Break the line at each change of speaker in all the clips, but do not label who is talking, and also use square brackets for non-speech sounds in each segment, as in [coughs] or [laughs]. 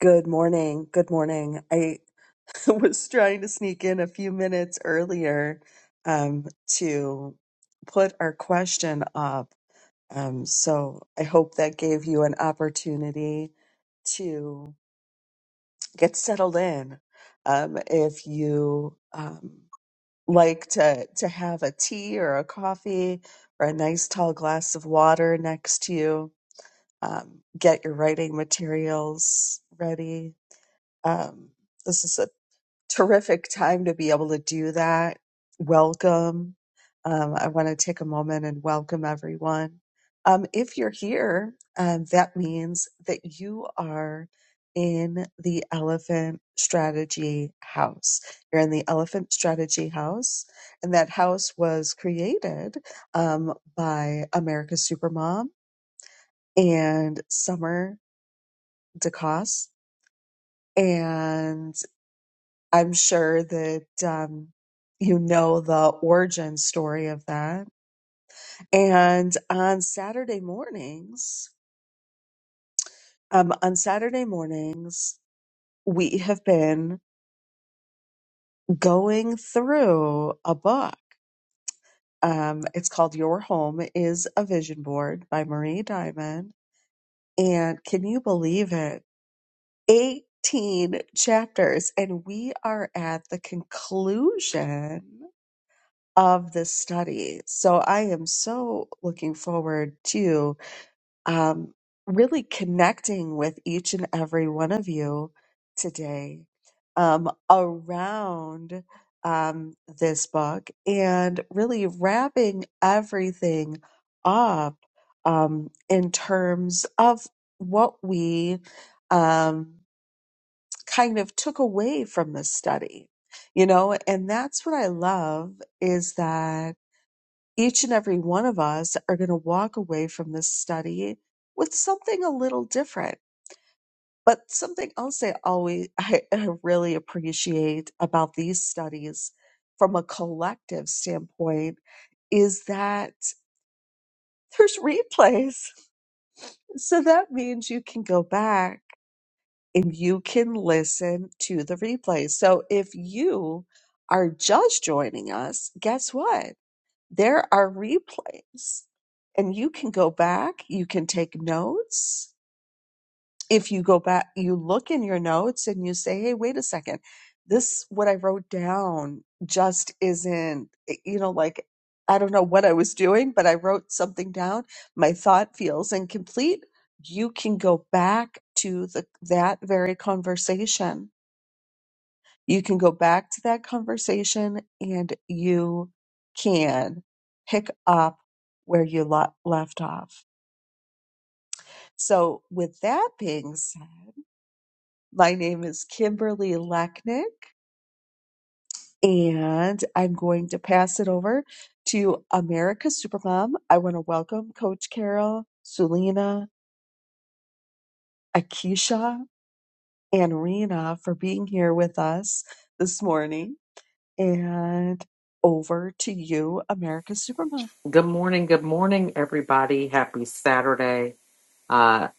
Good morning. Good morning. I [laughs] was trying to sneak in a few minutes earlier um, to put our question up. Um, so I hope that gave you an opportunity to get settled in. Um, if you um, like to, to have a tea or a coffee or a nice tall glass of water next to you, um, get your writing materials ready. Um, this is a terrific time to be able to do that. Welcome. Um, I want to take a moment and welcome everyone. Um, if you're here, um, that means that you are in the Elephant Strategy House. You're in the Elephant Strategy House, and that house was created um, by America's Supermom and Summer DeCoste. And I'm sure that um, you know the origin story of that. And on Saturday mornings, um, on Saturday mornings, we have been going through a book. Um, it's called Your Home is a Vision Board by Marie Diamond. And can you believe it? 18 chapters. And we are at the conclusion of this study. So I am so looking forward to um, really connecting with each and every one of you today um, around um, this book and really wrapping everything up um, in terms of what we um, kind of took away from this study. You know, and that's what I love is that each and every one of us are going to walk away from this study with something a little different. But something else I always [laughs] I I really appreciate about these studies from a collective standpoint is that there's replays. [laughs] So that means you can go back and you can listen to the replays. So if you are just joining us, guess what? There are replays, and you can go back, you can take notes. If you go back, you look in your notes and you say, hey, wait a second, this, what I wrote down just isn't, eh, you know, like, I don't know what I was doing, but I wrote something down. My thought feels incomplete. You can go back to the, that very conversation you can go back to that conversation and you can pick up where you lo- left off. So, with that being said, my name is Kimberly Lechnick, and I'm going to pass it over to America Supermom. I want to welcome Coach Carol, Sulina, Akisha, and Rena for being here with us this morning. And over to you, America Supermom.
Good morning. Good morning, everybody. Happy Saturday. Uh,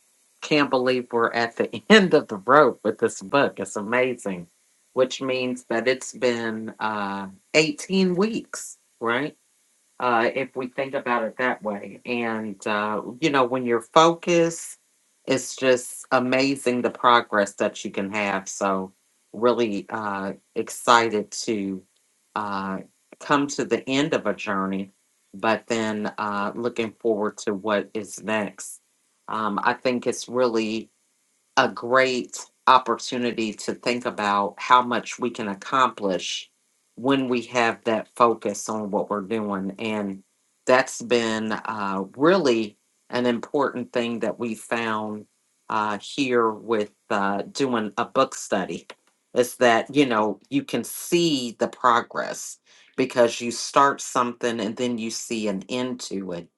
can't believe we're at the [laughs] end of the road with this book. It's amazing, which means that it's been uh, 18 weeks, right? uh, if we think about it that way. And, uh, you know, when you're focused, it's just amazing the progress that you can have. So, really uh, excited to uh, come to the end of a journey, but then uh, looking forward to what is next. Um, I think it's really a great opportunity to think about how much we can accomplish when we have that focus on what we're doing. And that's been uh, really an important thing that we found uh, here with uh, doing a book study is that, you know, you can see the progress because you start something and then you see an end to it.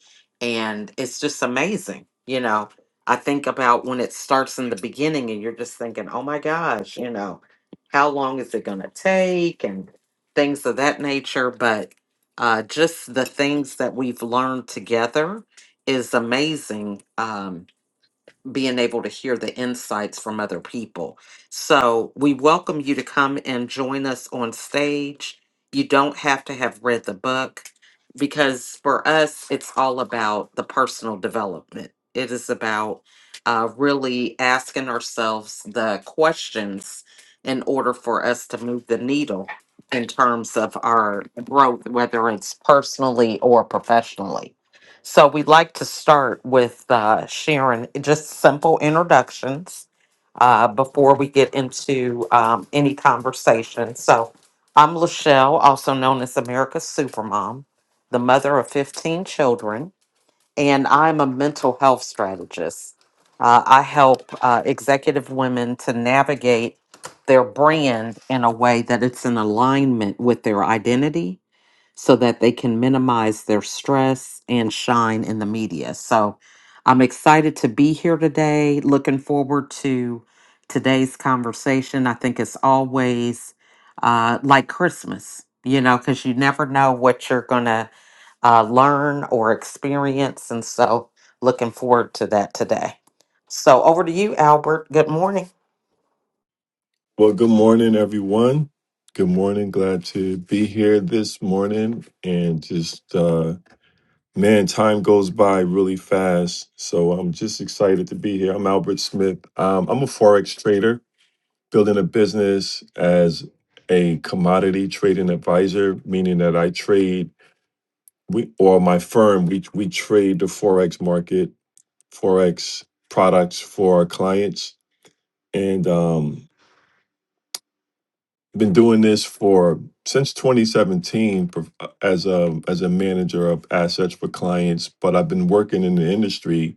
And it's just amazing, you know I think about when it starts in the beginning and you're just thinking, oh my gosh, you know, how long is it going to take and things of that nature. But uh, just the things that we've learned together is amazing. Um, being able to hear the insights from other people. So we welcome you to come and join us on stage. You don't have to have read the book because for us, it's all about the personal development. It is about uh, really asking ourselves the questions in order for us to move the needle in terms of our growth, whether it's personally or professionally. So we'd like to start with uh, Sharon, just simple introductions uh, before we get into um, any conversation. So I'm Lachelle, also known as America's Supermom, the mother of 15 children, and I'm a mental health strategist. Uh, I help uh, executive women to navigate their brand in a way that it's in alignment with their identity so that they can minimize their stress and shine in the media. So I'm excited to be here today. Looking forward to today's conversation. I think it's always uh, like Christmas, you know, because you never know what you're going to uh, learn or experience. And so looking forward to that today. So over to you, Albert. Good morning.
Well, good morning, everyone. Good morning. Glad to be here this morning. And just, uh, man, time goes by really fast. So I'm just excited to be here. I'm Albert Smith. Um, I'm a Forex trader, building a business as a commodity trading advisor, meaning that I trade, we, or my firm, we, we trade the Forex market, Forex products for our clients. And, um, been doing this for since 2017 prof- as a as a manager of assets for clients but i've been working in the industry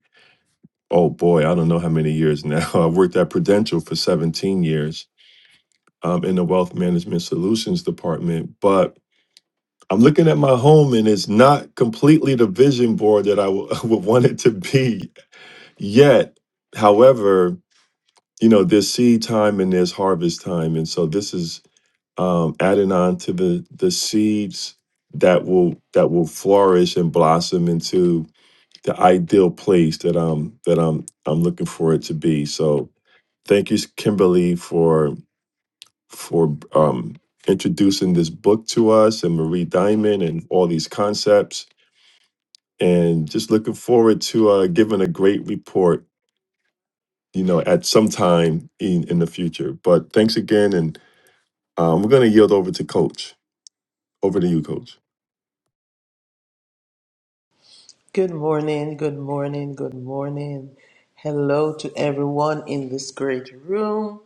oh boy i don't know how many years now [laughs] i worked at prudential for 17 years um, in the wealth management solutions department but i'm looking at my home and it's not completely the vision board that i w- [laughs] would want it to be yet however you know there's seed time and there's harvest time and so this is um, adding on to the the seeds that will that will flourish and blossom into the ideal place that I'm that I'm I'm looking for it to be. So thank you, Kimberly, for for um, introducing this book to us and Marie Diamond and all these concepts, and just looking forward to uh, giving a great report. You know, at some time in in the future. But thanks again, and um, we're going to yield over to Coach. Over to you, Coach.
Good morning, good morning, good morning. Hello to everyone in this great room,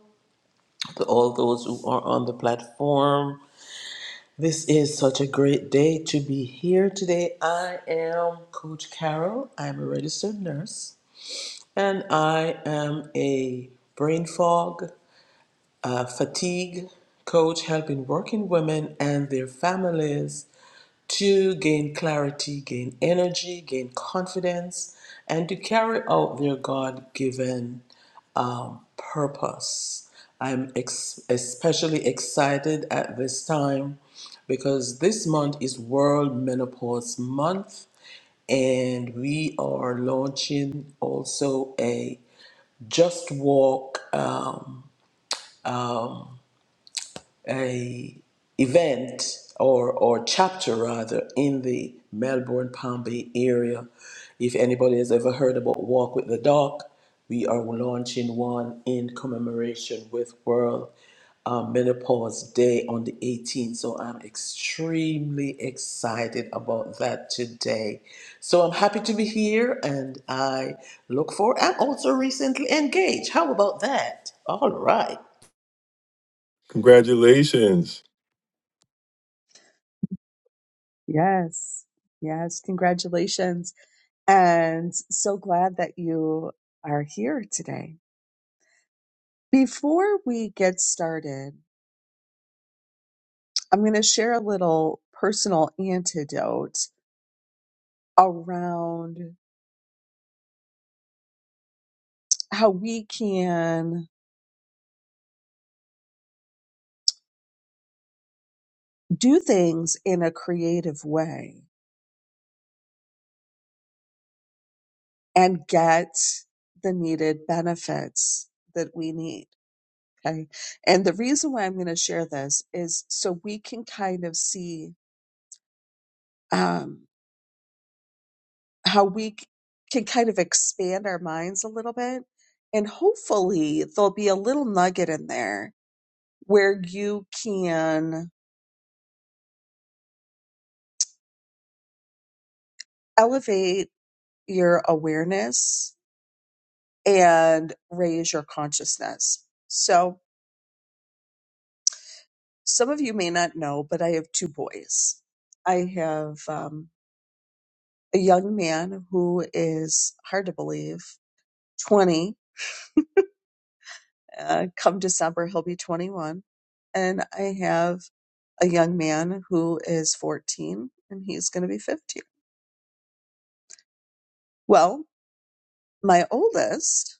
to all those who are on the platform. This is such a great day to be here today. I am Coach Carol. I'm a registered nurse and I am a brain fog, uh, fatigue coach helping working women and their families to gain clarity, gain energy, gain confidence, and to carry out their God given um, purpose. I'm ex- especially excited at this time because this month is World Menopause Month, and we are launching also a Just Walk. Um, a event or or chapter rather in the Melbourne Palm Bay area. If anybody has ever heard about Walk with the Dog, we are launching one in commemoration with World uh, Menopause Day on the 18th. So I'm extremely excited about that today. So I'm happy to be here and I look forward. I'm also recently engaged. How about that? All right.
Congratulations.
Yes. Yes. Congratulations. And so glad that you are here today. Before we get started, I'm going to share a little personal antidote around how we can do things in a creative way and get the needed benefits that we need. Okay. And the reason why I'm going to share this is so we can kind of see. um, how we c- can kind of expand our minds a little bit. And hopefully, there'll be a little nugget in there where you can elevate your awareness and raise your consciousness. So, some of you may not know, but I have two boys. I have um, a young man who is hard to believe, 20 Uh, come December, he'll be 21. And I have a young man who is 14 and he's going to be 15. Well, my oldest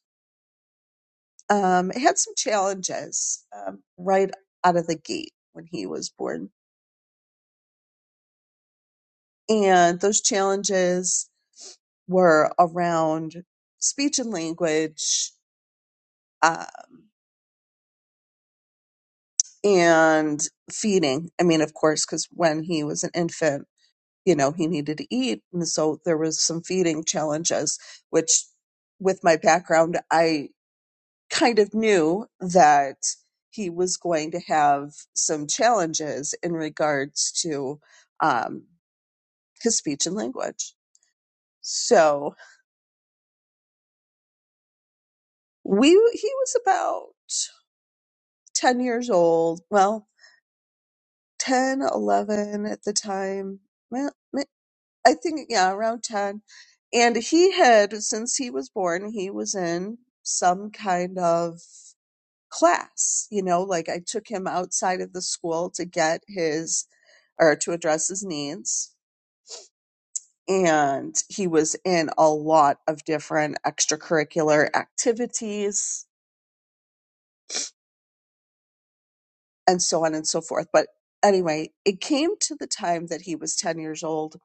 um, had some challenges um, right out of the gate when he was born. And those challenges were around speech and language um, and feeding. I mean, of course, because when he was an infant, you know, he needed to eat. And so there was some feeding challenges, which with my background, I kind of knew that he was going to have some challenges in regards to um, his speech and language. So we, he was about 10 years old. Well, 10, 11 at the time. well, I think yeah, around ten. And he had since he was born, he was in some kind of class, you know, like I took him outside of the school to get his or to address his needs. And he was in a lot of different extracurricular activities and so on and so forth. But anyway, it came to the time that he was 10 years old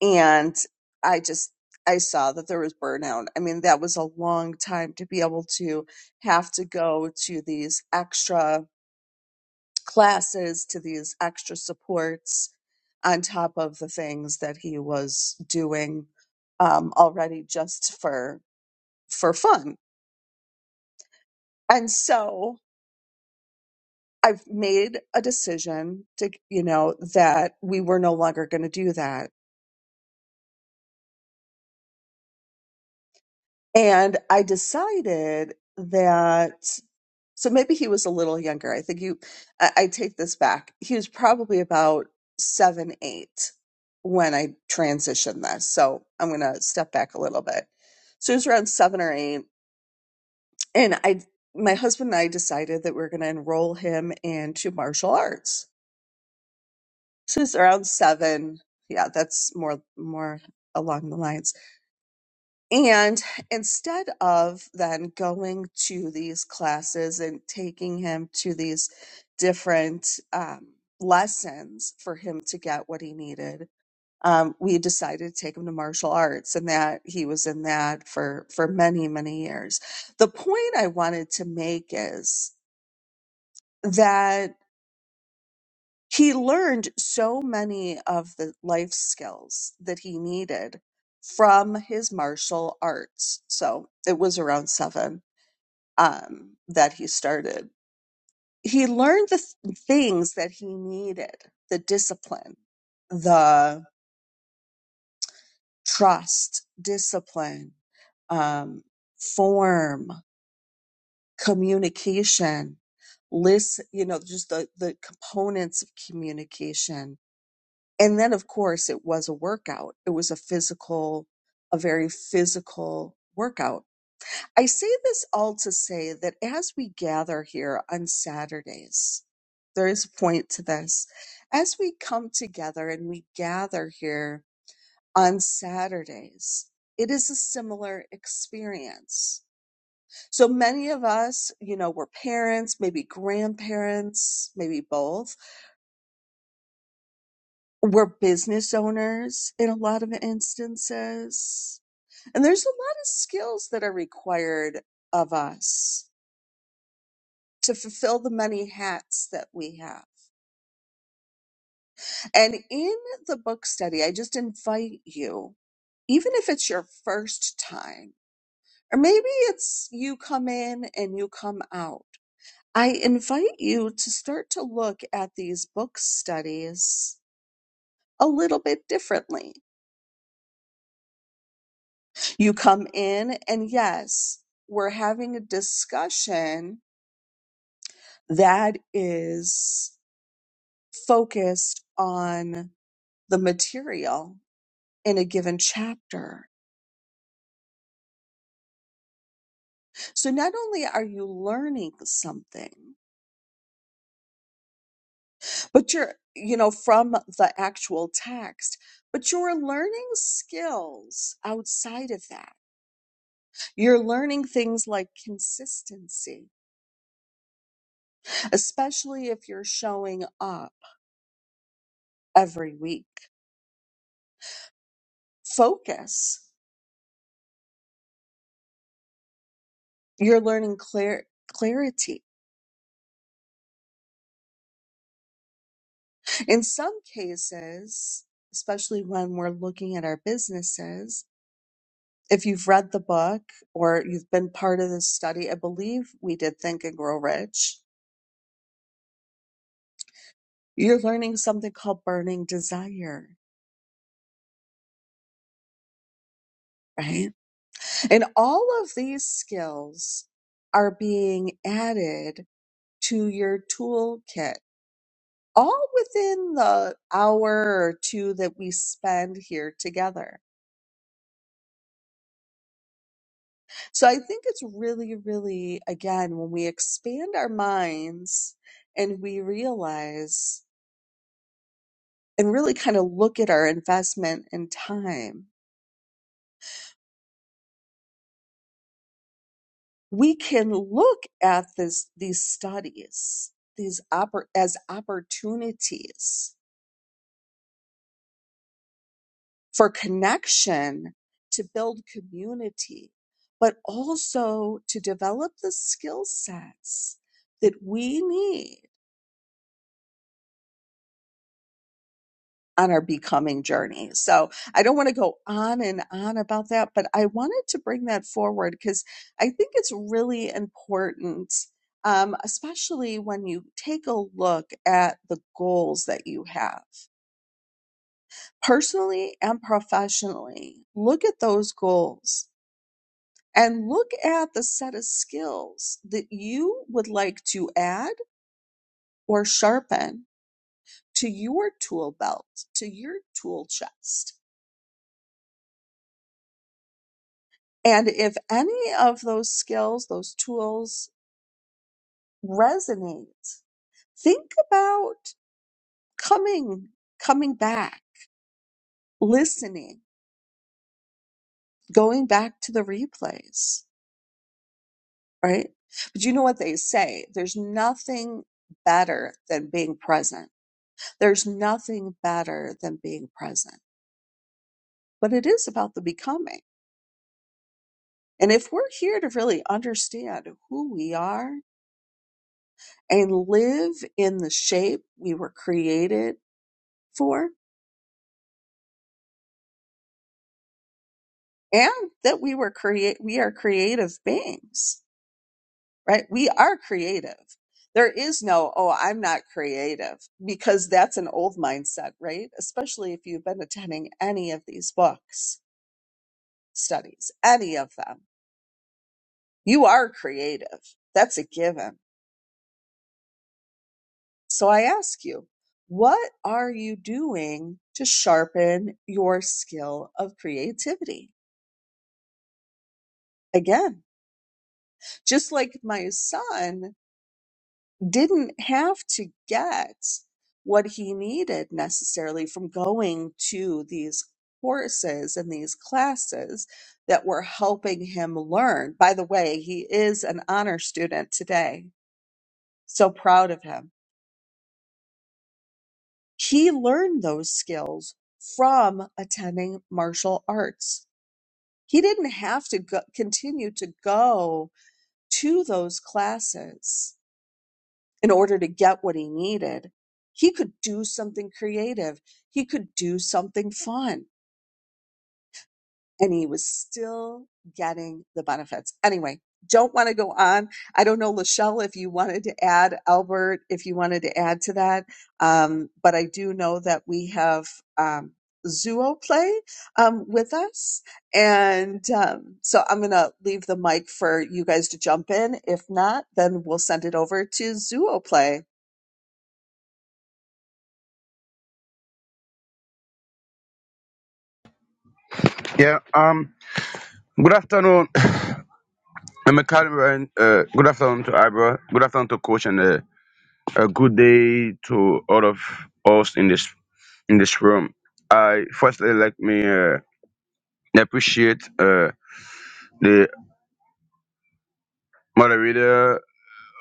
and i just i saw that there was burnout i mean that was a long time to be able to have to go to these extra classes to these extra supports on top of the things that he was doing um, already just for for fun and so i've made a decision to you know that we were no longer going to do that and i decided that So maybe he was a little younger. I think you, I, I take this back. He was probably about seven, eight when I transitioned this. So I'm going to step back a little bit. So he was around seven or eight. And I, my husband and I decided that we are going to enroll him into martial arts. So he's around seven. Yeah, that's more, more along the lines. And instead of then going to these classes and taking him to these different um, lessons for him to get what he needed, um, we decided to take him to martial arts, and that he was in that for for many many years. The point I wanted to make is that he learned so many of the life skills that he needed from his martial arts. So it was around seven um, that he started. He learned the th- things that he needed the discipline, the trust, discipline, um, form, communication, listen, you know, just the, the components of communication And then, of course, it was a workout. It was a physical, a very physical workout. I say this all to say that as we gather here on Saturdays, there is a point to this. As we come together and we gather here on Saturdays, it is a similar experience. So many of us, you know, we're parents, maybe grandparents, maybe both We're business owners in a lot of instances. And there's a lot of skills that are required of us to fulfill the many hats that we have. And in the book study, I just invite you, even if it's your first time, or maybe it's you come in and you come out, I invite you to start to look at these book studies a little bit differently You come in, and yes, we're having a discussion that is focused on the material in a given chapter. So not only are you learning something, but you're, you know, from the actual text, but you're learning skills outside of that. You're learning things like consistency, especially if you're showing up every week. Focus. You're learning clar- clarity. In some cases, especially when we're looking at our businesses, if you've read the book or you've been part of this study, I believe we did Think and Grow Rich, you're learning something called burning desire, right? And all of these skills are being added to your toolkit all within the hour or two that we spend here together So I think it's really, really, again, when we expand our minds and we realize and really kind of look at our investment in time, we can look at this, these studies, these oppor- as opportunities for connection to build community, but also to develop the skill sets that we need on our becoming journey. So I don't want to go on and on about that, but I wanted to bring that forward because I think it's really important, um, especially when you take a look at the goals that you have personally and professionally. Look at those goals and look at the set of skills that you would like to add or sharpen to your tool belt, to your tool chest And if any of those skills, those tools resonate, think about coming, coming back, listening, going back to the replays, right? But you know what they say? There's nothing better than being present. There's nothing better than being present, but it is about the becoming. And if we're here to really understand who we are and live in the shape we were created for, and that we were create we are creative beings right we are creative there is no oh i'm not creative because that's an old mindset right especially if you've been attending any of these books studies any of them you are creative that's a given so i ask you what are you doing to sharpen your skill of creativity again just like my son didn't have to get what he needed necessarily from going to these courses and these classes that were helping him learn. By the way, he is an honor student today. So proud of him. He learned those skills from attending martial arts. He didn't have to go, continue to go to those classes in order to get what he needed. He could do something creative. He could do something fun and he was still getting the benefits. Anyway, don't want to go on. I don't know, Lachelle, if you wanted to add, Albert, if you wanted to add to that. Um, but I do know that we have, um, Zuo play um, with us. And um, so I'm going to leave the mic for you guys to jump in. If not, then we'll send it over to Zuo play.
Yeah. Um. Good afternoon, [coughs] McCallum. Uh, good afternoon to Ibra. Good afternoon to Coach, and uh, a good day to all of us in this in this room. I firstly like me uh, appreciate uh, the moderator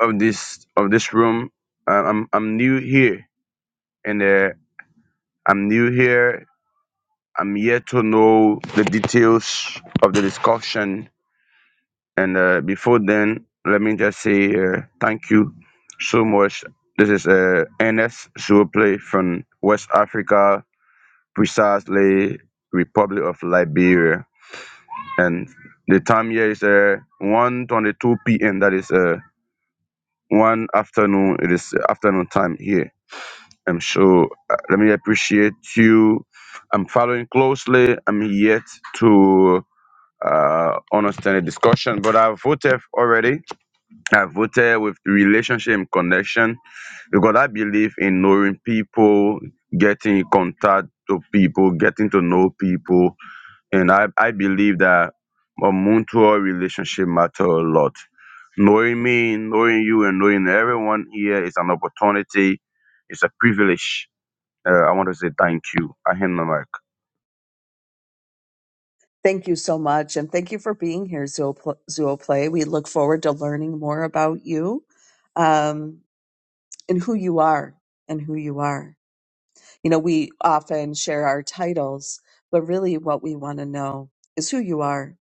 of this of this room. Uh, I'm I'm new here, and uh, I'm new here. I'm yet to know the details of the discussion And uh, before then, let me just say uh, thank you so much. This is uh, Ernest Suople from West Africa, precisely Republic of Liberia. And the time here is uh, 1.22 p.m. That is uh, one afternoon. It is afternoon time here. I'm sure. Uh, let me appreciate you. I'm following closely. I'm yet to uh, understand the discussion, but I've voted already I voted with relationship and connection because I believe in knowing people, getting in contact to people, getting to know people. And I, I believe that a mutual relationship matter a lot. Knowing me, knowing you, and knowing everyone here is an opportunity. It's a privilege. Uh, I want to say thank you. I hand the mic.
Thank you so much. And thank you for being here, Zoopl- Zooplay. We look forward to learning more about you um, and who you are and who you are. You know, we often share our titles, but really what we want to know is who you are.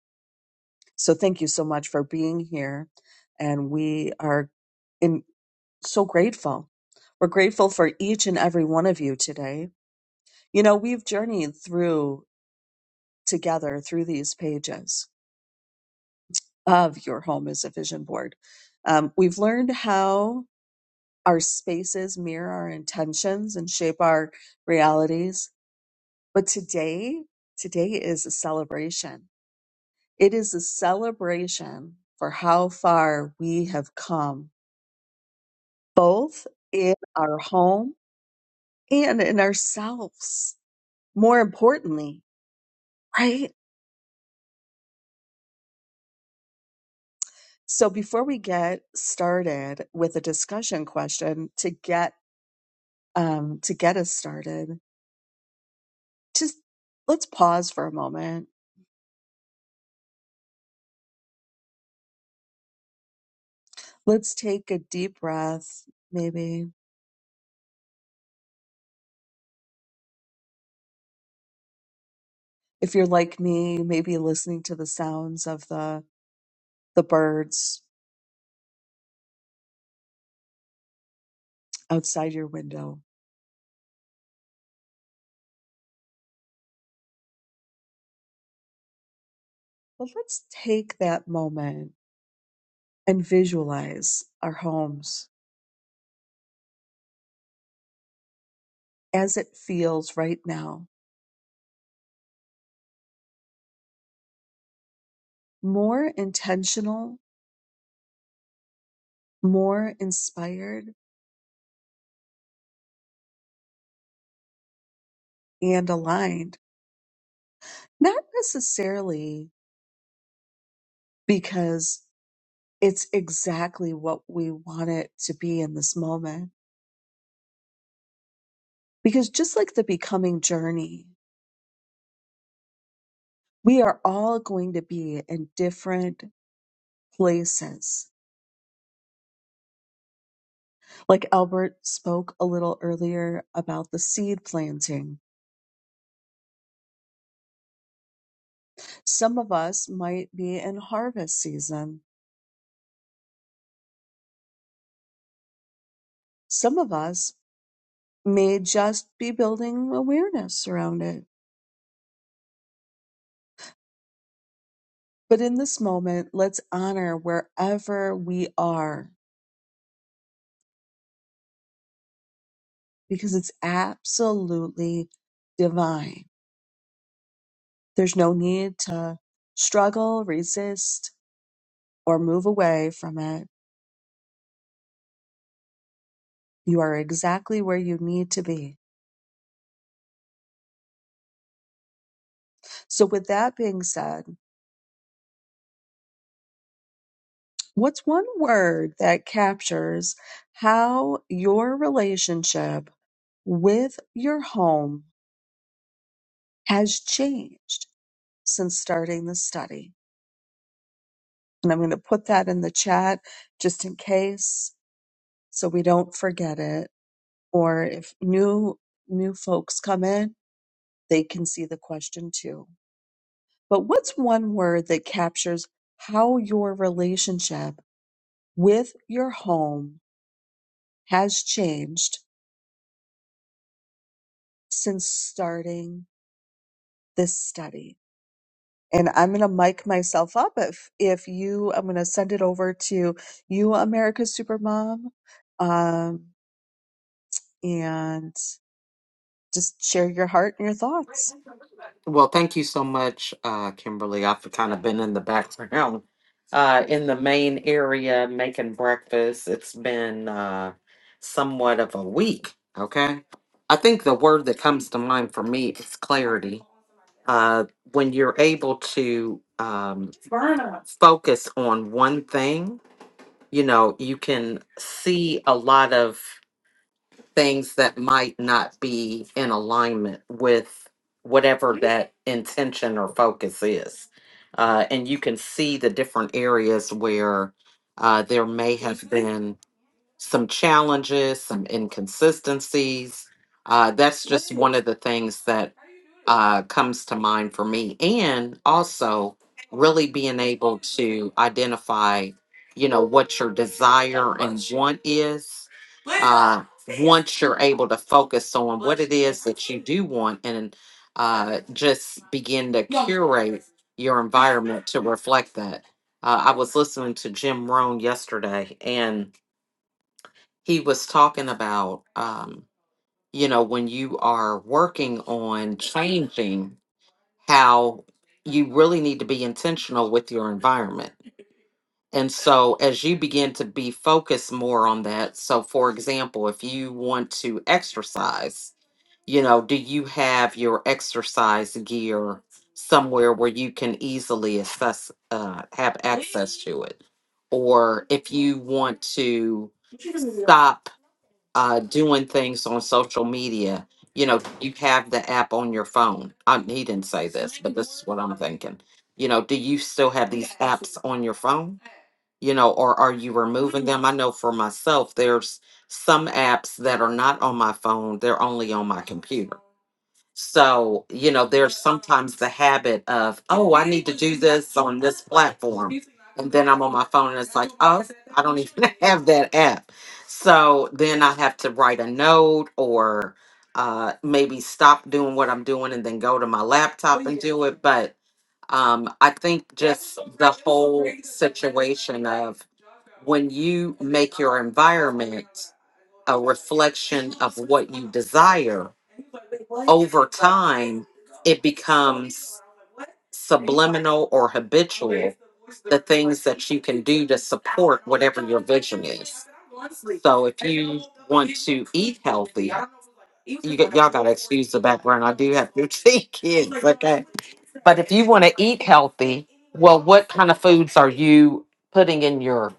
So thank you so much for being here. And we are in, so grateful. We're grateful for each and every one of you today. You know, we've journeyed through together through these pages of your home as a vision board. Um, we've learned how our spaces mirror our intentions and shape our realities. But today, today is a celebration. It is a celebration for how far we have come, both in our home and in ourselves. More importantly, right? So before we get started with a discussion question to get um, to get us started, just let's pause for a moment. Let's take a deep breath, maybe. If you're like me, maybe listening to the sounds of the, the birds outside your window. But let's take that moment and visualize our homes as it feels right now, more intentional, more inspired, and aligned. Not necessarily because it's exactly what we want it to be in this moment Because just like the becoming journey, we are all going to be in different places. Like Albert spoke a little earlier about the seed planting. Some of us might be in harvest season. Some of us may just be building awareness around it. But in this moment, let's honor wherever we are because it's absolutely divine. There's no need to struggle, resist, or move away from it. You are exactly where you need to be. So, with that being said, what's one word that captures how your relationship with your home has changed since starting the study? And I'm going to put that in the chat just in case so we don't forget it. Or if new new folks come in, they can see the question too. But what's one word that captures how your relationship with your home has changed since starting this study? And I'm going to mic myself up if, if you, I'm going to send it over to you, America's Supermom, um, and just share your heart and your thoughts.
Well, thank you so much, uh, Kimberly. I've kind of been in the background, uh, in the main area making breakfast. It's been uh, somewhat of a week. Okay. I think the word that comes to mind for me is clarity. Uh, when you're able to um, focus on one thing, you know, you can see a lot of things that might not be in alignment with whatever that intention or focus is. Uh, and you can see the different areas where uh, there may have been some challenges, some inconsistencies. Uh, that's just one of the things that uh, comes to mind for me. And also, really being able to identify, you know, what your desire and want is. Uh, once you're able to focus on what it is that you do want and uh, just begin to curate your environment to reflect that. Uh, I was listening to Jim Rohn yesterday, and he was talking about um you know when you are working on changing how you really need to be intentional with your environment and so as you begin to be focused more on that so for example if you want to exercise you know do you have your exercise gear somewhere where you can easily access uh, have access to it or if you want to stop uh, doing things on social media. You know, you have the app on your phone. I, he didn't say this, but this is what I'm thinking. You know, do you still have these apps on your phone? you know, or are you removing them? I know for myself, there's some apps that are not on my phone, they're only on my computer. So, you know, there's sometimes the habit of, oh, I need to do this on this platform. And then I'm on my phone and it's like, oh, I don't even [laughs] have that app. So then I have to write a note or uh, maybe stop doing what I'm doing and then go to my laptop and do it. But um, I think just the whole situation of when you make your environment a reflection of what you desire, over time, it becomes subliminal or habitual, the things that you can do to support whatever your vision is. So if you want to eat healthy, you get y'all gotta excuse the background. I do have [laughs] 15 kids, okay? But if you want to eat healthy, well, what kind of foods are you putting in your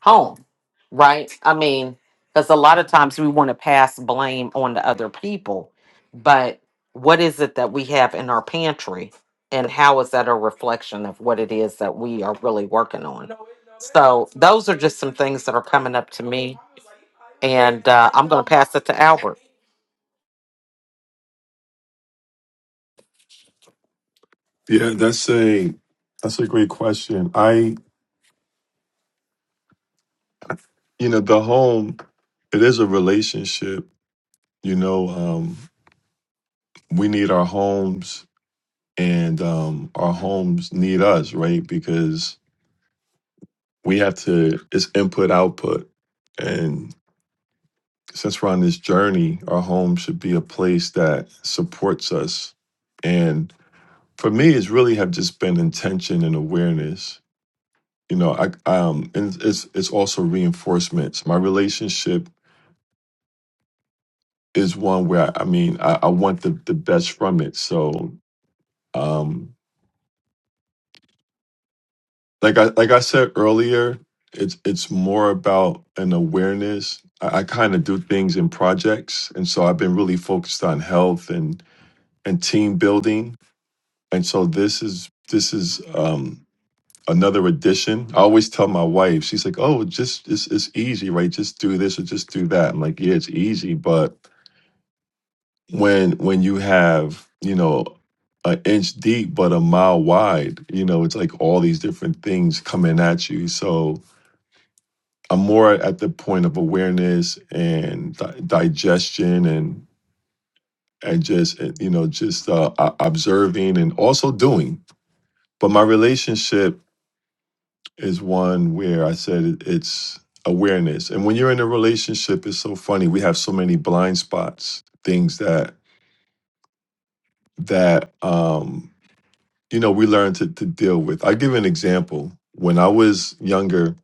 home, right? I mean, because a lot of times we want to pass blame on to other people, but what is it that we have in our pantry, and how is that a reflection of what it is that we are really working on? So those are just some things that are coming up to me, and uh, I'm going to pass it to Albert.
Yeah, that's a that's a great question. I you know, the home, it is a relationship. You know, um, we need our homes and um our homes need us, right? Because we have to it's input output. And since we're on this journey, our home should be a place that supports us. And for me, it's really have just been intention and awareness you know i um and it's it's also reinforcements my relationship is one where i mean i, I want the the best from it so um like i like i said earlier it's it's more about an awareness i, I kind of do things in projects and so i've been really focused on health and and team building and so this is this is um another addition i always tell my wife she's like oh just it's, it's easy right just do this or just do that i'm like yeah it's easy but when when you have you know an inch deep but a mile wide you know it's like all these different things coming at you so i'm more at the point of awareness and di- digestion and and just uh, you know just uh, o- observing and also doing but my relationship is one where i said it- it's awareness and when you're in a relationship it's so funny we have so many blind spots things that that um you know, we learn to, to deal with. I give an example. When I was younger,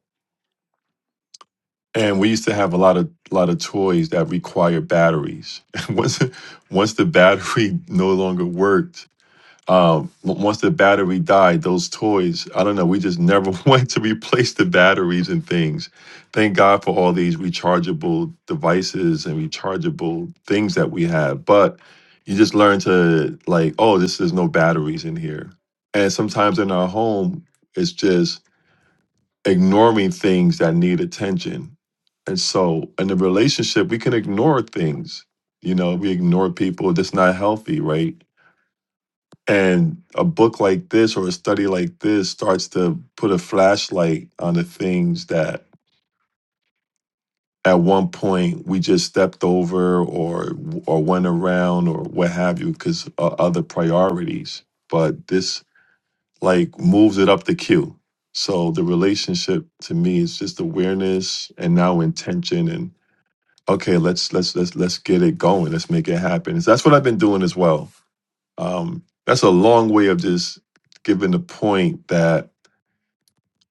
and we used to have a lot of lot of toys that require batteries. [laughs] And once once the battery [laughs] no longer worked, um w- once the battery died those toys i don't know we just never [laughs] went to replace the batteries and things thank god for all these rechargeable devices and rechargeable things that we have but you just learn to like oh this is no batteries in here and sometimes in our home it's just ignoring things that need attention and so in a relationship we can ignore things you know we ignore people that's not healthy right and a book like this or a study like this starts to put a flashlight on the things that at one point we just stepped over or or went around or what have you because uh, other priorities. But this like moves it up the queue. So the relationship to me is just awareness and now intention and okay, let's let's let's let's get it going. Let's make it happen. That's what I've been doing as well Um, that's a long way of just giving the point that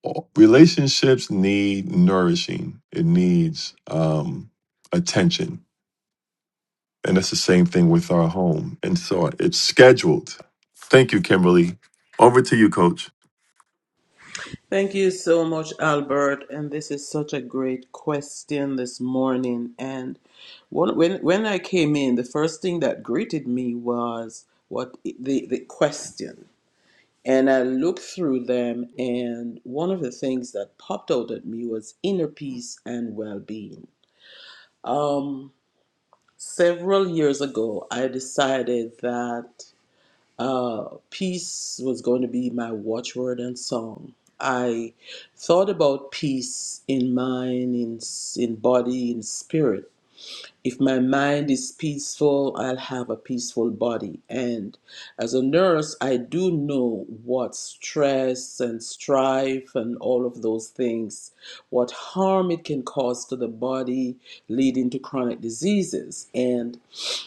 uh, relationships need nourishing. It needs um, attention, and that's the same thing with our home. And so it's scheduled. Thank you, Kimberly. Over to you, Coach.
Thank you so much, Albert. And this is such a great question this morning. And one, when when I came in, the first thing that greeted me was what the the question. And I looked through them, and one of the things that popped out at me was inner peace and well being. Um, several years ago, I decided that uh, peace was going to be my watchword and song. I thought about peace in mind, in, in body, in spirit. If my mind is peaceful, I'll have a peaceful body. And as a nurse, I do know what stress and strife and all of those things, what harm it can cause to the body, leading to chronic diseases. And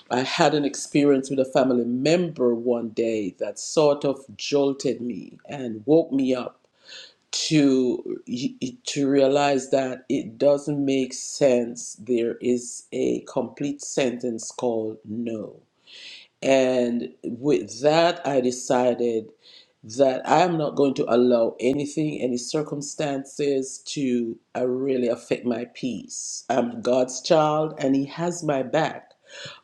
I had an experience with a family member one day that sort of jolted me and woke me up to to realize that it doesn't make sense there is a complete sentence called no and with that I decided that I'm not going to allow anything any circumstances to uh, really affect my peace I'm God's child and he has my back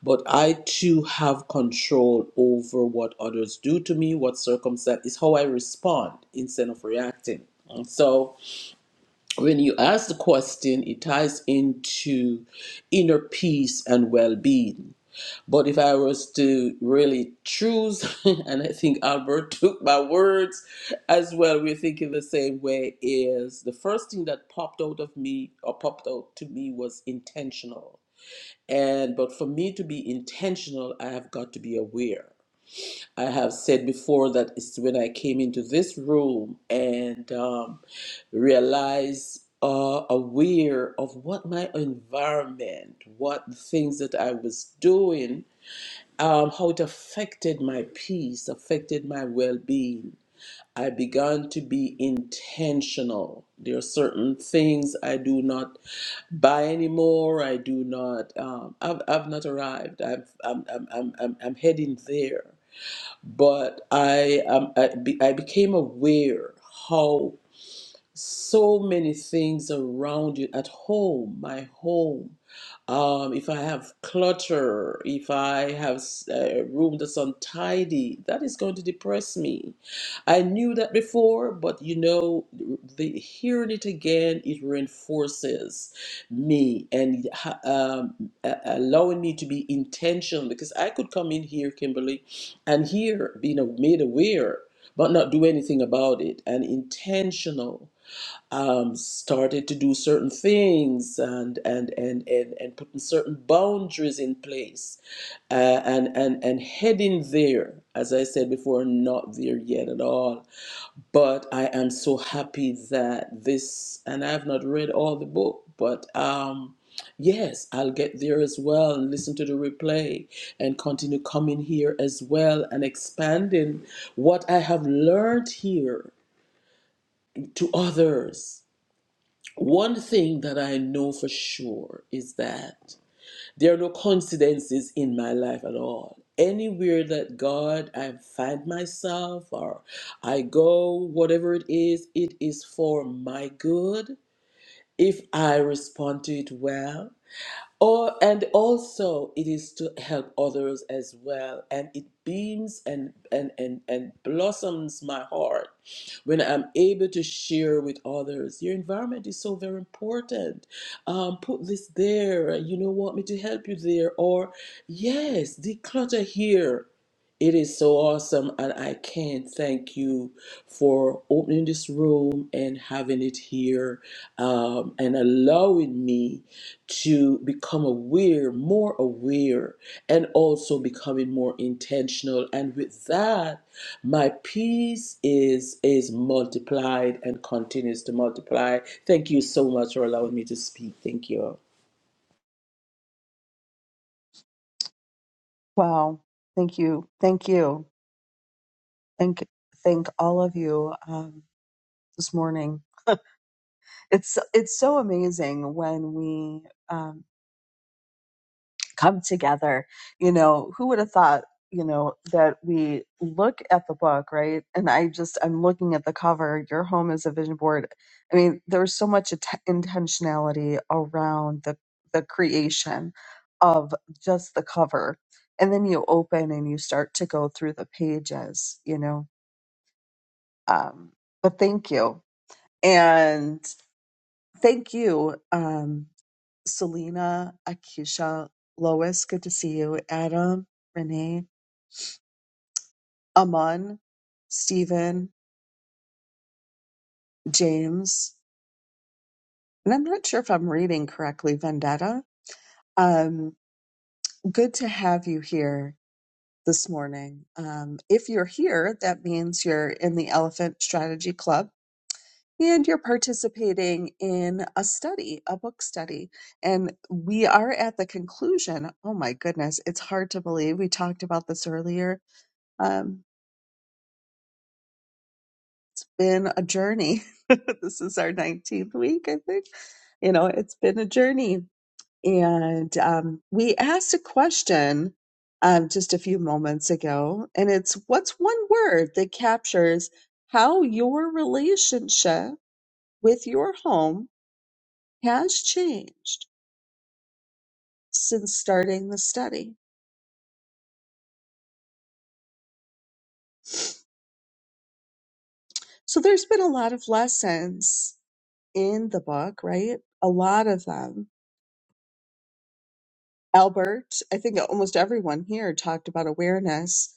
but I too have control over what others do to me, what circumstance is how I respond instead of reacting. And so when you ask the question, it ties into inner peace and well being. But if I was to really choose, [laughs] and I think Albert took my words as well, we're thinking the same way, is the first thing that popped out of me or popped out to me was intentional and but for me to be intentional, I have got to be aware. I have said before that it's when I came into this room and um, realized uh, aware of what my environment, what the things that I was doing, um, how it affected my peace, affected my well-being. I began to be intentional. There are certain things I do not by anymore, I do not. Um, I've I've not arrived. I've I'm I'm I'm I'm, I'm heading there. But I um I, be, I became aware how so many things around you at home, my home um, if I have clutter, if I have a room that's untidy, that is going to depress me. I knew that before, but you know, the, hearing it again, it reinforces me and ha- um, a- allowing me to be intentional because I could come in here, Kimberly, and here being a- made aware, but not do anything about it and intentional um, started to do certain things and and and and, and putting certain boundaries in place uh, and and and heading there as i said before not there yet at all but i am so happy that this and i have not read all the book but um Yes, I'll get there as well and listen to the replay and continue coming here as well and expanding what I have learned here to others one thing that I know for sure is that there are no coincidences in my life at all. Anywhere that God I find myself or I go, whatever it is, it is for my good if I respond to it well or and also it is to help others as well. And it beams and and and, and blossoms my heart when I'm able to share with others. Your environment is so very important. Um, put this there. You know, want me to help you there? Or yes, declutter here. It is so awesome, and I can't thank you for opening this room and having it here um, and allowing me to become aware, more aware, and also becoming more intentional. And with that, my peace is is multiplied and continues to multiply. Thank you so much for allowing me to speak. Thank you.
Wow. Thank you. Thank you. Thank, thank all of you um, this morning. it's so, it's so amazing when we um, come together. You know, who would have thought? You know that we look at the book, right? And I just I'm looking at the cover. Your home is a vision board. I mean, there's so much att- intentionality around the the creation of just the cover, and then you open and you start to go through the pages. You know, um, but thank you and thank you. Um, Selena, Akisha, Lois, good to see you, Adam, Renee, Amon, Stephen, James, and I'm not sure if I'm reading correctly, Vendetta. Um, good to have you here this morning. Um, if you're here, that means you're in the Elephant Strategy Club and you're participating in a study, a book study. And we are at the conclusion. Oh my goodness, it's hard to believe. We talked about this earlier. Um, been a journey. [laughs] this is our 19th week, I think. You know, it's been a journey. And um, we asked a question um, just a few moments ago, and it's what's one word that captures how your relationship with your home has changed since starting the study? So there's been a lot of lessons in the book, right? A lot of them Albert, I think almost everyone here talked about awareness,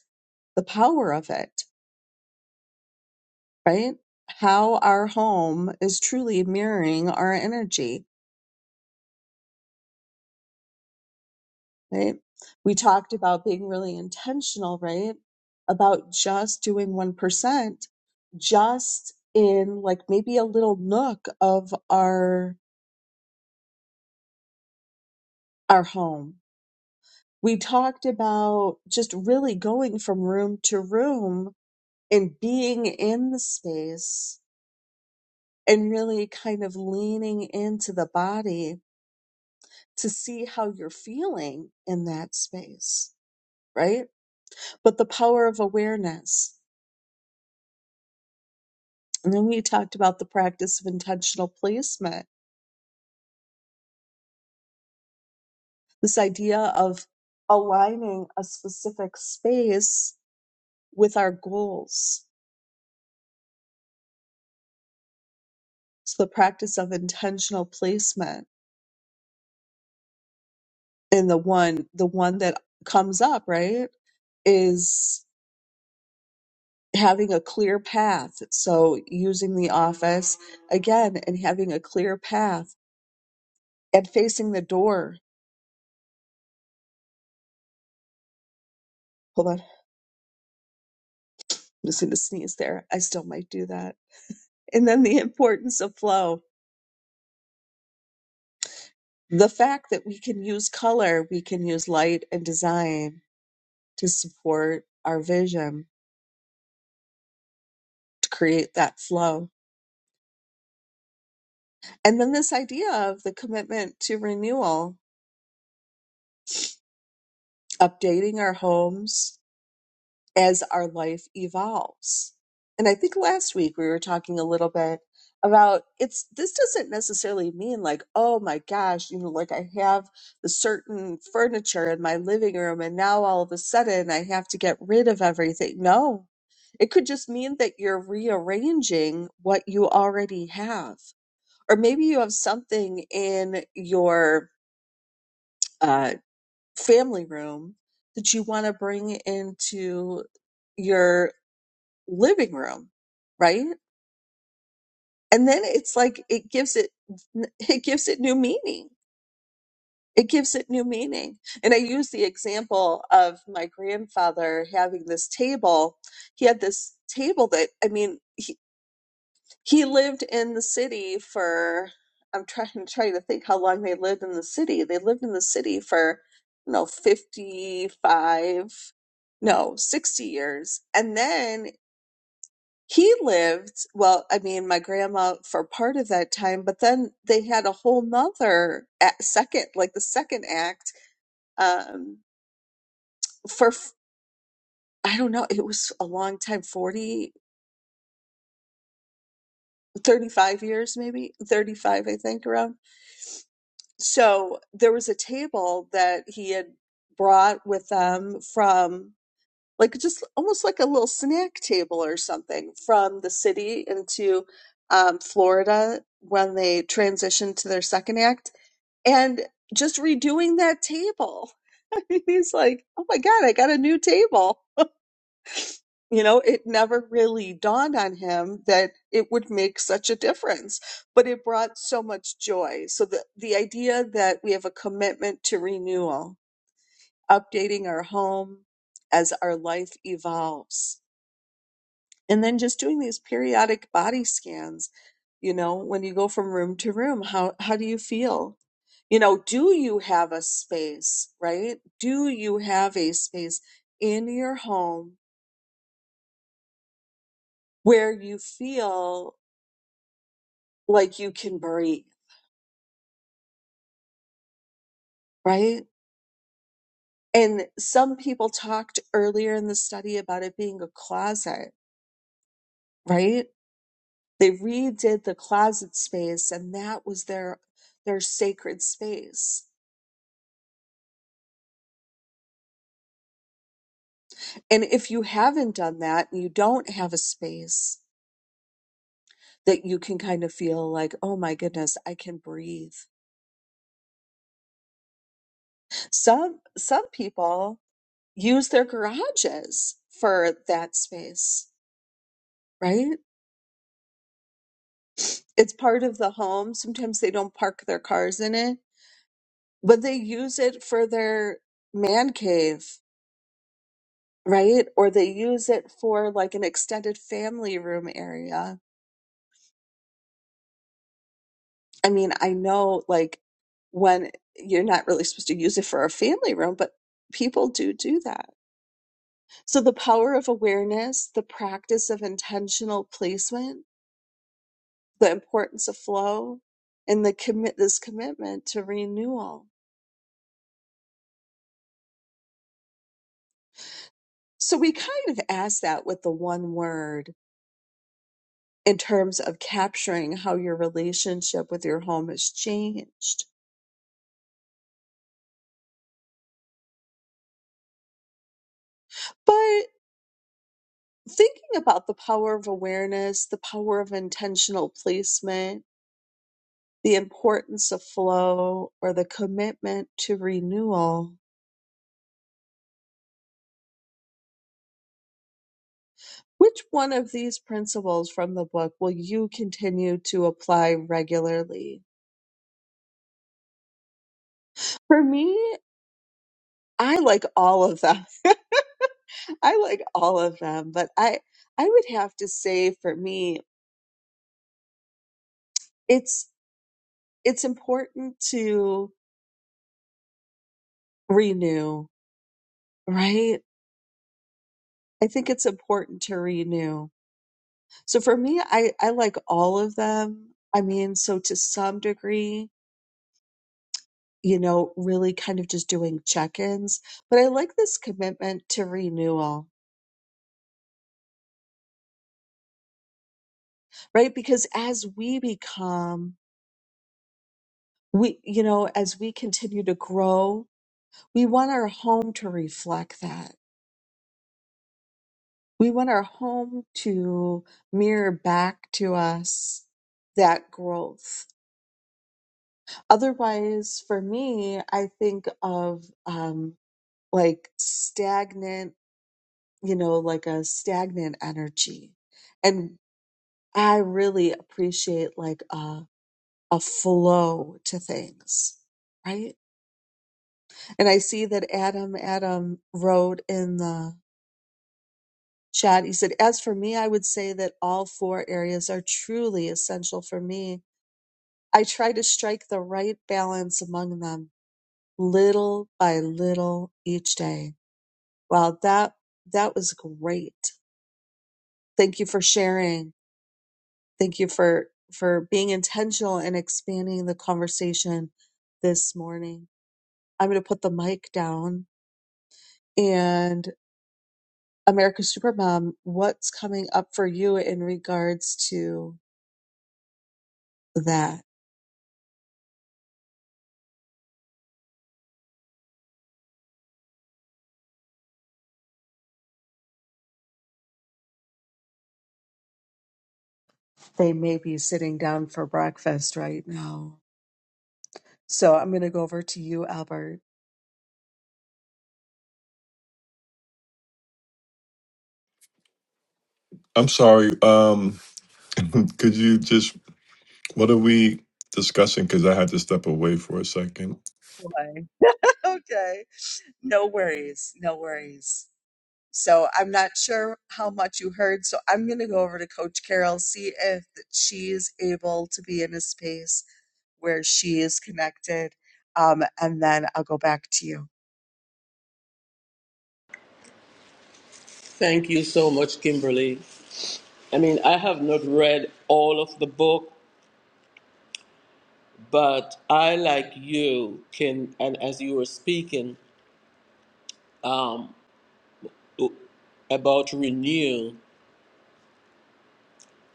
the power of it, right? How our home is truly mirroring our energy, right? We talked about being really intentional, right? About just doing 1%, just in like maybe a little nook of our our home. We talked about just really going from room to room and being in the space and really kind of leaning into the body to see how you're feeling in that space, right? But the power of awareness. And then we talked about the practice of intentional placement, this idea of aligning a specific space with our goals. So the practice of intentional placement and the one, the one that comes up, right? Is having a clear path. So using the office again and having a clear path and facing the door. Hold on, I'm just going to sneeze there. I still might do that. And then the [laughs] importance of flow. The fact that we can use color, we can use light and design to support our vision to create that flow. And then this idea of the commitment to renewal, updating our homes, as our life evolves. And I think last week we were talking a little bit about it's this doesn't necessarily mean like, oh my gosh, you know, like I have the certain furniture in my living room and now all of a sudden I have to get rid of everything. No. It could just mean that you're rearranging what you already have. Or maybe you have something in your uh, family room that you want to bring into your living room, right? And then it's like it gives it [laughs] it gives it new meaning. It gives it new meaning. And I use the example of my grandfather having this table. He had this table that I mean, he he lived in the city for I'm trying [laughs] trying to think how long they lived in the city. They lived in the city for you know 55 no 60 years and then He lived, well, I mean, my grandma for part of that time, but then they had a whole nother a- second, like the second act, um, for, f- I don't know, it was a long time, forty, thirty-five years, maybe 35, I think around. So there was a table that he had brought with them from like just almost like a little snack table or something from the city into um, Florida when they transitioned to their second act and just redoing that table. [laughs] I mean, He's like, oh my God, I got a new table. You know, it never really dawned on him that it would make such a difference, but it brought so much joy. So the, the idea that we have a commitment to renewal, updating our home as our life evolves, and then just doing these periodic body scans. You know, when you go from room to room, how, how do you feel? you know, do you have a space, right? Do you have a space in your home where you feel like you can breathe, right? And some people talked earlier in the study about it being a closet, right? They redid the closet space and that was their their sacred space. And if you haven't done that, you don't have a space that you can kind of feel like, oh my goodness, I can breathe Some some people use their garages for that space, right? It's part of the home. Sometimes they don't park their cars in it, but they use it for their man cave, right? Or they use it for like an extended family room area. I mean, I know like when you're not really supposed to use it for a family room, but people do do that. So the power of awareness, the practice of intentional placement, the importance of flow and the commit this commitment to renewal. So we kind of asked that with the one word in terms of capturing how your relationship with your home has changed. But thinking about the power of awareness, the power of intentional placement, the importance of flow or the commitment to renewal, which one of these principles from the book will you continue to apply regularly? For me, I like all of them. [laughs] I like all of them, but I I would have to say for me it's it's important to renew, right? I think it's important to renew. So for me I I like all of them. I mean, so to some degree, you know, really kind of just doing check-ins, but I like this commitment to renewal, right? Because as we become we you know, as we continue to grow We want our home to reflect that. We want our home to mirror back to us that growth. Otherwise, for me, I think of um, like stagnant, you know, like a stagnant energy. And I really appreciate like a, a flow to things, right? And I see that Adam, Adam wrote in the Chad, you said, as for me, I would say that all four areas are truly essential for me. I try to strike the right balance among them little by little each day. Wow, that, that was great. Thank you for sharing. Thank you for, for being intentional and expanding the conversation this morning. I'm going to put the mic down and America Supermom, what's coming up for you in regards to that? They may be sitting down for breakfast right now. So I'm going to go over to you, Albert.
I'm sorry. Um, [laughs] could you just what are we discussing? Because I had to step away for a second.
Boy. Okay. No worries. No worries. So I'm not sure how much you heard. So I'm going to go over to Coach Carol, see if she's able to be in a space where she is connected. Um, and then I'll go back to you.
Thank you so much, Kimberly. I mean, I have not read all of the book, but I, like you, can, and as you were speaking um, about renew,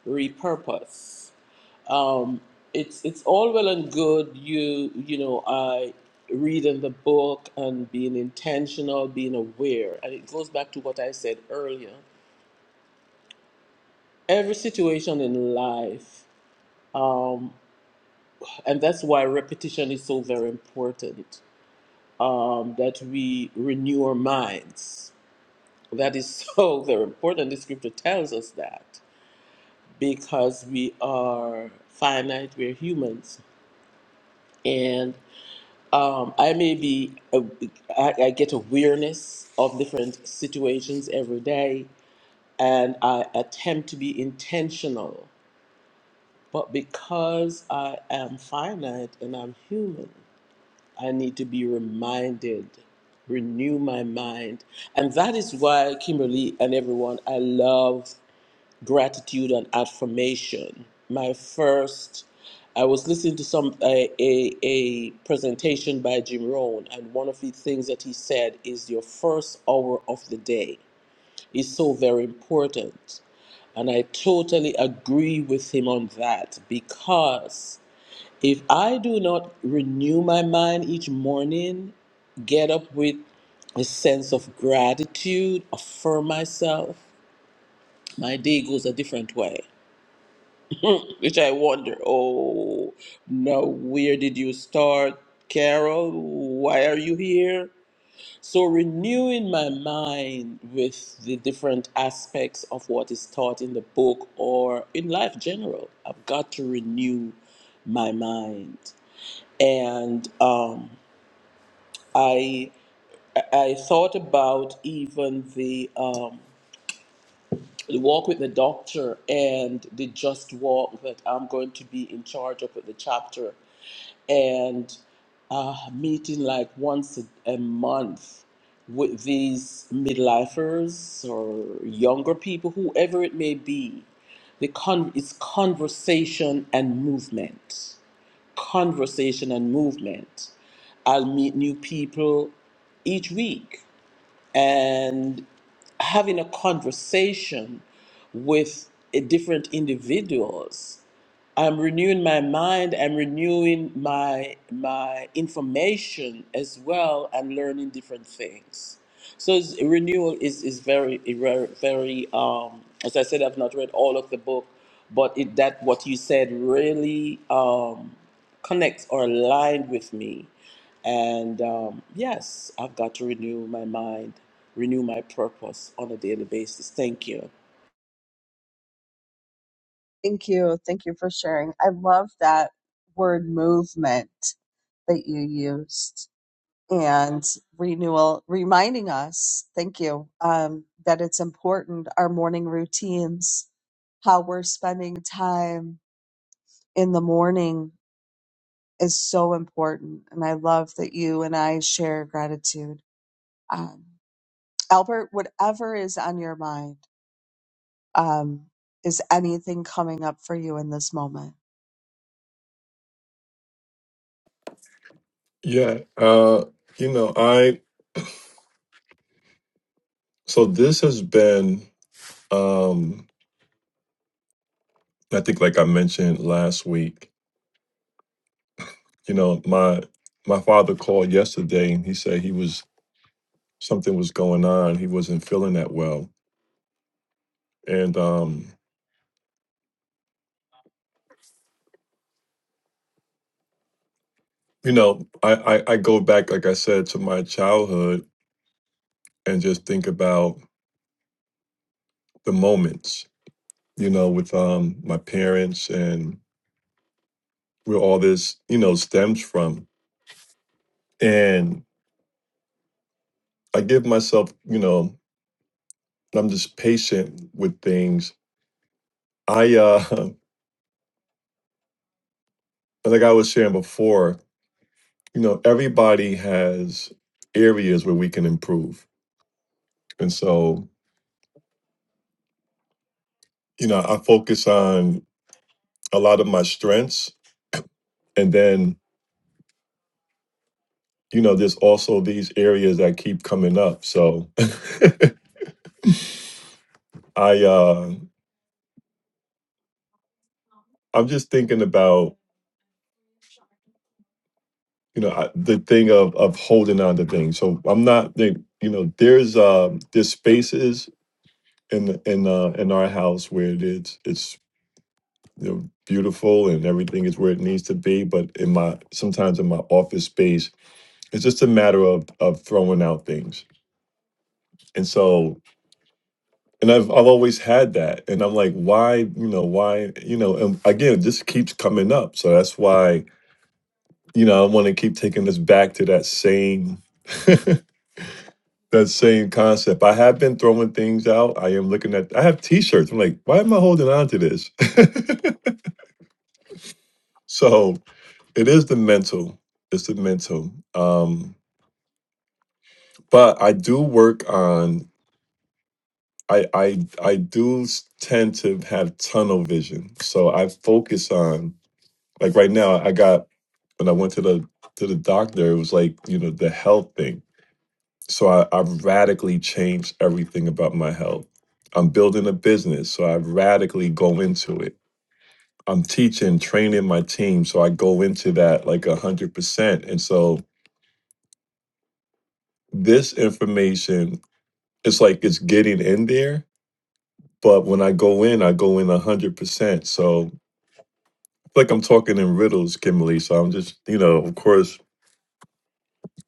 repurpose. um, it's it's all well and good. You you know, I reading the book and being intentional, being aware, and it goes back to what I said earlier. Every situation in life, um, and that's why repetition is so very important. Um, that we renew our minds. That is so [laughs] very important. The scripture tells us that because we are finite, we're humans, and. um, I may be, uh, I, I get awareness of different situations every day and I attempt to be intentional. But because I am finite and I'm human, I need to be reminded, renew my mind. And that is why, Kimberly and everyone, I love gratitude and affirmation. My first, I was listening to some a, a, a presentation by Jim Rohn, and one of the things that he said is your first hour of the day is so very important. And I totally agree with him on that because if I do not renew my mind each morning, get up with a sense of gratitude, affirm myself, my day goes a different way. [laughs] Which I wonder, oh, now where did you start, Carol? Why are you here? So, renewing my mind with the different aspects of what is taught in the book or in life general, I've got to renew my mind. And um, I, I thought about even the, um, the walk with the doctor and the just walk that I'm going to be in charge of with the chapter and uh, meeting like once a, a month with these midlifers or younger people, whoever it may be. The con- it's conversation and movement. Conversation and movement. I'll meet new people each week and having a conversation with uh, different individuals i'm renewing my mind i'm renewing my my information as well and learning different things so it's- renewal is is very very very, um as i said i've not read all of the book but it that what you said really um connects or aligned with me and um, yes, I've got to renew my mind, renew my purpose on a daily basis. Thank you.
Thank you. Thank you for sharing. I love that word movement that you used. and renewal, reminding us, thank you, um, that it's important our morning routines, how we're spending time in the morning is so important. And I love that you and I share gratitude. Um, Albert, whatever is on your mind, um, is anything coming up for you in this moment?
Yeah. Uh, you know, I so this has been. Um, I think, like I mentioned last week, you know, my my father called yesterday and he said he was something was going on. He wasn't feeling that well, and um, you know, I, I I go back, like I said, to my childhood and just think about the moments, you know, with um my parents and where all this, you know, stems from. And I give myself, you know, I'm just patient with things. I uh, [laughs] like I was sharing before. you know, everybody has areas where we can improve. And so, you know, I focus on a lot of my strengths. And then, you know, there's also these areas that keep coming up. So [laughs] I, uh, I'm just thinking about, you know, I, the thing of, of holding on to things. So I'm not, think- you know, there's, uh, there's spaces in, in, uh, in our house where it's, it's, you know, beautiful and everything is where it needs to be. But in my, sometimes in my office space, It's just a matter of of throwing out things. And so, and I've I've always had that. And I'm like, why, you know, why, you know, and again, it just keeps coming up. So that's why, you know, I want to keep taking this back to that same that same concept. I have been throwing things out. I am looking at I have t-shirts. I'm like, why am I holding on to this? [laughs] so it is the mental. It's the mental. Um, but I do work on I I I do s- tend to have tunnel vision, so I focus on like right now. I got when I went to the to the doctor, it was like you know the health thing. So I, I've radically changed everything about my health. I'm building a business, so I radically go into it. I'm teaching, training my team, so I go into that like a hundred percent. And so this information, it's like it's getting in there, but when I go in, I go in a hundred percent. So like I'm talking in riddles, Kimberly. So I'm just, you know, of course,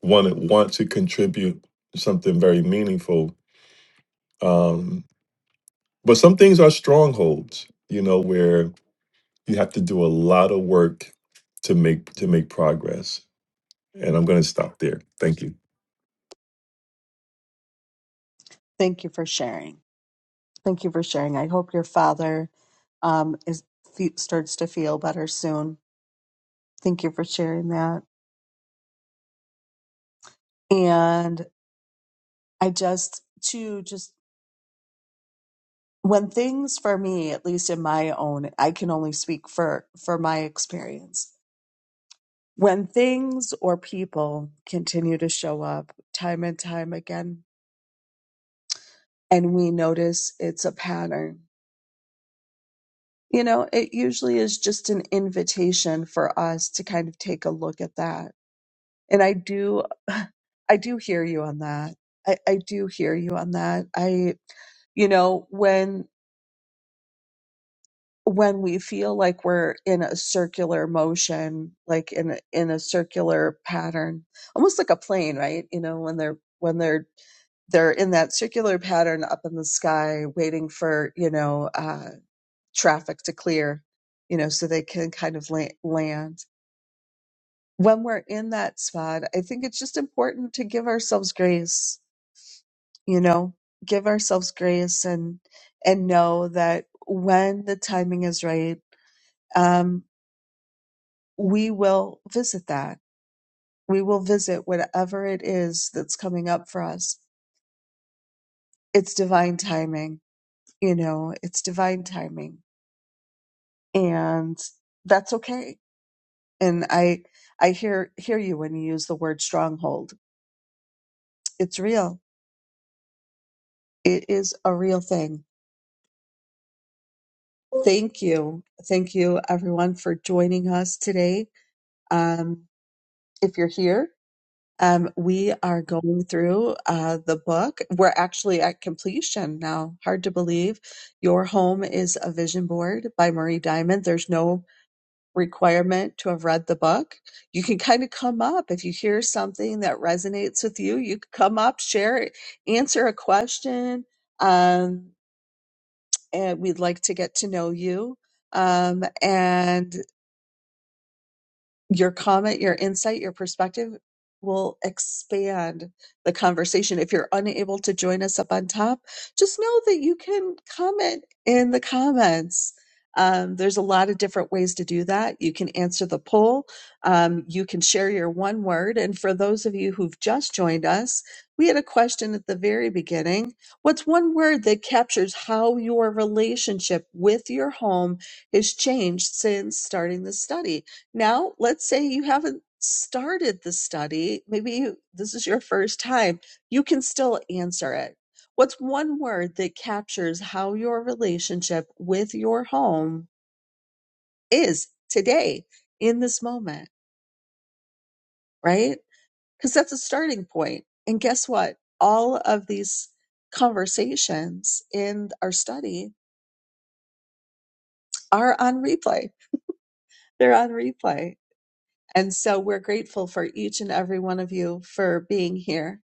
want to want to contribute something very meaningful. Um, but some things are strongholds, you know, where you have to do a lot of work to make to make progress. And I'm going to stop there. Thank you.
Thank you for sharing. Thank you for sharing. I hope your father um, is fe- starts to feel better soon. Thank you for sharing that. And I just, to just when things for me, at least in my own, I can only speak for, for my experience. When things or people continue to show up time and time again, and we notice it's a pattern, you know, it usually is just an invitation for us to kind of take a look at that. And I do, [sighs] [laughs] I do hear you on that. I, I do hear you on that. I, you know, when when we feel like we're in a circular motion like in a, in a circular pattern almost like a plane right you know when they're when they're they're in that circular pattern up in the sky waiting for you know uh, traffic to clear you know so they can kind of la- land when we're in that spot i think it's just important to give ourselves grace you know give ourselves grace and and know that when the timing is right um, we will visit that. We will visit whatever it is that's coming up for us. It's divine timing, you know, it's divine timing. And that's okay. And I I hear hear you when you use the word stronghold. It's real. It is a real thing. Thank you. Thank you everyone for joining us today. Um if you're here Um, we are going through uh, the book. We're actually at completion now. Hard to believe. Your Home is a Vision Board by Marie Diamond. There's no requirement to have read the book. You can kind of come up if you hear something that resonates with you. You can come up, share it, answer a question. Um, and we'd like to get to know you. Um, and your comment, your insight, your perspective will expand the conversation. If you're unable to join us up on top, just know that you can comment in the comments. Um, there's a lot of different ways to do that. You can answer the poll. Um, you can share your one word. And for those of you who've just joined us, we had a question at the very beginning. What's one word that captures how your relationship with your home has changed since starting the study? Now, let's say you haven't started the study, maybe you, this is your first time, you can still answer it. What's one word that captures how your relationship with your home is today in this moment, right? Because that's a starting point. And guess what? All of these conversations in our study are on replay. They're on replay And so we're grateful for each and every one of you for being here.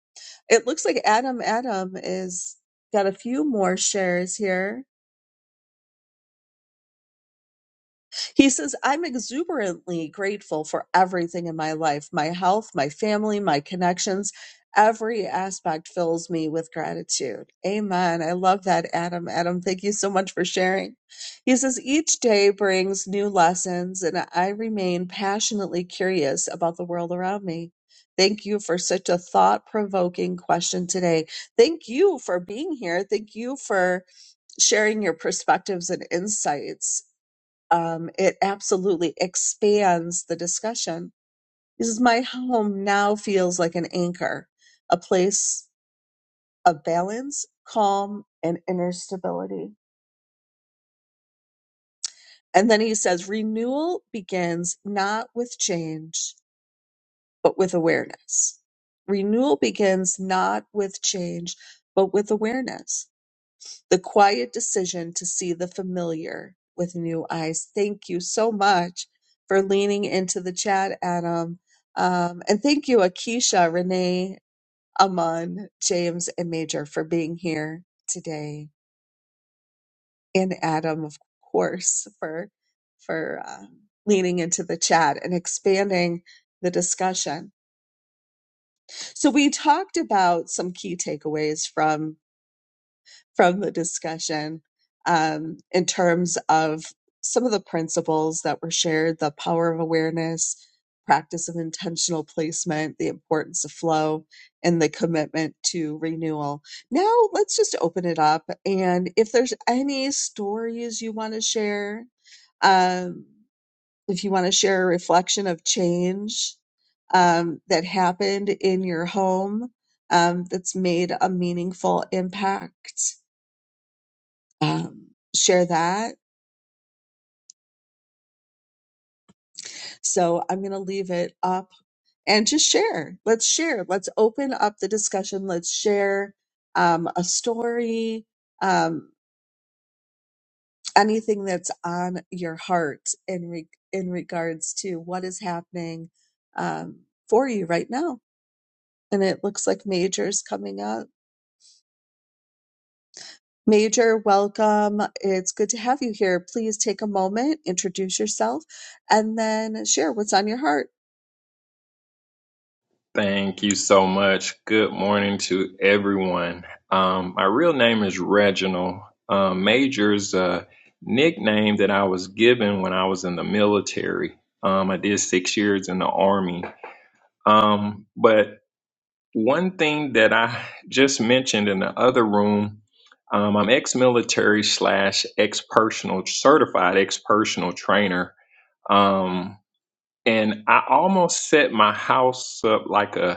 It looks like Adam Adam is got a few more shares here. He says, I'm exuberantly grateful for everything in my life my health, my family, my connections. Every aspect fills me with gratitude. Amen. I love that, Adam. Adam, thank you so much for sharing. He says, Each day brings new lessons, and I remain passionately curious about the world around me. Thank you for such a thought provoking question today. Thank you for being here. Thank you for sharing your perspectives and insights um, it absolutely expands the discussion. He says, My home now feels like an anchor, a place of balance, calm, and inner stability. And then he says, Renewal begins not with change, but with awareness. Renewal begins not with change, but with awareness the quiet decision to see the familiar with new eyes. Thank you so much for leaning into the chat, Adam. Um, and thank you, Akisha, Renee, Aman, James, and Major for being here today. And Adam, of course, for for um, leaning into the chat and expanding the discussion. So we talked about some key takeaways from from the discussion um, in terms of some of the principles that were shared the power of awareness, practice of intentional placement, the importance of flow, and the commitment to renewal. Now, let's just open it up. And if there's any stories you want to share, um, if you want to share a reflection of change um, that happened in your home um, that's made a meaningful impact um, share that. So I'm going to leave it up and just share. Let's share. Let's open up the discussion. Let's share um, a story, um, anything that's on your heart in re- in regards to what is happening um, for you right now. And it looks like Major's coming up. Major, welcome. It's good to have you here. Please take a moment, introduce yourself, and then share what's on your heart.
Thank you so much. Good morning to everyone. Um, my real name is Reginald. Um, Major's a nickname that I was given when I was in the military. Um, I did six years in the Army. Um, but one thing that I just mentioned in the other room, um, I'm ex military slash ex personal certified ex personal trainer. Um, and I almost set my house up like a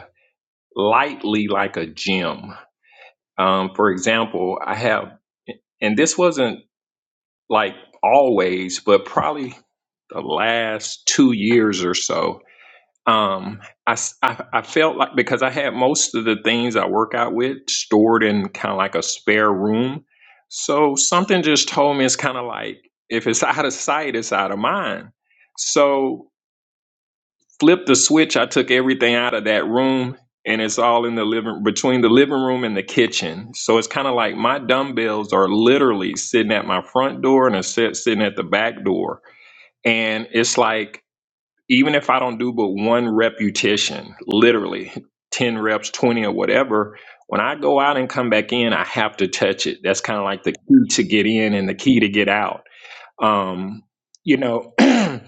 lightly like a gem. Um, for example, I have, and this wasn't like always, but probably the last two years or so. Um, I, s- I- I felt like because I had most of the things I work out with stored in kind of like a spare room. So something just told me it's kind of like if it's out of sight, it's out of mind. So flipped the switch. I took everything out of that room and it's all in the living between the living room and the kitchen. So it's kind of like my dumbbells are literally sitting at my front door and a set sitting at the back door. And it's like even if I don't do but one repetition, literally 10 reps, 20 or whatever, when I go out and come back in, I have to touch it. That's kind of like the key to get in and the key to get out. Um, you know, [clears throat]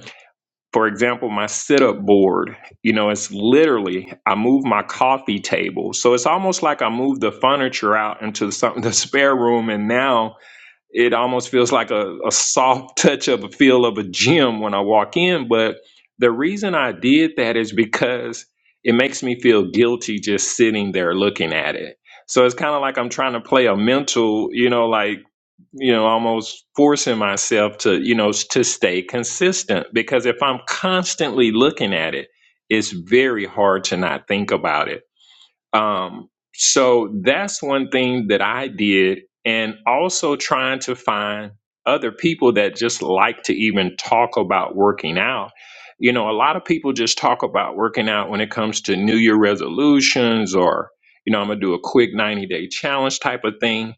for example, my sit up board, you know, it's literally, I move my coffee table. So it's almost like I moved the furniture out into something, [laughs] the spare room. And now it almost feels like a, a soft [laughs] touch of a feel of a gym when I walk in. But the reason I did that is because it makes me feel guilty just sitting there looking at it. So it's kind of like I'm trying to play a mental, you know, like, you know almost forcing myself to you know to stay consistent because if i'm constantly looking at it it's very hard to not think about it um so that's one thing that i did and also trying to find other people that just like to even talk about working out you know a lot of people just talk about working out when it comes to new year resolutions or you know i'm gonna do a quick 90 day challenge type of thing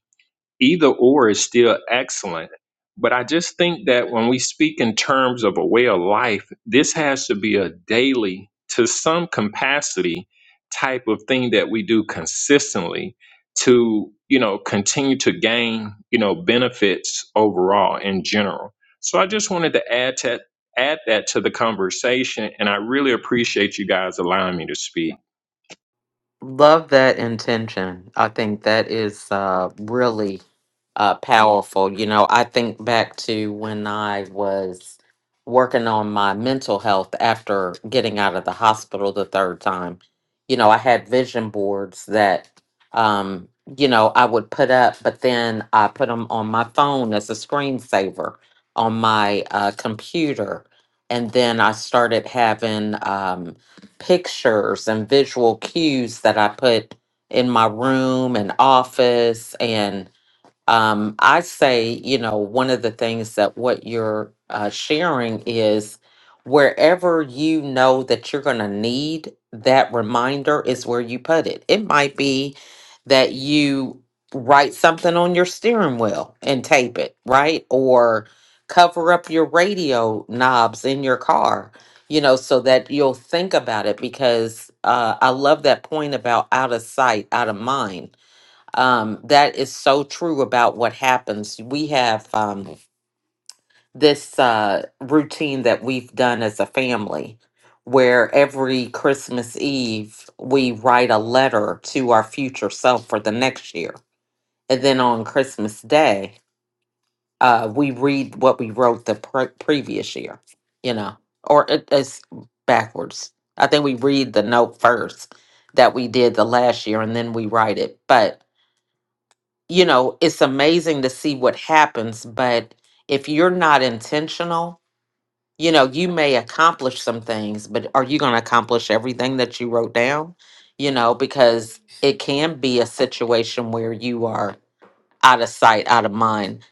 either or is still excellent. But I just think that when we speak in terms of a way of life, this has to be a daily, to some capacity, type of thing that we do consistently to, you know, continue to gain, you know, benefits overall in general. So I just wanted to add to add that to the conversation, and I really appreciate you guys allowing me to speak.
Love that intention. I think that is uh, really uh, powerful. You know, I think back to when I was working on my mental health after getting out of the hospital the third time. You know, I had vision boards that, um, you know, I would put up, but then I put them on my phone as a screensaver on my uh, computer. And then I started having um, pictures and visual cues that I put in my room and office and um, I say, you know, one of the things that what you're uh, sharing is wherever you know that you're going to need that reminder is where you put it. It might be that you write something on your steering wheel and tape it, right? Or cover up your radio knobs in your car, you know, so that you'll think about it because uh, I love that point about out of sight, out of mind um, that is so true about what happens. We have um, this uh, routine that we've done as a family where every Christmas Eve we write a letter to our future self for the next year. And then on Christmas Day, uh, we read what we wrote the pre- previous year, you know, or it, it's backwards. I think we read the note first that we did the last year and then we write it. But you know, it's amazing to see what happens, but if you're not intentional, you know, you may accomplish some things, but are you going to accomplish everything that you wrote down? You know, because it can be a situation where you are out of sight, out of mind.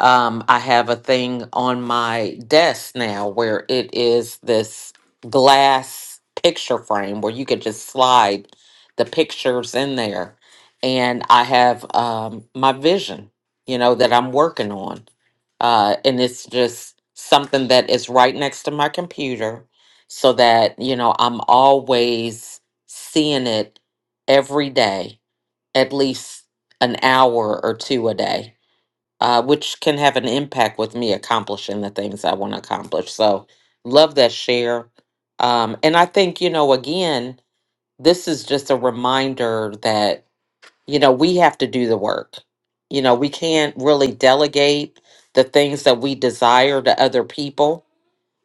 Um, I have a thing on my desk now where it is this glass picture frame where you could just slide the pictures in there. And I have um, my vision, you know, that I'm working on. Uh, and it's just something that is right next to my computer so that, you know, I'm always seeing it every day, at least an hour or two a day uh, which can have an impact with me accomplishing the things I want to accomplish. So, love that share. Um, and I think, you know, again, this is just a reminder that, you know, we have to do the work. You know, we can't really delegate the things that we desire to other people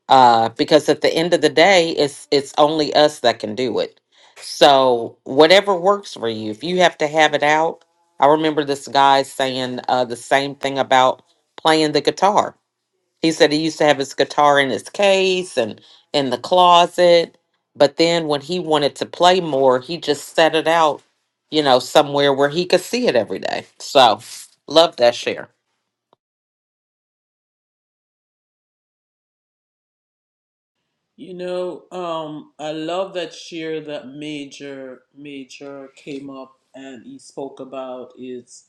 uh, because at the end of the day, it's it's only us that can do it. So whatever works for you, if you have to have it out, I remember this guy saying uh, the same thing about playing the guitar. He said he used to have his guitar in his case and in the closet, but then when he wanted to play more, he just set it out, you know, somewhere where he could see it every day. So love that share.
You know, um, I love that share that Major Major came up and he spoke about It's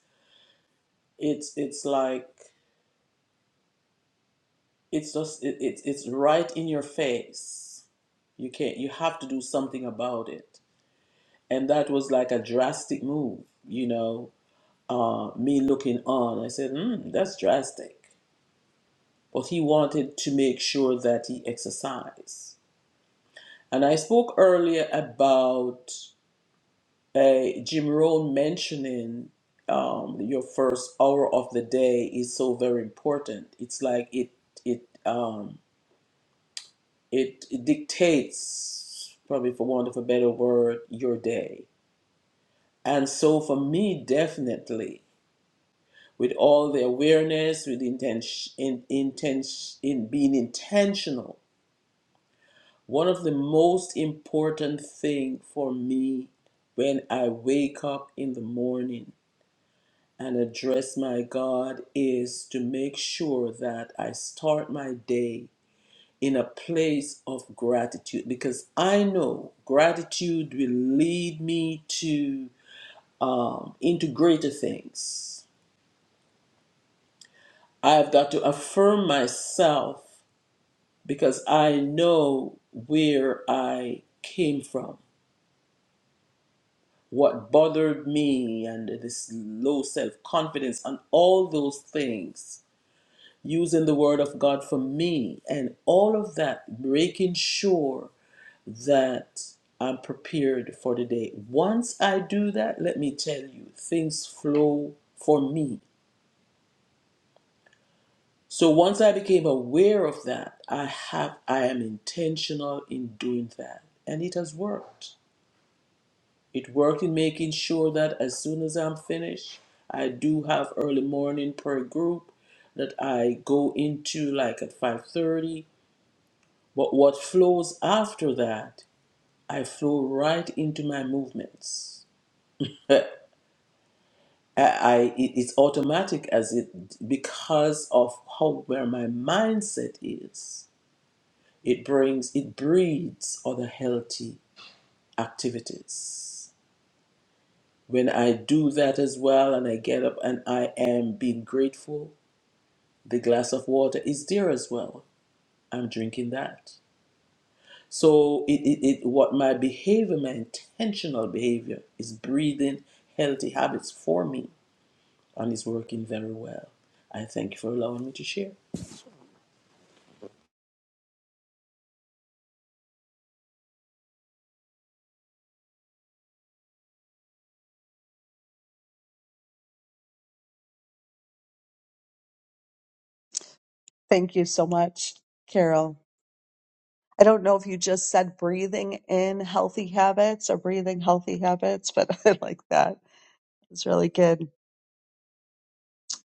it's it's like it's just it, it's it's right in your face. You can't you have to do something about it. And that was like a drastic move, you know. Uh, me looking on, I said, mm, "That's drastic." but he wanted to make sure that he exercised. And I spoke earlier about uh, Jim Rohn mentioning um, your first hour of the day is so very important. It's like it it um, it, it dictates, probably for want of a better word, your day. And so for me, definitely, with all the awareness, with intention, in, intention, in being intentional One of the most important thing for me when I wake up in the morning and address my God is to make sure that I start my day in a place of gratitude because I know gratitude will lead me to um, into greater things. I've got to affirm myself because I know where I came from. what bothered me and this low self confidence and all those things, using the word of God for me and all of that, making sure that I'm prepared for the day. Once I do that, let me tell you, things flow for me. So once I became aware of that, I have I am intentional in doing that and it has worked. It worked in making sure that as soon as I'm finished, I do have early morning per group that I go into like at 5:30. But what flows after that, I flow right into my movements. Uh, I, I it- it's automatic as it because of how where my mindset is. It brings it breeds other healthy activities. When I do that as well and I get up and I am being grateful, the glass of water is there as well. I'm drinking that. So it, it, it what my behavior, my intentional behavior is breathing healthy habits for me and it's working very well. I thank you for allowing me to share.
Thank you so much, Carol. I don't know if you just said breathing in healthy habits or breathing healthy habits, but [laughs] I like that. It's really good.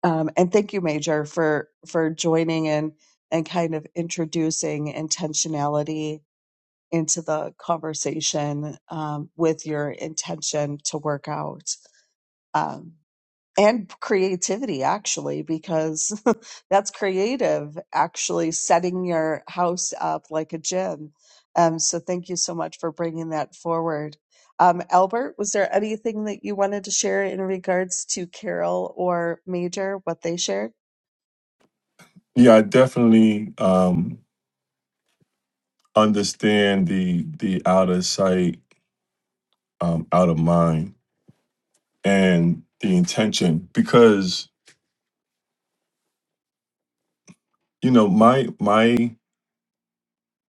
Um, and thank you, Major, for for joining in and kind of introducing intentionality into the conversation um, with your intention to work out. Um, and creativity actually because [laughs] that's creative actually setting your house up like a gym um, so thank you so much for bringing that forward um, albert was there anything that you wanted to share in regards to carol or major what they shared
Yeah, I definitely um, understand the the out of sight, um, out of mind, and the intention because you know my my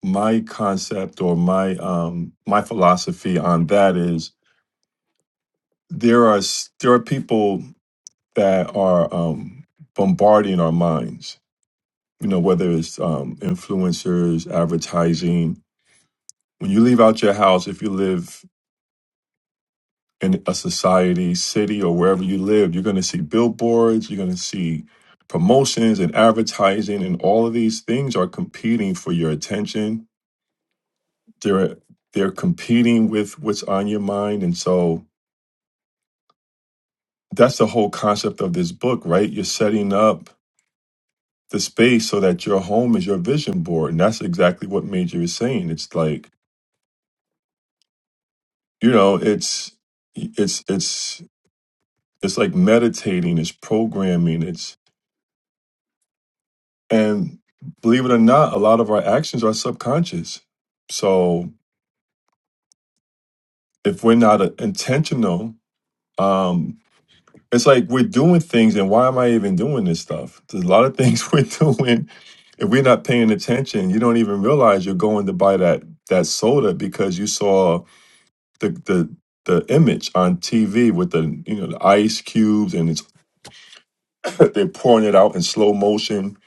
my concept or my um my philosophy on that is there are s- there are people that are um bombarding our minds you know whether it's um influencers advertising when you leave out your house if you live in a society city or wherever you live you're going to see billboards you're going to see promotions and advertising and all of these things are competing for your attention they're they're competing with what's on your mind and so that's the whole concept of this book, right? You're setting up the space so that your home is your vision board, and that's exactly what Major is saying. It's like you know, it's it's it's it's like meditating, it's programming, it's and believe it or not, a lot of our actions are subconscious. So if we're not uh, intentional, um, It's like we're doing things, and why am I even doing this stuff? There's a lot of things [laughs] we're doing. If we're not paying attention, you don't even realize you're going to buy that that soda because you saw the the the image on TV with the you know the ice cubes and it's [laughs] they're pouring it out in slow motion,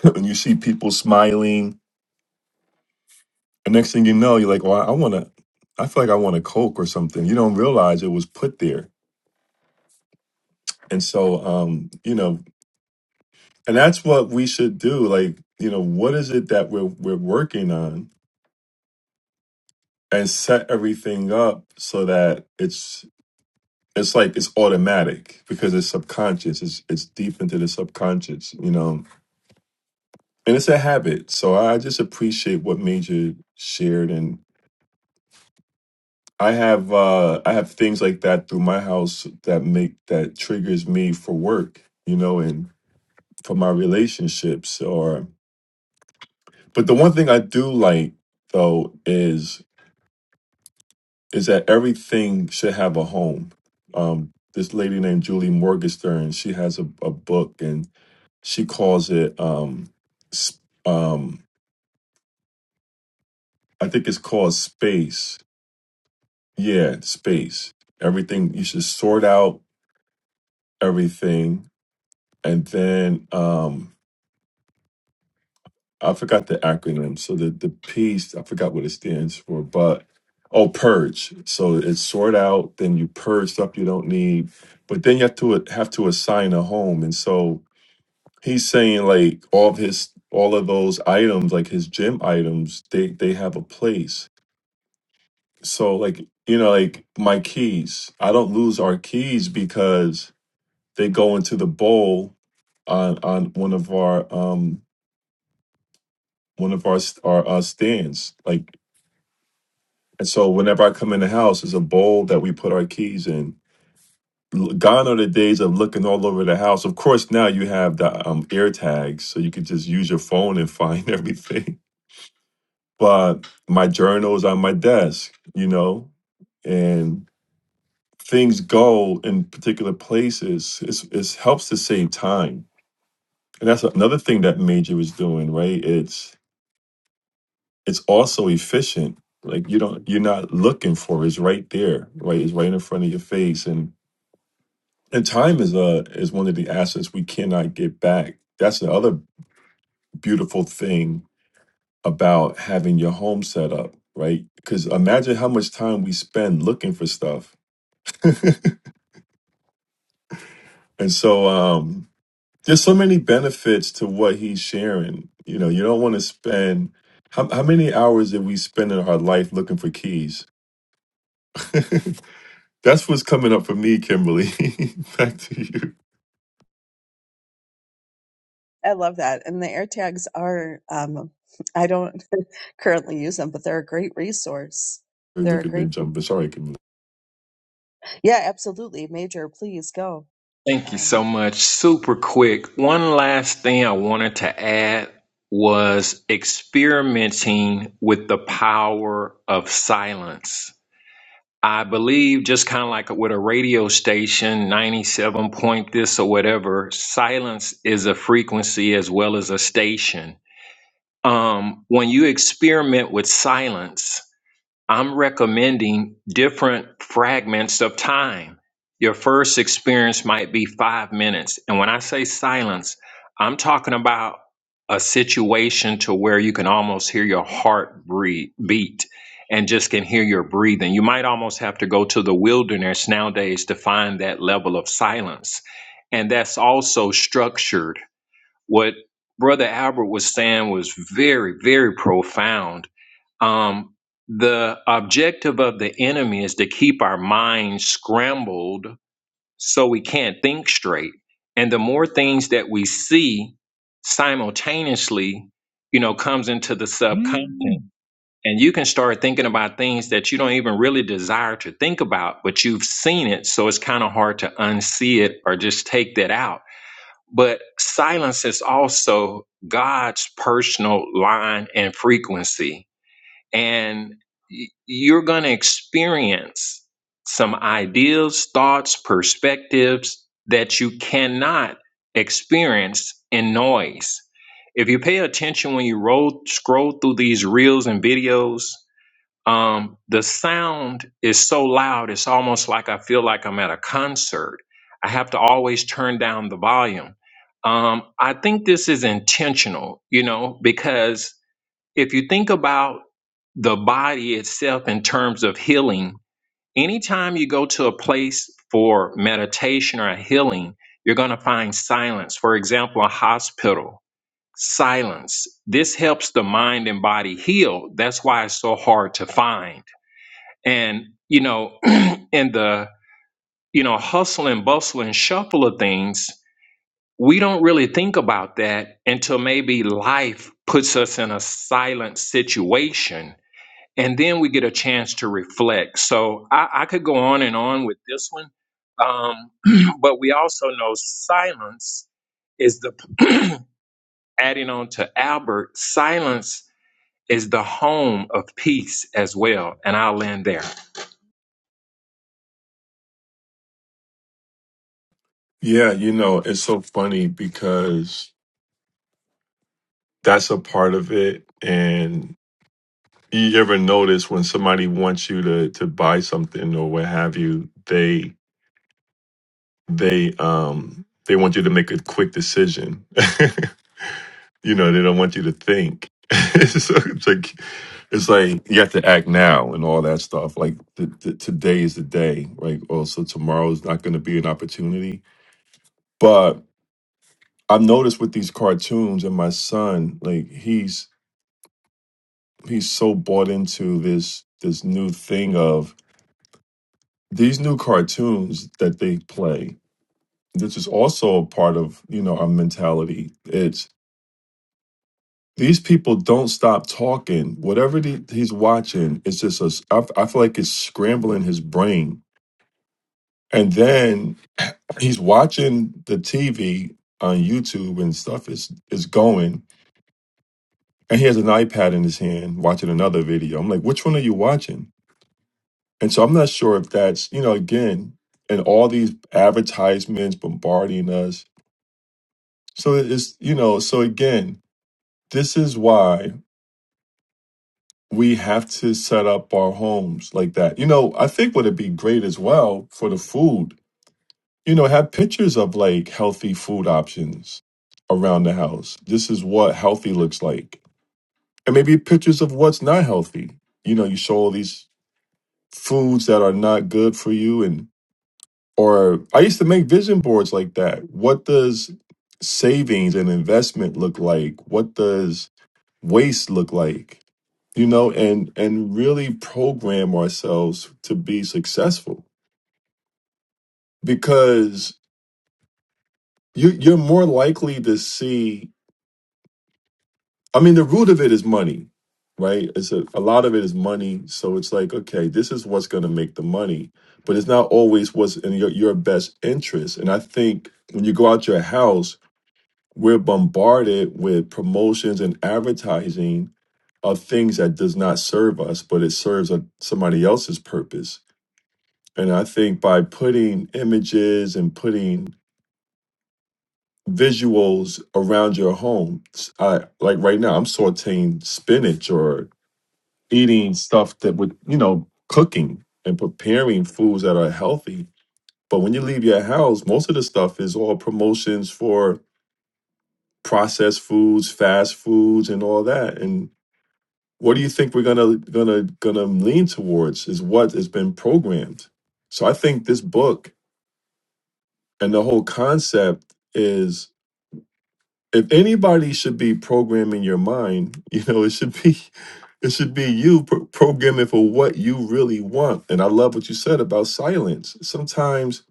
[laughs] and you see people smiling. And next thing you know, you're like, well, I want to. I feel like I want a Coke or something. You don't realize it was put there. And so, um, you know, And that's what we should do. Like, you know, what is it that we're we're working on and set everything up so that it's it's like it's automatic because it's subconscious. It's it's deep into the subconscious, you know. And it's a habit. So I just appreciate what Major shared and I have uh I have things like that through my house that make that triggers me for work, you know, and for my relationships or but the one thing I do like though is is that everything should have a home. Um, this lady named Julie Morgenstern, she has a, a book and she calls it, um, sp- um, I think it's called Space. Yeah, Space. Everything, you should sort out everything. And then um, I forgot the acronym. So the, the piece, I forgot what it stands for, but oh, purge. So it's sort out, then you purge stuff you don't need, but then you have to have to assign a home. And so He's saying like all of his all of those items, like his gym items, they they have a place. So like you know, like my keys, I don't lose our keys because they go into the bowl on on one of our um one of our st- our, our stands. Like and so whenever I come in the house, it's a bowl that we put our keys in. L- Gone are the days of looking all over the house. Of course, now you have the um, air tags, so you can just use your phone and find [laughs] everything. but my journal is on my desk, you know, and things go in particular places. It's, it helps to save time, and that's another thing that Major was doing, right? It's it's also efficient. Like you don't you're not looking for it. it's right there, right? It's right in front of your face, and and time is a is one of the assets we cannot get back. That's the other beautiful thing about having your home set up, right? Because imagine how much time we spend looking for stuff And so um, there's so many benefits to what he's sharing. You know, you don't want to spend how, how many hours did we spend in our life looking for keys? [laughs] That's what's coming up for me, Kimberly. [laughs] Back to you.
i love that and the air tags are um, i don't [laughs] currently use them but they're a great resource they're
Look
a
at me
great
jumping. Sorry, Kimberly.
yeah absolutely major please go
Thank you
um,
so much. Super quick. One last thing I wanted to add was experimenting with the power of silence. I believe just kind of like with a radio station, 97 point this or whatever, silence is a frequency as well as a station. Um, when you experiment with silence, I'm recommending different fragments of time. Your first experience might be five minutes. And when I say silence, I'm talking about a situation to where you can almost hear your heart breathe, beat and just can hear your breathing. You might almost have to go to the wilderness nowadays to find that level of silence. And that's also structured. What Brother Albert was saying was very, very profound um, the objective of the enemy is to keep our minds scrambled so we can't think straight. And the more things that we see simultaneously, you know, comes into the subconscious. Mm. And you can start thinking about things that you don't even really desire to think about, but you've seen it. So it's kind of hard to unsee it or just take that out. But silence is also God's personal line and frequency and y- you're going to experience some ideas, thoughts, perspectives that you cannot experience in noise. If you pay attention when you roll, scroll through these reels and videos, um, the sound is so loud, it's almost like I feel like I'm at a concert. I have to always turn down the volume. Um, I think this is intentional, you know, because if you think about the body itself in terms of healing, anytime you go to a place for meditation or healing, you're going to find silence. For example, a hospital, silence. This helps the mind and body heal. That's why it's so hard to find. And, you know, [clears throat] in the, you know, hustle and bustle and shuffle of things, we don't really think about that until maybe life puts us in a silent situation and then we get a chance to reflect. So I, I could go on and on with this one, um, [clears throat] but we also know silence is the [clears throat] adding on to Albert. Silence is the home of peace as well, and I'll land there.
Yeah, you know, it's so funny because that's a part of it. And you ever notice when somebody wants you to to buy something or what have you, they. they um they want you to make a quick decision. [laughs] you know, they don't want you to think. [laughs] so it's like it's like you have to act now and all that stuff. Like the, the, today is the day. right? also tomorrow is not going to be an opportunity. But I've noticed with these cartoons and my son, like he's he's so bought into this this new thing of these new cartoons that they play. This is also a part of you know our mentality. It's These people don't stop talking. Whatever the, he's watching, it's just a s I f I feel like it's scrambling his brain. And then he's watching the TV on YouTube and stuff is is going, and he has an iPad in his hand watching another video. I'm like, which one are you watching? And so I'm not sure if that's you know again, and all these advertisements bombarding us. So it's you know so again, this is why we have to set up our homes like that. You know, I think would it be great as well for the food. You know, have pictures of like healthy food options around the house. This is what healthy looks like. And maybe pictures of what's not healthy. You know, you show all these foods that are not good for you and or I used to make vision boards like that. What does savings and investment look like? What does waste look like? you know, and and really program ourselves to be successful because you you're more likely to see. I mean, the root of it is money, right? It's a, a lot of it is money, so it's like okay, this is what's going to make the money, but it's not always what's in your your best interest. And I think when you go out your house, we're bombarded with promotions and advertising of things that does not serve us, but it serves a, somebody else's purpose And I think by putting images and putting visuals around your home, s- I like right now I'm sauteing spinach or eating stuff that would, you know, cooking and preparing foods that are healthy. But when you leave your house, most of the stuff is all promotions for processed foods, fast foods and all that. And what do you think we're gonna gonna gonna lean towards is what has been programmed. So I think this book and the whole concept is if anybody should be programming your mind, [laughs] you know, it should be [laughs] it should be you pro- programming for what you really want. And I love what you said about silence. Sometimes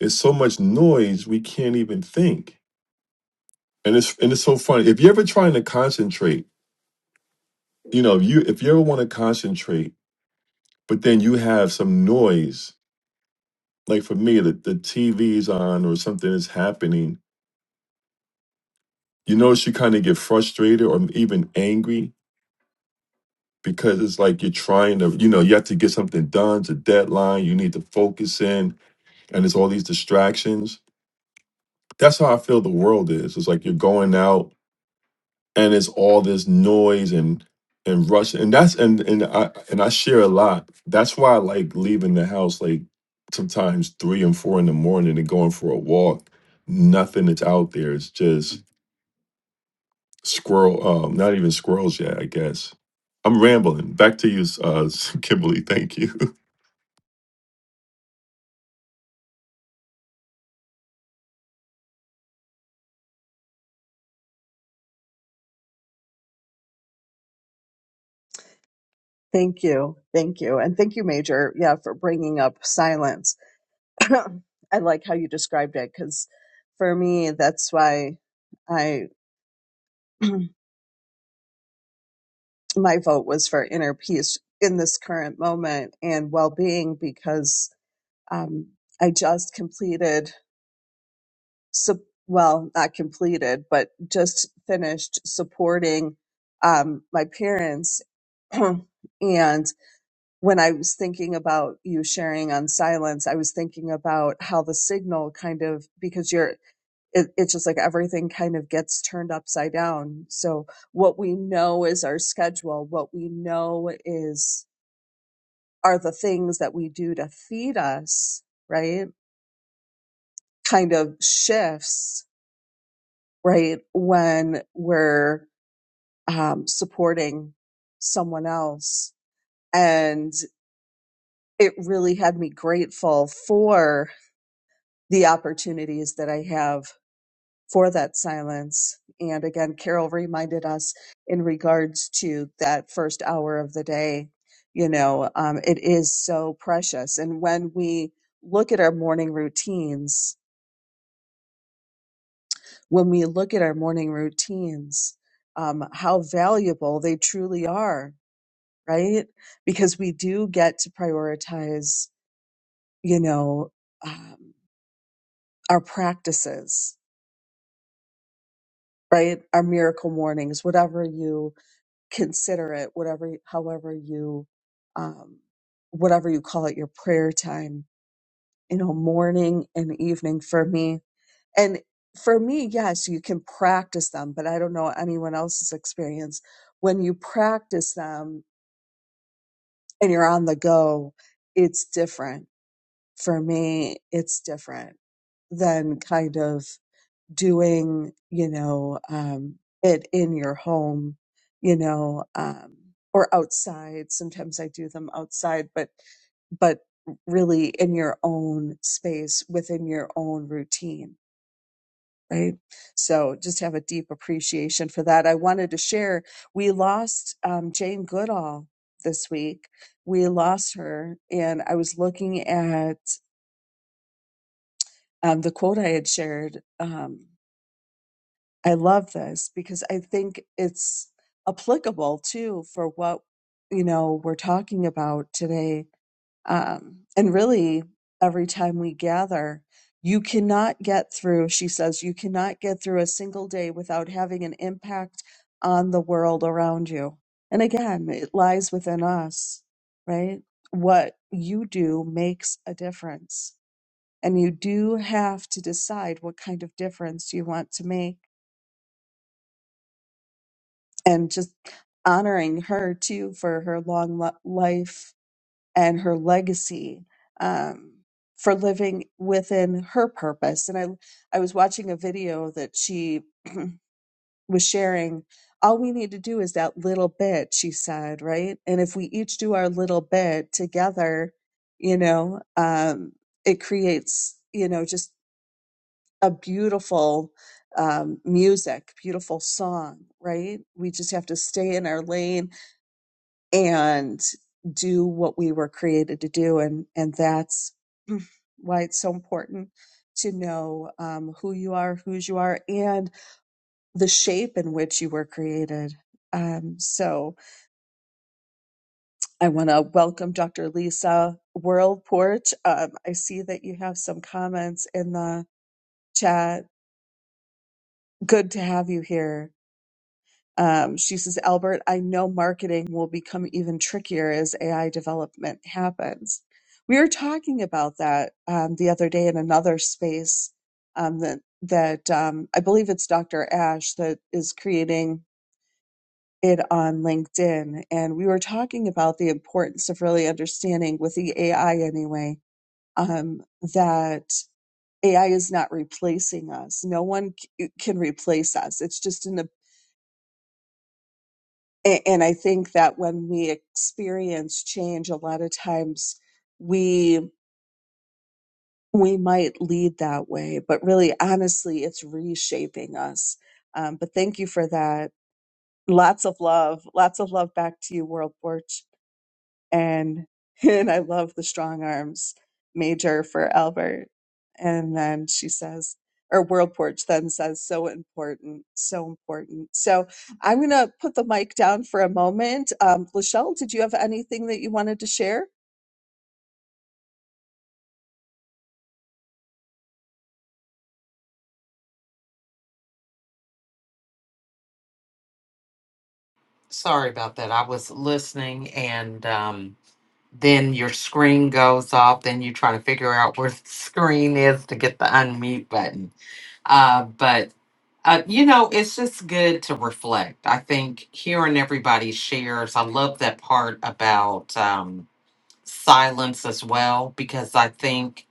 it's so much noise we can't even think. And it's and it's so funny. If you're ever trying to concentrate, you know, if you if you ever want to concentrate, but then you have some noise, like for me, the, the TV's on or something is happening, you notice you kind of get frustrated or even angry because it's like you're trying to, you know, you have to get something done. It's a deadline. You need to focus in, and it's all these distractions. That's how I feel the world is. It's like you're going out, and it's all this noise and and rush, and that's and and I and I share a lot. That's why I like leaving the house like sometimes three and four in the morning and going for a walk. Nothing that's out there. It's just squirrel. Um, not even squirrels yet. I guess I'm rambling. Back to you, uh, [laughs] Kimberly. Thank you.
Thank you. Thank you. And thank you, Major, yeah, for bringing up silence. [clears throat] I like how you described it because for me, that's why I, [clears throat] my vote was for inner peace in this current moment and well being because um, I just completed, sup- well, not completed, but just finished supporting um, my parents. [clears throat] and when I was thinking about you sharing on silence, I was thinking about how the signal kind of because you're it, it's just like everything kind of gets turned upside down. So what we know is our schedule. What we know is are the things that we do to feed us, right? Kind of shifts, right? When we're um, supporting someone else. And it really had me grateful for the opportunities that I have for that silence. And again, Carol reminded us in regards to that first hour of the day, you know, um, it is so precious. And when we look at our morning routines, when we look at our morning routines, um, how valuable they truly are, right? Because we do get to prioritize, you know, um, our practices, right? Our miracle mornings, whatever you consider it whatever however you um, whatever you call it your prayer time you know morning and evening for me and for me yes you can practice them but i don't know anyone else's experience when you practice them and you're on the go it's different for me it's different than kind of doing, you know, um, it in your home, you know, um, or outside. Sometimes I do them outside, but but really in your own space within your own routine right so just have a deep appreciation for that i wanted to share we lost um, jane goodall this week we lost her and i was looking at um, the quote i had shared Um, I love this because I think it's applicable too for what you know we're talking about today. Um, and really, every time we gather, you cannot get through. She says you cannot get through a single day without having an impact on the world around you. And again, it lies within us, right? What you do makes a difference. And you do have to decide what kind of difference you want to make and just honoring her too for her long lo- life and her legacy um, for living within her purpose. And I, I was watching a video that she was sharing. All we need to do is that little bit, she said, right? And if we each do our little bit together, you know, um, it creates, you know, just a beautiful um, music, beautiful song, right? We just have to stay in our lane and do what we were created to do and and that's [clears throat] why it's so important to know um, who you are whose you are and the shape in which you were created um, so i want to welcome dr lisa worldport um, i see that you have some comments in the chat good to have you here Um, she says, Albert, I know marketing will become even trickier as AI development happens. We were talking about that um, the other day in another space um, that that um, I believe it's Dr. Ash that is creating it on LinkedIn, and we were talking about the importance of really understanding with the AI anyway um, that AI is not replacing us. No one c- can replace us. It's just an A- and I think that when we experience change, a lot of times we we might lead that way, but really, honestly, it's reshaping us. Um, but thank you for that. Lots of love. Lots of love back to you, World Porch and [laughs] and I love the strong arms major for Albert. And then she says, or World Porch then says, so important, so important. So I'm gonna put the mic down for a moment. Um, Lachelle, did you have anything that you wanted to share?
Sorry about that. I was listening and. um then your screen goes off. Then you try to figure out where the [laughs] screen is to get the unmute button. Uh, but uh, you know, it's just good to reflect. I think hearing everybody shares, I love that part about um, silence as well, because I think,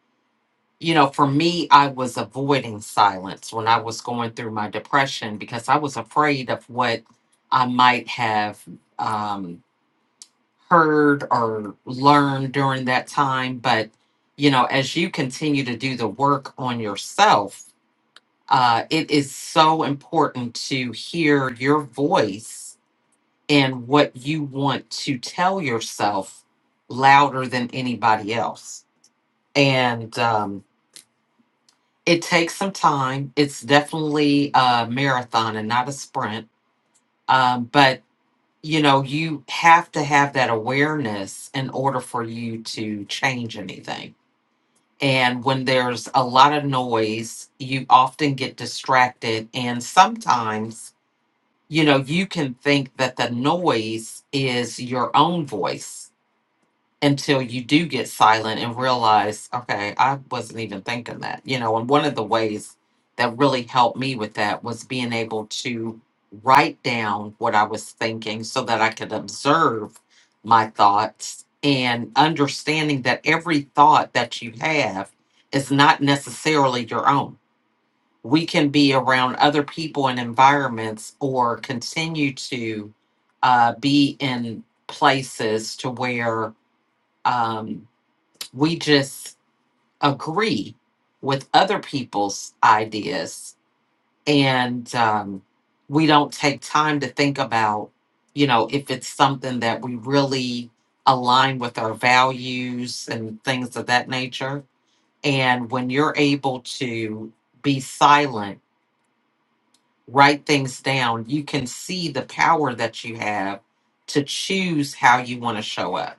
you know, for me, I was avoiding silence when I was going through my depression because I was afraid of what I might have. Um, heard or learned during that time. But, you know, as you continue to do the work on yourself, uh, it is so important to hear your voice and what you want to tell yourself louder than anybody else. And um, it takes some time. It's definitely a marathon and not a sprint. Um, but you know, you have to have that awareness in order for you to change anything. And when there's a lot of noise, you often get distracted. And sometimes, you know, you can think that the noise is your own voice until you do get silent and realize, okay, I wasn't even thinking that, you know. And one of the ways that really helped me with that was being able to write down what I was thinking so that I could observe my thoughts and understanding that every thought that you have is not necessarily your own. We can be around other people and environments or continue to uh, be in places to where. Um, we just agree with other people's ideas and um, we don't take time to think about you know if it's something that we really align with our values and things of that nature and when you're able to be silent write things down you can see the power that you have to choose how you want to show up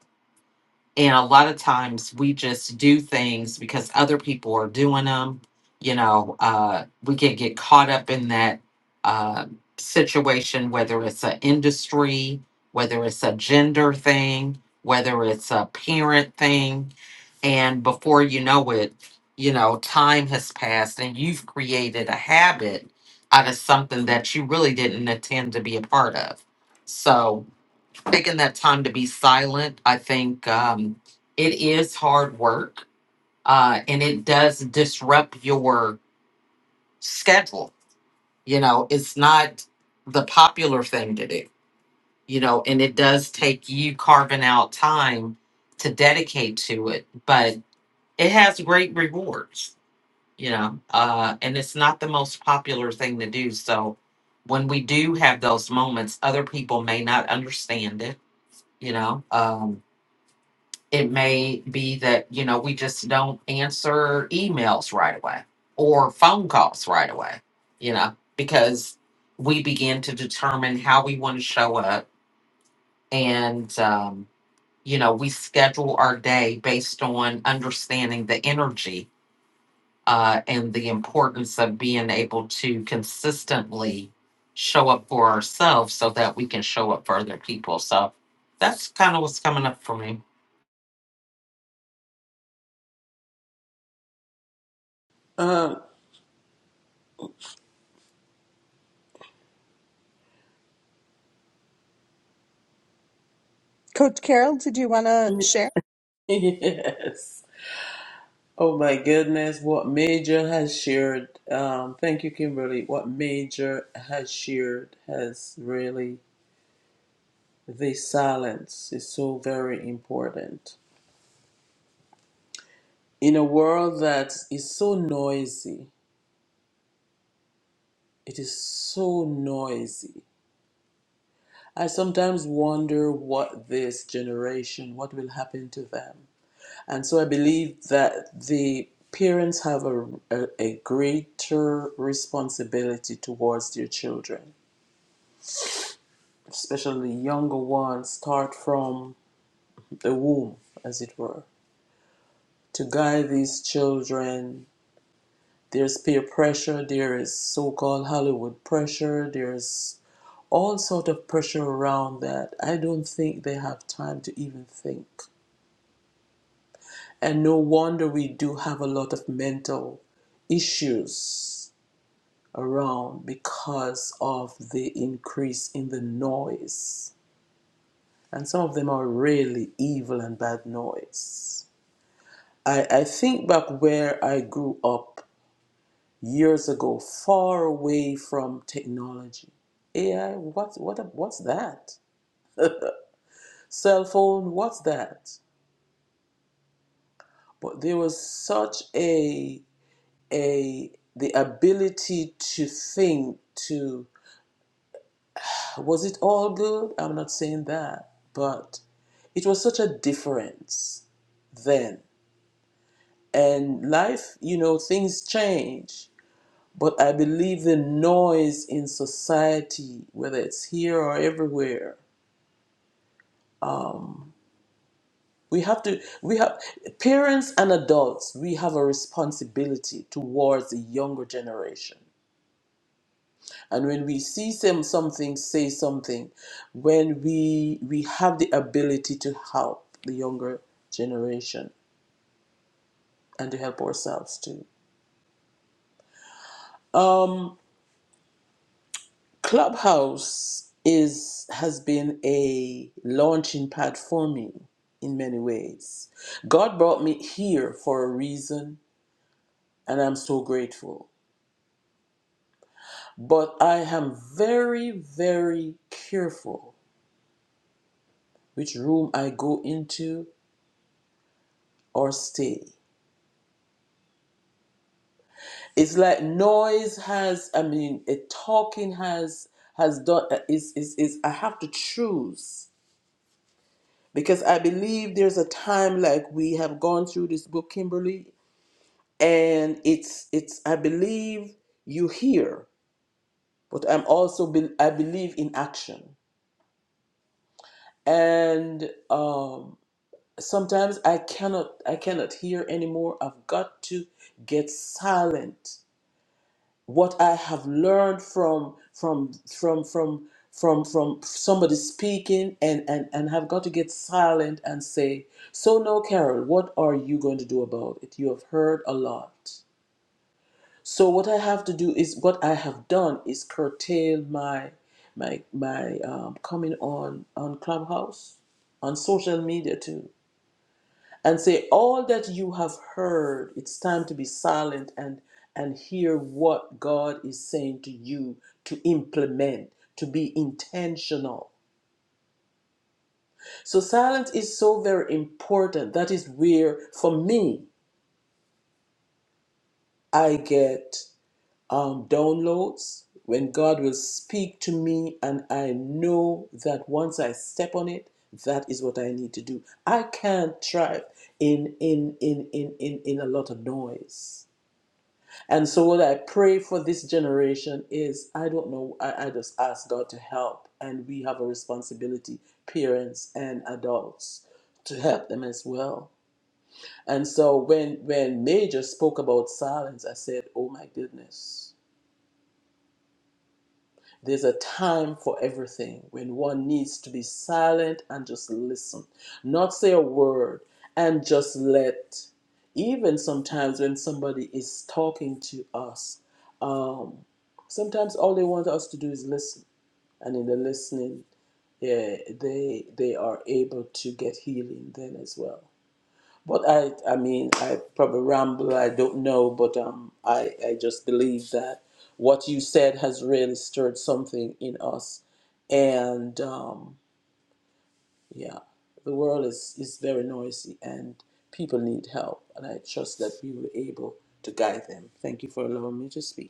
And a lot of times we just do things because other people are doing them. You know, uh, we can get caught up in that uh, situation, whether it's an industry, whether it's a gender thing, whether it's a parent thing. And before you know it, you know, time has passed and you've created a habit out of something that you really didn't intend to be a part of. So, taking that time to be silent. I think um, it is hard work uh, and it does disrupt your schedule. You know, it's not the popular thing to do, you know, and it does take you carving out time to dedicate to it, but it has great rewards, you know, uh, and it's not the most popular thing to do. So when we do have those moments, other people may not understand it, you know. Um, it may be that you know we just don't answer emails right away or phone calls right away you know because we begin to determine how we want to show up and um, you know we schedule our day based on understanding the energy uh, and the importance of being able to consistently show up for ourselves so that we can show up for other people so that's kind of what's coming up for me
Um
Coach Carol, did you want to
[laughs]
share?
yes. Oh my goodness, what major has shared. Um thank you, Kimberly. What major has shared has really The silence is so very important. In a world that is so noisy, it is so noisy. I sometimes wonder what this generation, what will happen to them. And so I believe that the parents have a, a, a greater responsibility towards their children, especially younger ones, start from the womb, as it were, to guide these children There's peer pressure, there is so-called Hollywood pressure, there's all sort of pressure around that. I don't think they have time to even think. And no wonder we do have a lot of mental issues around because of the increase in the noise. And some of them are really evil and bad noise. I, I think back where I grew up years ago, far away from technology. AI, what, what, what's that? Cell phone, what's that? But there was such a, a, the ability to think, to, was it all good? I'm not saying that, but it was such a difference then. And life, you know, things change. But I believe the noise in society, whether it's here or everywhere, We have to, we have, parents and adults, we have a responsibility towards the younger generation. And when we see some, something, say something, when we, we have the ability to help the younger generation and to help ourselves too. Um, Clubhouse is, has been a launching pad for me in many ways. God brought me here for a reason, and I'm so grateful. But I am very, very careful which room I go into or stay. It's like noise has, I mean, a talking has has done uh, is is is I have to choose because I believe there's a time like we have gone through this book, Kimberly, and it's it's I believe you hear, but I'm also be, I believe in action, and um. Sometimes I cannot I cannot hear anymore. I've got to get silent. What I have learned from from from from from from somebody speaking and and and have got to get silent and say so no carol what are you going to do about it you have heard a lot so what i have to do is what i have done is curtail my my my um, coming on on clubhouse on social media too and say all that you have heard it's time to be silent and and hear what god is saying to you to implement to be intentional so silence is so very important that is where for me i get um, downloads when god will speak to me and i know that once i step on it that is what i need to do i can't thrive in in in in in, in a lot of noise And so, what I pray for this generation is I don't know, I, I just ask God to help. And we have a responsibility, parents and adults, to help them as well. And so, when, when Major spoke about silence, I said, Oh my goodness. There's a time for everything when one needs to be silent and just listen, not say a word and just let. Even sometimes when somebody is talking to us, um, sometimes all they want us to do is listen, and in the listening, yeah, they they are able to get healing then as well. But I, I mean, I probably ramble. I don't know, but um, I, I just believe that what you said has really stirred something in us, and um, yeah, the world is is very noisy, and people need help, and I trust that we were able to guide them. Thank you for allowing me to speak.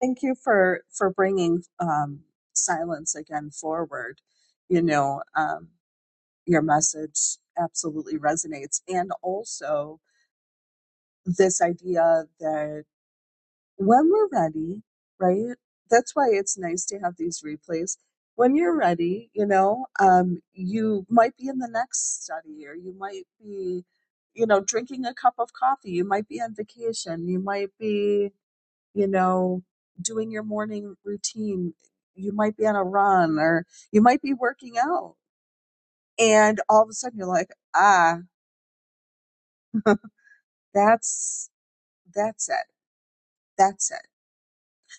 Thank you for for bringing um, silence again forward. You know, um, your message absolutely resonates, and also this idea that. when we're ready, right? That's why it's nice to have these replays. When you're ready, you know, um, you might be in the next study or you might be, you know, drinking a cup of coffee. You might be on vacation. You might be, you know, doing your morning routine. You might be on a run or you might be working out. And all of a sudden you're like, ah, [laughs] that's, that's it. That's it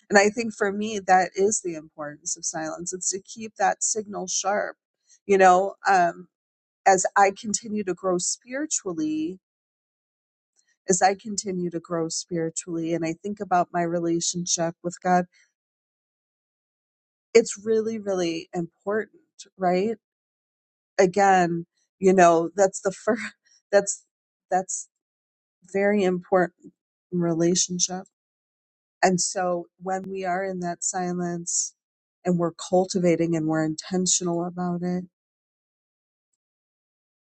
And I think for me, that is the importance of silence. It's to keep that signal sharp. You know, um, as I continue to grow spiritually, as I continue to grow spiritually, and I think about my relationship with God, it's really, really important, right? Again, you know, that's the first, [laughs] that's, that's very important in relationship. And so when we are in that silence and we're cultivating and we're intentional about it,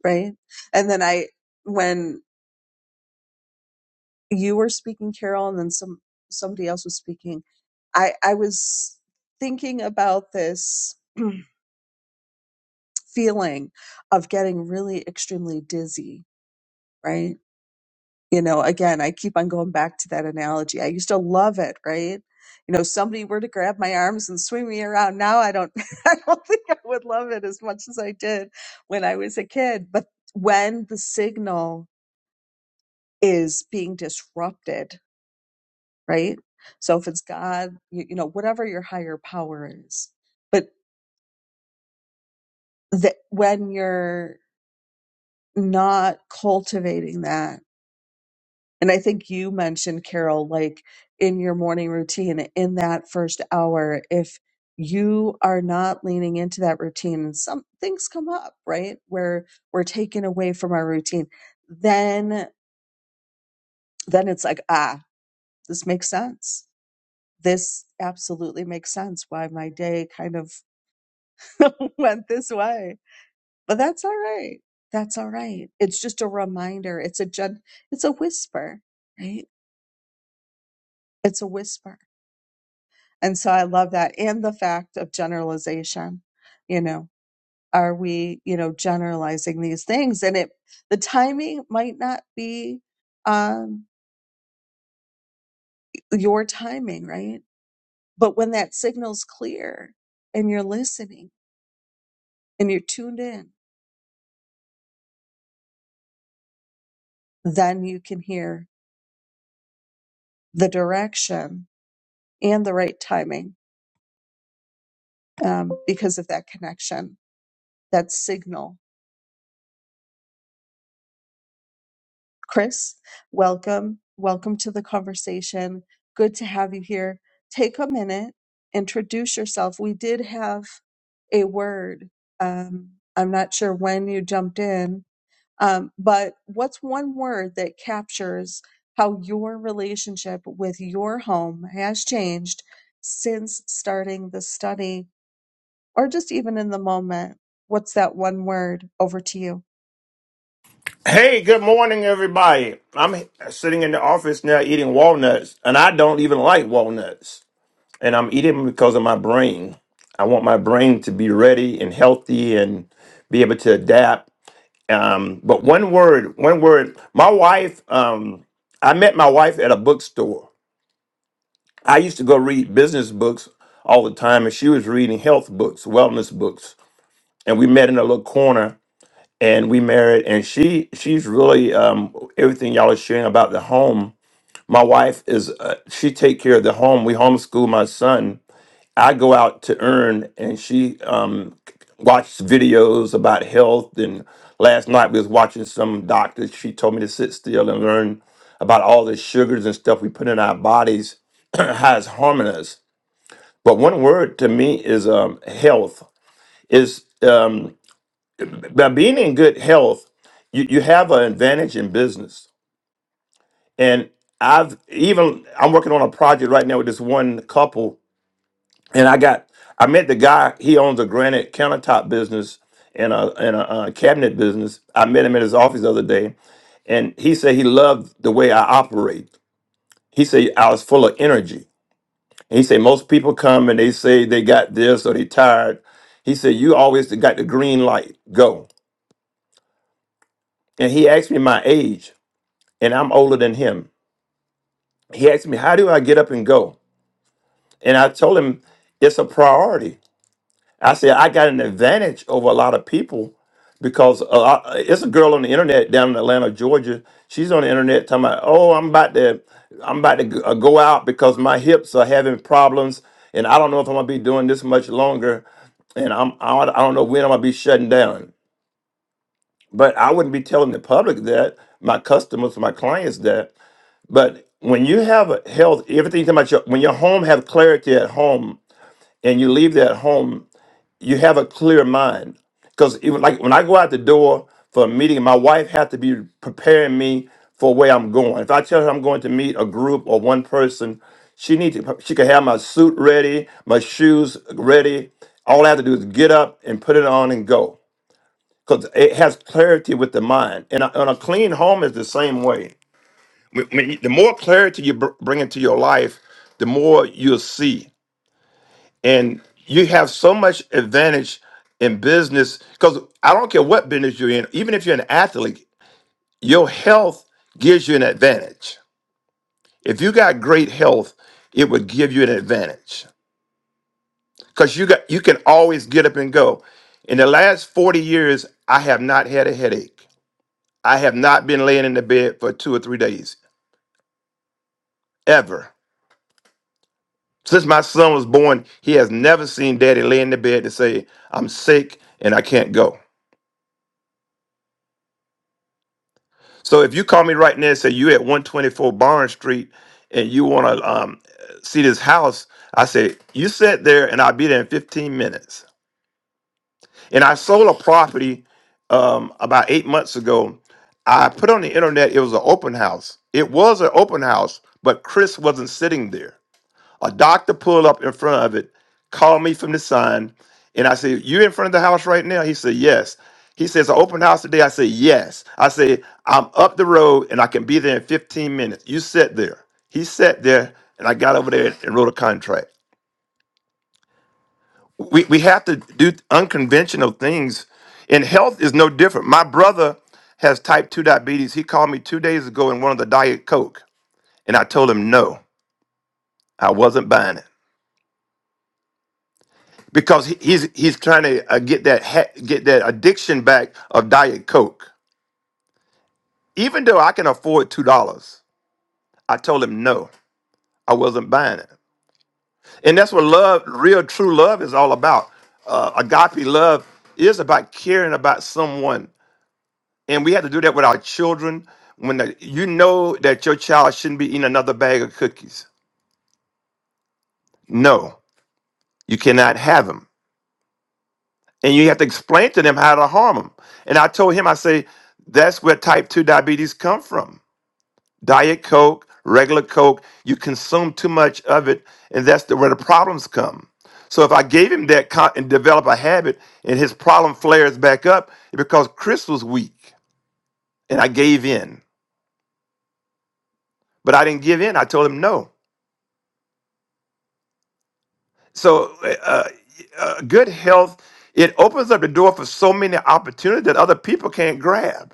right? And then I, when you were speaking, Carol, and then some somebody else was speaking, I I was thinking about this [clears throat] feeling of getting really extremely dizzy, right? You know, again, I keep on going back to that analogy. I used to love it, right? You know, somebody were to grab my arms and swing me around. Now I don't, [laughs] I don't think I would love it as much as I did when I was a kid. But when the signal is being disrupted right? So if it's God, you, you know, whatever your higher power is, but that when you're not cultivating that, and I think you mentioned Carol, like in your morning routine, in that first hour, if you are not leaning into that routine and some things come up, right? Where we're taken away from our routine, then, then it's like, ah, this makes sense. This absolutely makes sense why my day kind of [laughs] went this way. But that's all right. That's all right. It's just a reminder. It's a jud- it's a whisper, right? It's a whisper. And so I love that. And the fact of generalization, you know, are we, you know, generalizing these things? And it the timing might not be um your timing, right? But when that signal's clear and you're listening and you're tuned in, then you can hear the direction and the right timing um, because of that connection, that signal. Chris, welcome. Welcome to the conversation. Good to have you here. Take a minute, introduce yourself. We did have a word. Um, I'm not sure when you jumped in, um, but what's one word that captures how your relationship with your home has changed since starting the study, or just even in the moment? What's that one word? Over to you.
Hey, good morning, everybody. I'm sitting in the office now eating walnuts, and I don't even like walnuts. And I'm eating them because of my brain. I want my brain to be ready and healthy and be able to adapt. Um, but one word, one word. My wife, um, I met my wife at a bookstore. I used to go read business books all the time, and she was reading health books, wellness books. And we met in a little corner and we married and she she's really um everything y'all are sharing about the home my wife is uh, she take care of the home we homeschool my son i go out to earn and she um watched videos about health and last night we was watching some doctors she told me to sit still and learn about all the sugars and stuff we put in our bodies [clears throat] how it's harming us but one word to me is um health is um by being in good health, you, you have an advantage in business. And I've even I'm working on a project right now with this one couple, and I got I met the guy. He owns a granite countertop business and a and a, uh cabinet business. I met him at his office the other day, and he said he loved the way I operate. He said I was full of energy. And he said most people come and they say they got this or they tired. He said you always got the green light, go. And he asked me my age. and I'm older than him. He asked me, How do I get up and go? And I told him, It's a priority. I said, I got an advantage over a lot of people because a lot, it's a girl on the internet down in Atlanta, Georgia. She's on the internet talking about, Oh, I'm about to. I'm about to g- uh, go out because my hips are having problems, and I don't know if I'm gonna be doing this much longer, and I'm I don't I don't know when I'm gonna be shutting down. But I wouldn't be telling the public that, my customers, my clients that. But when you have a health, everything about your when your home have clarity at home and you leave that home, you have a clear mind. Because even like when I go out the door for a meeting, my wife has to be preparing me for where I'm going. If I tell her I'm going to meet a group or one person, she needs to she can have my suit ready, my shoes ready. All I have to do is get up and put it on and go. Because it has clarity with the mind. And a, and a clean home is the same way when- when- the more clarity you br- bring into your life, the more you'll see, and you have so much advantage in business because I don't care what business you're in, even if you're an athlete, your health gives you an advantage. If you got great health, it would give you an advantage because you got you can always get up and go. In the last 40 years, I have not had a headache. I have not been laying in the bed for two or three days ever Since my son was born, he has never seen daddy lay in the bed and say, I'm sick and I can't go. So if you call me right now and say you at 124 Barnes Street and you want to um, see this house, I say, you sit there and I'll be there in 15 minutes. And I sold a property um, about eight months ago. I put on the internet, it was an open house. It was an open house, but Chris wasn't sitting there. A doctor pulled up in front of it, called me from the sign, and I said, You in front of the house right now? He said, Yes. He says, "An open house today. I said, Yes. I said, I'm up the road and I can be there in 15 minutes. You sit there. He sat there and I got over there and wrote a contract. We we have to do unconventional things. And health is no different. My brother has type 2 diabetes. He called me two days ago and wanted the Diet Coke. And I told him no, I wasn't buying it. because he- he's he's trying to uh, get that ha- get that addiction back of diet coke even though i can afford two dollars i told him no i wasn't buying it and that's what love real true love is all about uh, agape love is about caring about someone and we had to do that with our children when the, you know that your child shouldn't be eating another bag of cookies no you cannot have them. and you have to explain to them how to harm them. And I told him, I say, that's where type two diabetes come from. Diet Coke, regular Coke, you consume too much of it, and that's the, where the problems come. So if I gave him that con- and develop a habit, and his problem flares back up, it's because Chris was weak, and I gave in. But I didn't give in. I told him no. So uh, uh, good health it opens up the door for so many opportunities that other people can't grab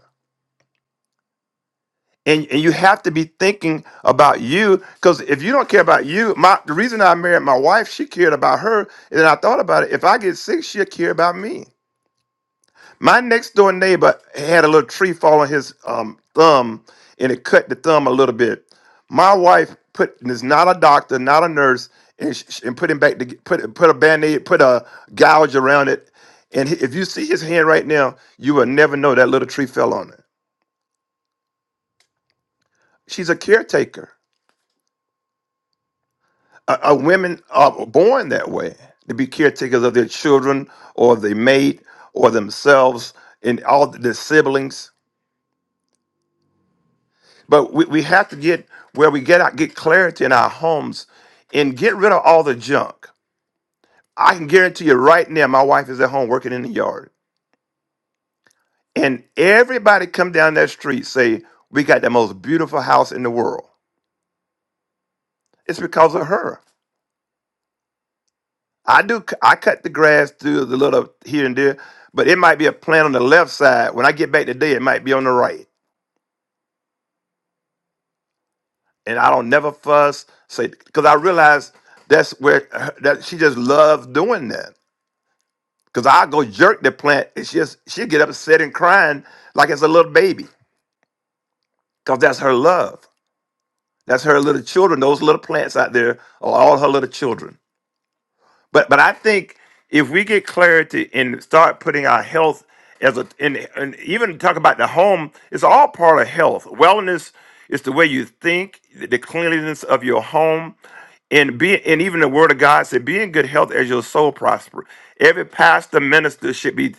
and and you have to be thinking about you because if you don't care about you my the reason i married my wife she cared about her and then i thought about it if i get sick she'll care about me my next door neighbor had a little tree fall on his um, thumb and it cut the thumb a little bit my wife put and is not a doctor not a nurse and, sh- sh- and put him back to put put a band-aid put a gouge around it and he- if you see his hand right now you will never know that little tree fell on it she's a caretaker Uh, uh, women are born that way to be caretakers of their children or their mate or themselves and all their siblings. But we, we have to get where we get out, get clarity in our homes and get rid of all the junk. I can guarantee you right now, my wife is at home working in the yard. And everybody come down that street say, we got the most beautiful house in the world. It's because of her. I do. I cut the grass through the little here and there, but it might be a plant on the left side. When I get back today, it might be on the right, and I don't never fuss. Say because I realize that's where her- that she just loves doing that. Because I go jerk the plant, and she just she get upset and crying like it's a little baby. Because that's her love. That's her little children. Those little plants out there are all her little children. But but I think if we get clarity and start putting our health as a and, and even talk about the home, it's all part of health. Wellness is the way you think, the cleanliness of your home, and be and even the word of God said, be in good health as your soul prosper. Every pastor minister should be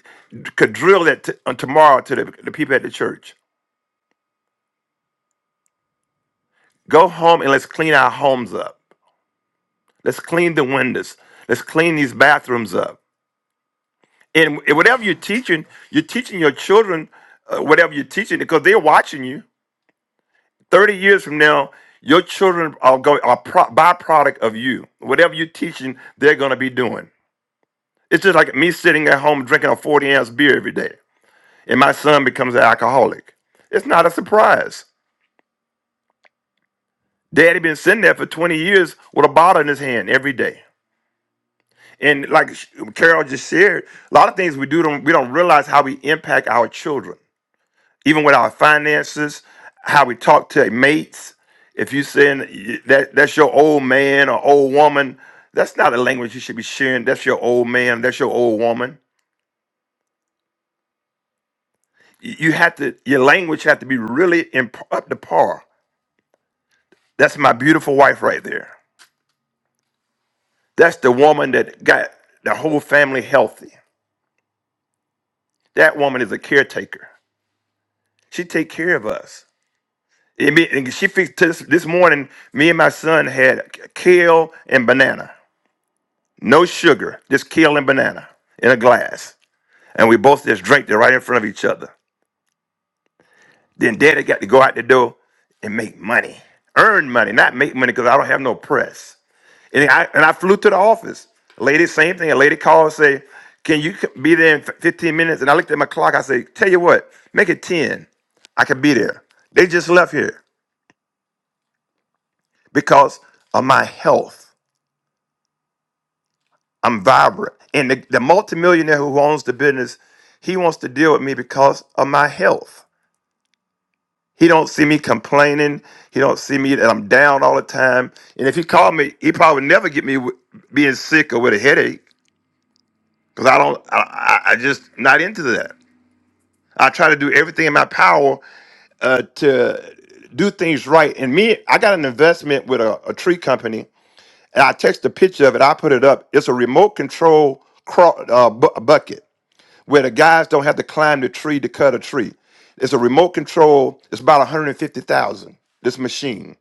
could drill that t- on tomorrow to the, the people at the church. Go home and let's clean our homes up. Let's clean the windows. Let's clean these bathrooms up. And whatever you're teaching, you're teaching your children uh, whatever you're teaching because they're watching you. Thirty years from now, your children are going are pro- byproduct of you. Whatever you're teaching, they're going to be doing. It's just like me sitting at home drinking a 40 ounce beer every day, and my son becomes an alcoholic. It's not a surprise. Daddy been sitting there for 20 years with a bottle in his hand every day. And like Carol just shared, a lot of things we do don't we don't realize how we impact our children. even with our finances, how we talk to mates. If you saying that that's your old man or old woman, that's not a language you should be sharing. That's your old man. That's your old woman. Y- You have to your language have to be really in, up to par. That's my beautiful wife right there. That's the woman that got the whole family healthy. That woman is a caretaker. She take care of us. And me- and she fixed this, this morning. Me and my son had kale and banana. No sugar, just kale and banana in a glass. And we both just drank it right in front of each other. Then daddy got to go out the door and make money, earn money, not make money because I don't have no press. And I, and I flew to the office. Lady, same thing. A lady called and say, can you c- be there in f- 15 minutes? And I looked at my clock. I say, tell you what, make it 10. I could be there. They just left here because of my health. I'm vibrant. And the, the multimillionaire who owns the business, he wants to deal with me because of my health. He don't see me complaining. He don't see me that I'm down all the time. And if he called me, he probably would never get me with being sick or with a headache because I don't. I, I I just not into that. I try to do everything in my power uh, to do things right. And me, I got an investment with a, a tree company, and I text a picture of it. I put it up. It's a remote control craw- uh, bu- bucket. where the guys don't have to climb the tree to cut a tree. It's a remote control. It's about 150,000. This machine.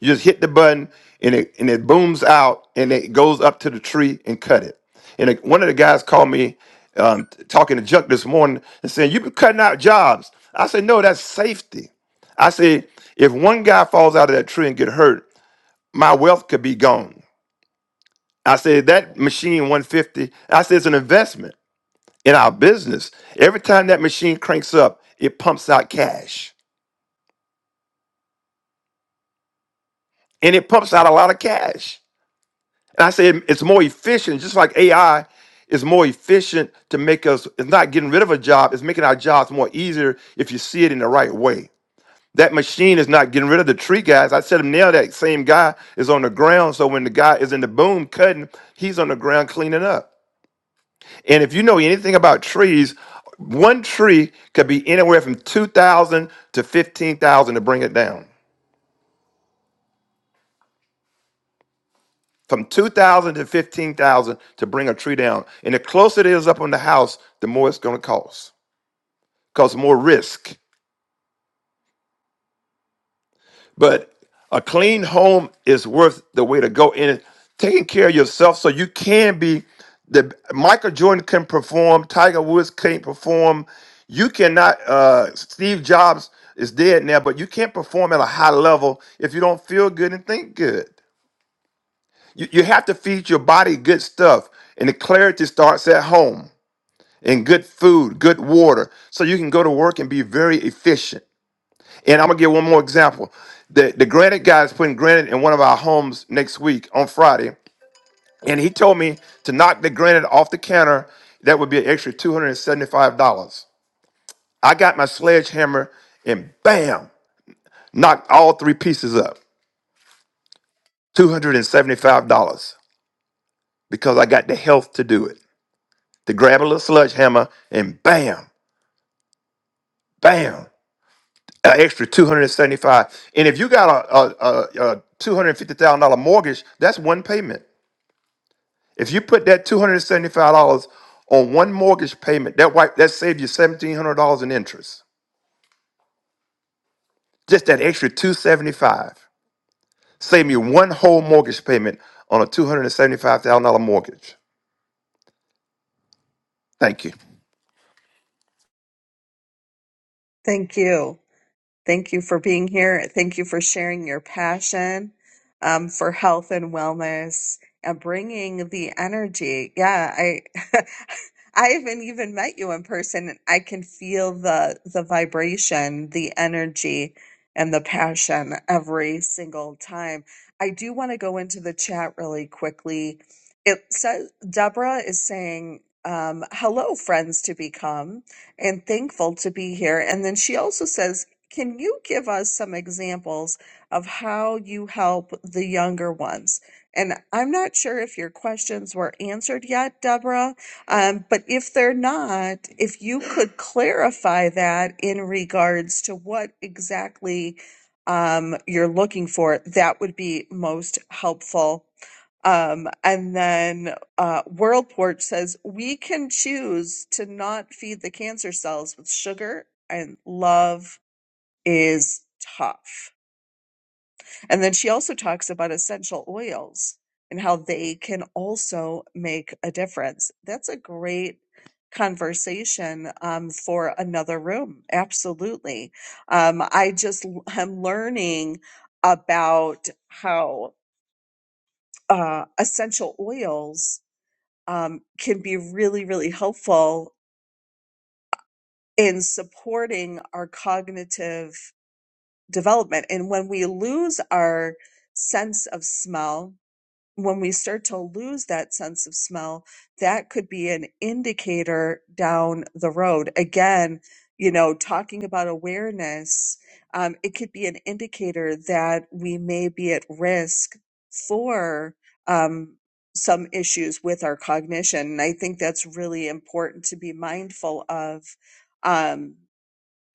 You just hit the button and it and it booms out and it goes up to the tree and cut it. And it- one of the guys called me um, t- talking to Chuck this morning and saying, "You've been cutting out jobs." I said, "No, that's safety." I said, "If one guy falls out of that tree and get hurt, my wealth could be gone." I said, "That machine 150." I said, "It's an investment." in our business. Every time that machine cranks up, it pumps out cash and it pumps out a lot of cash. And I say it- it's more efficient, just like AI is more efficient to make us, it's not getting rid of a job, it's making our jobs more easier if you see it in the right way. That machine is not getting rid of the tree guys. I said him now that same guy is on the ground. So when the guy is in the boom cutting, he's on the ground cleaning up. And if you know anything about trees, one tree could be anywhere from 2,000 to 15,000 to bring it down. From 2,000 to 15,000 to bring a tree down. And the closer it is up on the house, the more it's going to cost. Cause more risk. But a clean home is worth the way to go in it. Taking care of yourself so you can be the Michael Jordan can perform, Tiger Woods can't perform. You cannot uh Steve Jobs is dead now, but you can't perform at a high level if you don't feel good and think good. You, you have to feed your body good stuff, and the clarity starts at home and good food, good water, so you can go to work and be very efficient. And I'm gonna give one more example. The the granite guy is putting granite in one of our homes next week on Friday, and he told me to knock the granite off the counter. That would be an extra two hundred and seventy-five dollars. I got my sledgehammer and bam, knocked all three pieces up. Two hundred and seventy-five dollars because I got the health to do it. To grab a little sledgehammer and bam, bam, an extra two hundred and seventy-five. And if you got a a, a, a two hundred and fifty thousand dollar mortgage, that's one payment. If you put that two hundred and seventy-five dollars on one mortgage payment, that wipe that saved you seventeen hundred dollars in interest. Just that extra two seventy-five saved you one whole mortgage payment on a two hundred and seventy-five thousand dollar mortgage. Thank you.
Thank you. Thank you for being here. Thank you for sharing your passion um, for health and wellness and bringing the energy. Yeah, I [laughs] I haven't even met you in person. and I can feel the the vibration, the energy, and the passion every single time. I do want to go into the chat really quickly. It says Deborah is saying, um, "Hello, friends to become." and thankful to be here. And then she also says can you give us some examples of how you help the younger ones? And I'm not sure if your questions were answered yet, Deborah, um, but if they're not, if you could clarify that in regards to what exactly um, you're looking for, that would be most helpful. Um, and then uh, World Porch says we can choose to not feed the cancer cells with sugar and love is tough. And then she also talks about essential oils and how they can also make a difference. That's a great conversation um, for another room. Absolutely. Um, I just am learning about how uh, essential oils um, can be really, really helpful in supporting our cognitive development. And when we lose our sense of smell, when we start to lose that sense of smell, that could be an indicator down the road. Again, you know, talking about awareness, um, it could be an indicator that we may be at risk for um, some issues with our cognition. And I think that's really important to be mindful of. Um,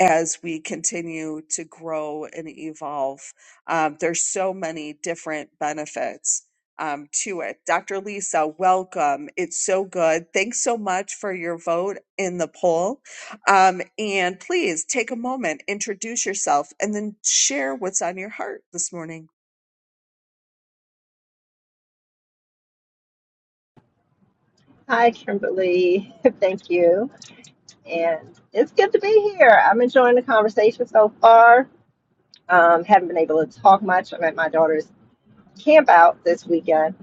as we continue to grow and evolve. Um, there's so many different benefits um, to it. Dr. Lisa, welcome. It's so good. Thanks so much for your vote in the poll. Um, and please take a moment, introduce yourself, and then share what's on your heart this morning.
Hi, Kimberly. [laughs] Thank you. And it's good to be here. I'm enjoying the conversation so far. Um, haven't been able to talk much. I'm at my daughter's camp out this weekend.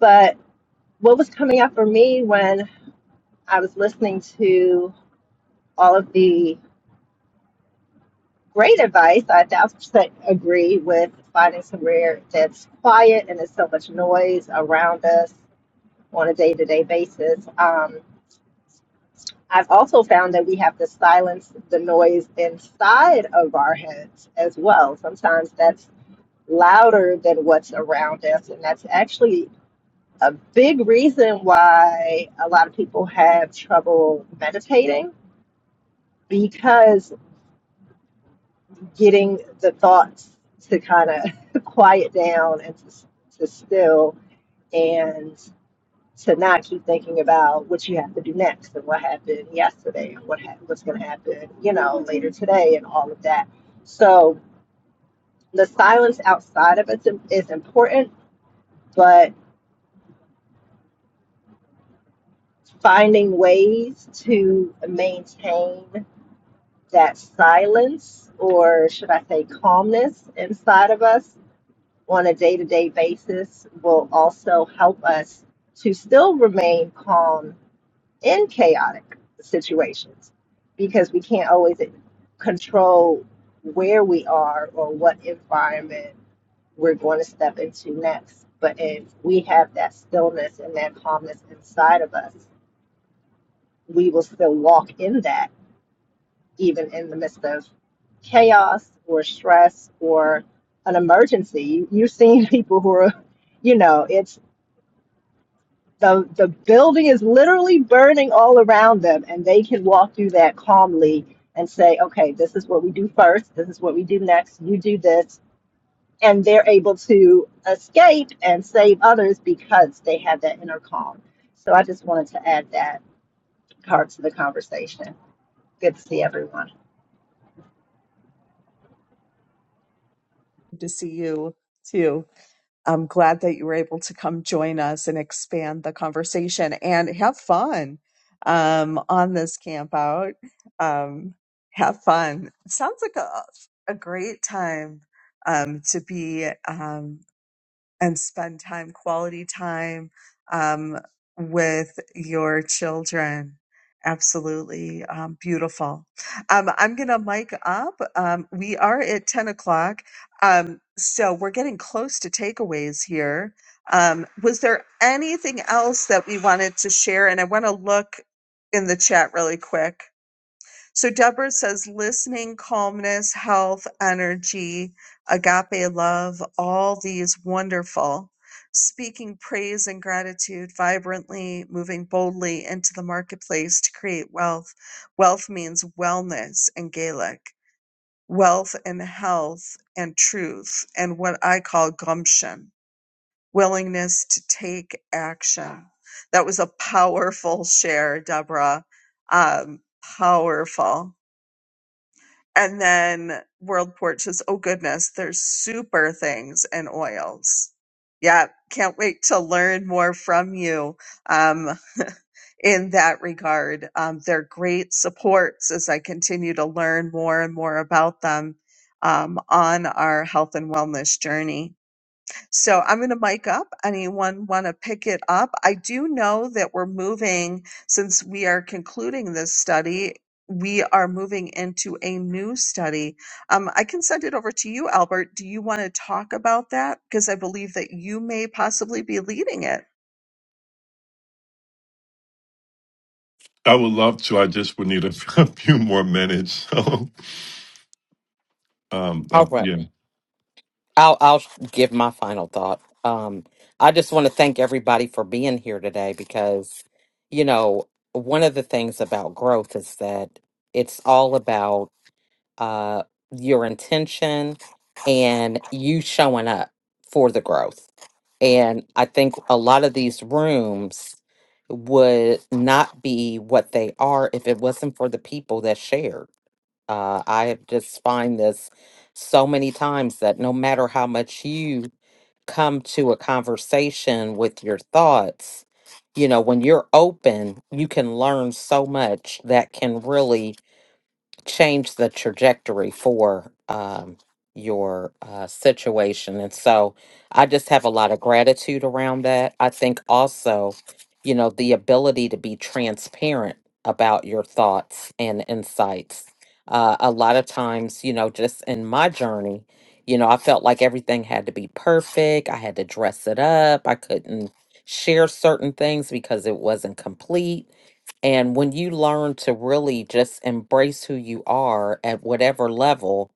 But what was coming up for me when I was listening to all of the great advice, I a thousand percent [laughs] agree with finding somewhere that's quiet and there's so much noise around us on a day to day basis. Um, I've also found that we have to silence the noise inside of our heads as well. Sometimes that's louder than what's around us, and that's actually a big reason why a lot of people have trouble meditating because getting the thoughts to kind of [laughs] quiet down and to, to still and to not keep thinking about what you have to do next and what happened yesterday and what ha- what's going to happen, you know, later today and all of that. So the silence outside of it is important, but finding ways to maintain that silence or should I say calmness inside of us on a day-to-day basis will also help us to still remain calm in chaotic situations because we can't always control where we are or what environment we're going to step into next. But if we have that stillness and that calmness inside of us, we will still walk in that even in the midst of chaos or stress or an emergency. You- have seen [laughs] people who are, you know, it's. the the building is literally burning all around them and they can walk through that calmly and say okay this is what we do first this is what we do next you do this and they're able to escape and save others because they have that inner calm so i just wanted to add that part to the conversation good to see everyone
Good to see you too. I'm glad that you were able to come join us and expand the conversation and have fun um, on this camp out. Um, have fun. Sounds like a, a great time um, to be. Um, and spend time, quality time um, with your children. Absolutely um, beautiful. Um, I'm going to mic up. Um, we are at 10 o'clock. Um, so we're getting close to takeaways here. Um, was there anything else that we wanted to share? And I want to look in the chat really quick. So Deborah says listening, calmness, health, energy, agape love, all these wonderful. Speaking praise and gratitude vibrantly, moving boldly into the marketplace to create wealth. Wealth means wellness in Gaelic, wealth and health and truth, and what I call gumption, willingness to take action. That was a powerful share, Deborah. Um, powerful and then WorldPort says, oh goodness, there's super things and oils. Yeah, can't wait to learn more from you um, in that regard. Um, they're great supports as I continue to learn more and more about them um, on our health and wellness journey. So I'm going to mic up. Anyone want to pick it up? I do know that we're moving, since we are concluding this study, we are moving into a new study. Um, I can send it over to you, Albert. Do you want to talk about that? Because I believe that you may possibly be leading it.
I would love to. I just would need a, [laughs] a few more minutes. So, um, I,
All right.
yeah.
I'll I'll give my final thought. Um, I just want to thank everybody for being here today because, you know, one of the things about growth is that it's all about uh your intention and you showing up for the growth. And I think a lot of these rooms would not be what they are if it wasn't for the people that shared uh, I have just find this so many times that no matter how much you come to a conversation with your thoughts, you know, when you're open, you can learn so much that can really change the trajectory for um, your uh, situation. And so I just have a lot of gratitude around that. I think also, you know, the ability to be transparent about your thoughts and insights. Uh, a lot of times, you know, just in my journey, you know, I felt like everything had to be perfect. I had to dress it up. I couldn't share certain things because it wasn't complete and when you learn to really just embrace who you are at whatever level,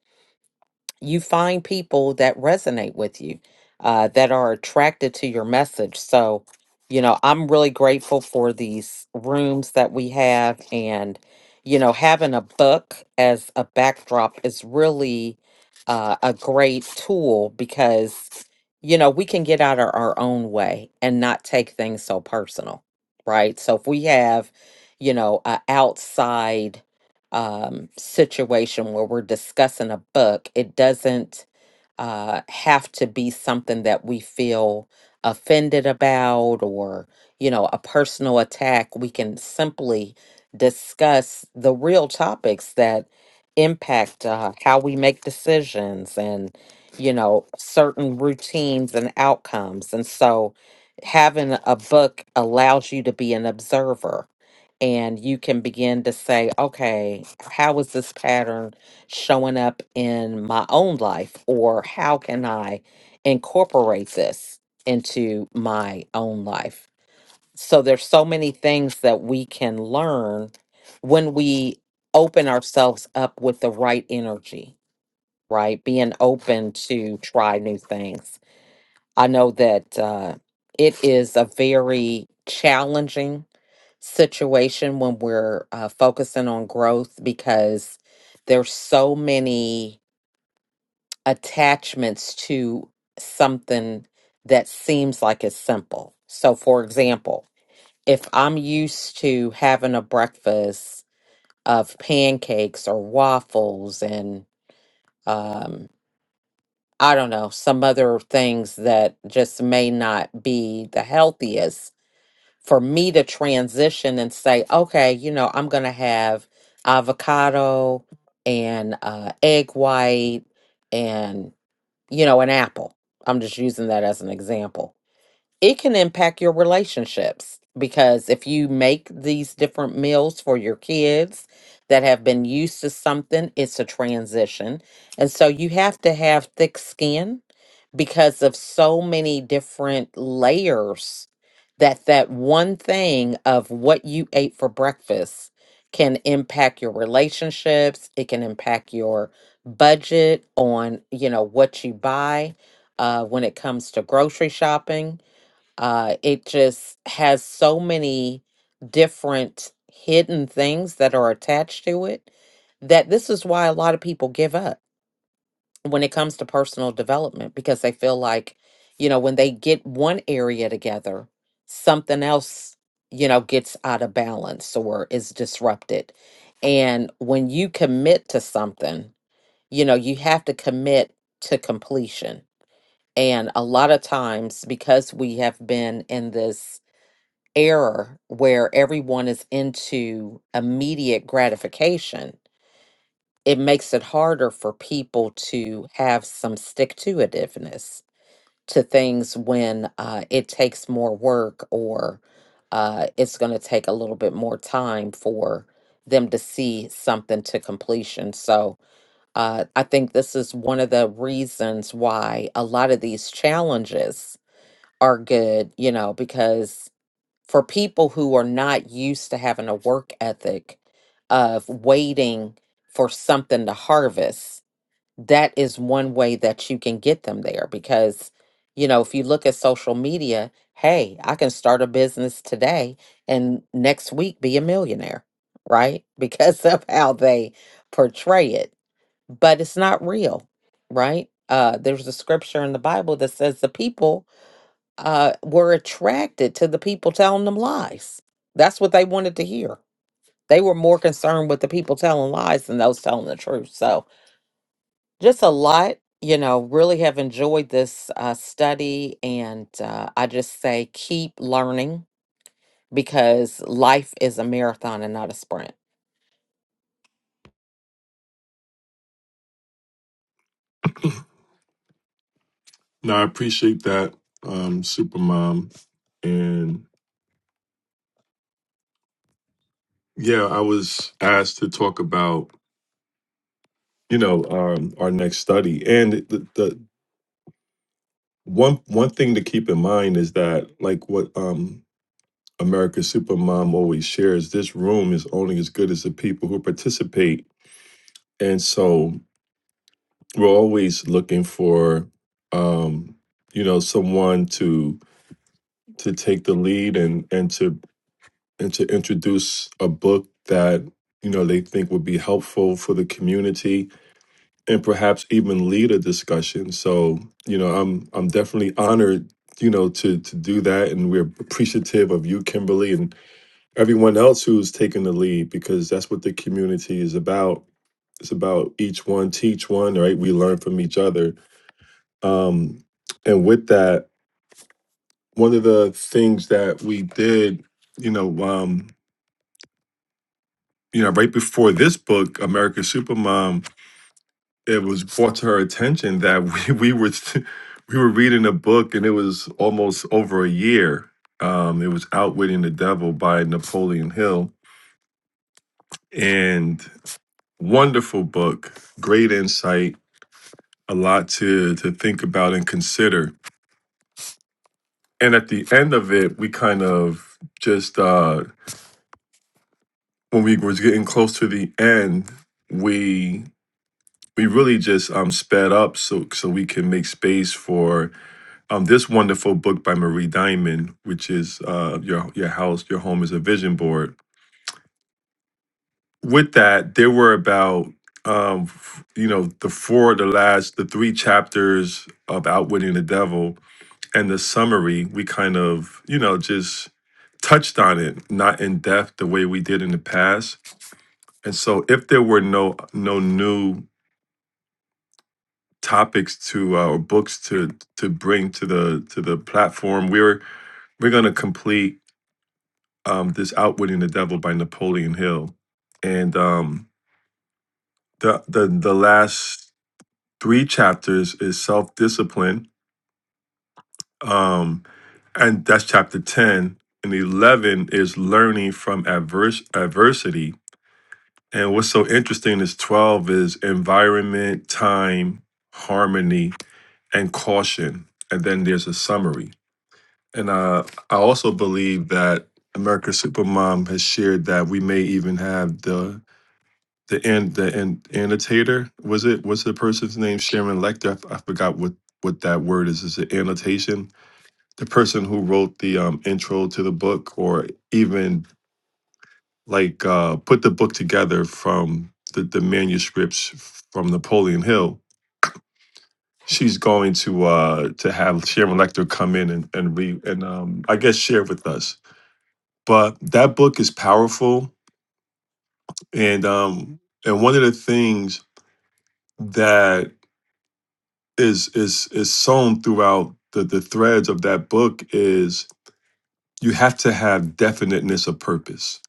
you find people that resonate with you, uh, that are attracted to your message. So, you know, I'm really grateful for these rooms that we have. And, you know, having a book as a backdrop is really uh, a great tool because, you know, we can get out of our own way and not take things so personal, right? So if we have, you know, a outside um, situation where we're discussing a book, it doesn't uh, have to be something that we feel offended about or, you know, a personal attack. We can simply discuss the real topics that impact uh, how we make decisions and, you know, certain routines and outcomes. And so having a book allows you to be an observer and you can begin to say, okay, how is this pattern showing up in my own life? Or how can I incorporate this into my own life? So there's so many things that we can learn when we open ourselves up with the right energy, right? Being open to try new things I know that uh, it is a very challenging situation when we're uh, focusing on growth because there's so many attachments to something that seems like it's simple. So, for example, if I'm used to having a breakfast of pancakes or waffles and um, I don't know, some other things that just may not be the healthiest for me to transition and say, okay, you know, I'm going to have avocado and uh, egg white and, you know, an apple. I'm just using that as an example it can impact your relationships because if you make these different meals for your kids that have been used to something, it's a transition. And so you have to have thick skin because of so many different layers that that one thing of what you ate for breakfast can impact your relationships, it can impact your budget on, you know, what you buy uh when it comes to grocery shopping uh, it just has so many different hidden things that are attached to it that this is why a lot of people give up when it comes to personal development because they feel like, you know, when they get one area together, something else, you know, gets out of balance or is disrupted. And when you commit to something, you know, you have to commit to completion. And a lot of times, because we have been in this error where everyone is into immediate gratification, it makes it harder for people to have some stick to itiveness to things when uh, it takes more work or uh, it's going to take a little bit more time for them to see something to completion. So uh, I think this is one of the reasons why a lot of these challenges are good, you know, because for people who are not used to having a work ethic of waiting for something to harvest, that is one way that you can get them there. Because, you know, if you look at social media, hey, I can start a business today and next week be a millionaire, right? [laughs] Because of how they portray it. But it's not real, right? Uh, there's a scripture in the Bible that says the people uh, were attracted to the people telling them lies. That's what they wanted to hear. They were more concerned with the people telling lies than those telling the truth. So, just a lot, you know, really have enjoyed this uh, study. And uh, I just say keep learning because life is a marathon and not a sprint.
No, I appreciate that, um, Supermom. And yeah, I was asked to talk about you know um, our next study, and the, the one one thing to keep in mind is that like what um, America's Supermom always shares, this room is only as good as the people who participate, and so we're always looking for um, you know someone to to take the lead and and to and to introduce a book that you know they think would be helpful for the community and perhaps even lead a discussion so you know i'm i'm definitely honored you know to to do that and we're appreciative of you kimberly and everyone else who's taken the lead because that's what the community is about it's about each one teach one right we learn from each other um and with that one of the things that we did you know um you know, right before this book, American Supermom, it was brought to her attention that we, [laughs] we were [laughs] we were reading a book and it was almost over a year. Um, it was Outwitting the Devil by Napoleon Hill. And wonderful book, great insight, a lot to to think about and consider. And at the end of it, we kind of just uh when we was getting close to the end, we. we really just um, sped up so so we can make space for um, this wonderful book by Marie Diamond, which is uh, your your house, your home is a vision board. With that, there were about um, f- you know the four, the last, the three chapters of Outwitting the Devil and the summary. We kind of you know just touched on it, not in depth the way we did in the past. And so, if there were no no new topics to uh, or books to to bring to the to the platform. We're we're going to complete um, this "Outwitting the Devil" by Napoleon Hill, and um, the the the last three chapters is self discipline, um, and that's chapter ten. And eleven is learning from adverse adversity. And what's so interesting is twelve is environment, time, harmony, and caution. And then there's a summary And uh, I also believe that America's Supermom has shared that we may even have the the and the and annotator. Was it was the person's name Sharon Lecter? I, f- I forgot what what that word is. Is it annotation? The person who wrote the um, intro to the book, or even like uh, put the book together from the, the manuscripts from Napoleon Hill. She's going to uh, to have Sharon Lecter come in and and re and um, I guess share with us But that book is powerful, and um, and one of the things that is is is sewn throughout the the threads of that book is you have to have definiteness of purpose,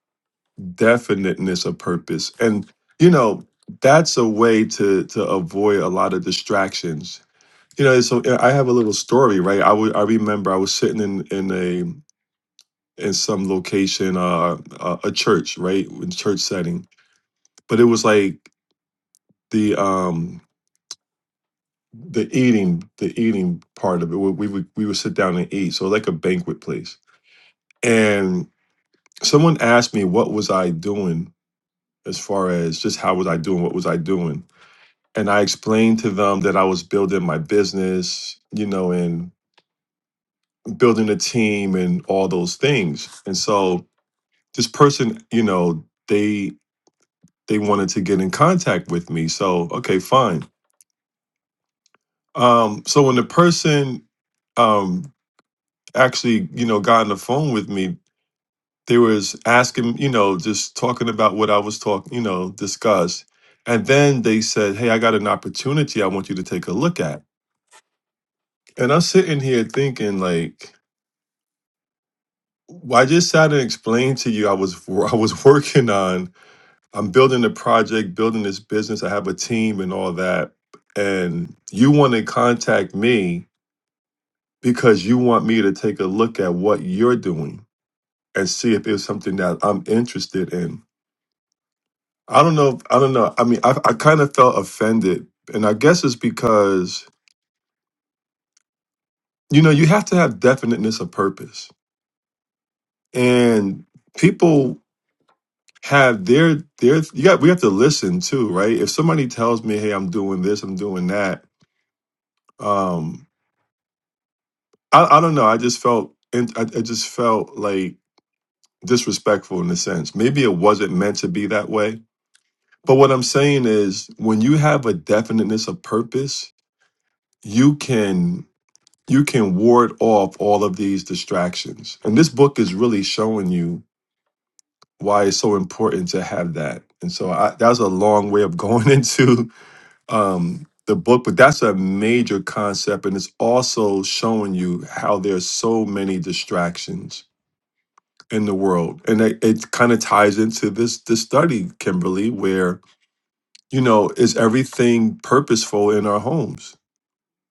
definiteness of purpose, and you know that's a way to to avoid a lot of distractions. You know, so uh, I have a little story, right? I wa- I remember I was sitting in in a in some location, uh, a, a church, right, in church setting. But it was like the um the eating the eating part of it we we would we would sit down and eat so like a banquet place and someone asked me what was i doing as far as just how was i doing what was i doing and i explained to them that i was building my business you know and building a team and all those things and so this person you know they they wanted to get in contact with me so okay fine um so when the person um actually, you know, got on the phone with me, they was asking, you know, just talking about what I was talking, you know, discussed. And then they said, Hey, I got an opportunity I want you to take a look at. And I'm sitting here thinking, like, well, I just sat and explained to you I was [laughs] wor- I was working on, I'm building a project, building this business, I have a team and all that. And you want to contact me because you want me to take a look at what you're doing and see if it's something that I'm interested in I don't know. I don't know. I mean, I, I kind of felt offended. And I guess it's because, you know, you have to have definiteness of purpose. And people have their, their, you got, we have to listen too, right? If somebody tells me, hey, I'm doing this, I'm doing that. Um, I, I don't know. I just felt, and I, I just felt like disrespectful in a sense. Maybe it wasn't meant to be that way. But what I'm saying is when you have a definiteness of purpose, you can you can ward off all of these distractions. And this book is really showing you why it's so important to have that. And so I, that was a long way of going [laughs] into um, the book, but that's a major concept. And it's also showing you how there's so many distractions in the world. And it, it kind of ties into this, this study, Kimberly, where, you know, is everything purposeful in our homes?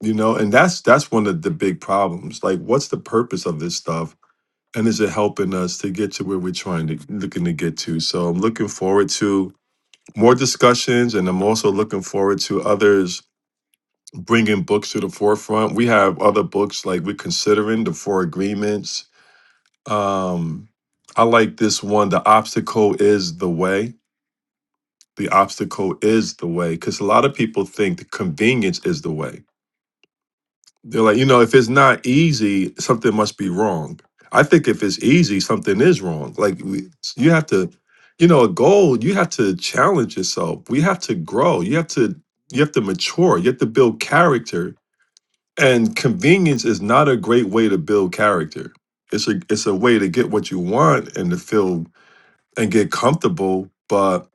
You know, and that's that's one of the big problems. Like, what's the purpose of this stuff? and is it helping us to get to where we're trying to looking to get to so i'm looking forward to more discussions and i'm also looking forward to others bringing books to the forefront we have other books like we're considering the four agreements um i like this one the obstacle is the way the obstacle is the way because a lot of people think the convenience is the way They're like, you know, if it's not easy, something must be wrong. I think if it's easy, something is wrong. Like we, you have to, you know, a goal, you have to challenge yourself. We have to grow. You have to you have to mature. You have to build character. And convenience is not a great way to build character. It's a it's a way to get what you want and to feel and get comfortable, but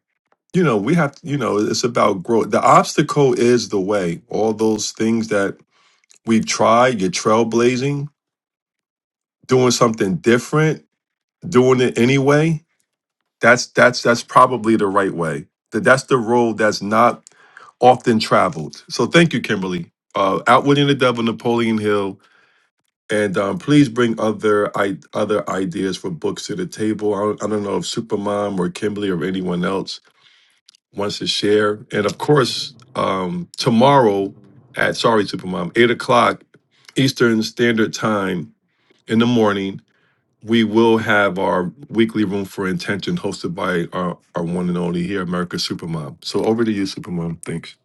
you know, we have to, you know, it's about growth. The obstacle is the way. All those things that we've tried, you're trailblazing doing something different, doing it anyway, that's that's that's probably the right way. That that's the road that's not often traveled. So thank you, Kimberly. Uh, Outwitting the Devil, Napoleon Hill, and um, please bring other I- other ideas for books to the table. I don't, I don't know if Supermom or Kimberly or anyone else wants to share. And of course, um, tomorrow at sorry Supermom eight o'clock Eastern Standard Time in the morning we will have our weekly room for intention hosted by our, our one and only here, America Supermom. So over to you, Supermom. Thanks.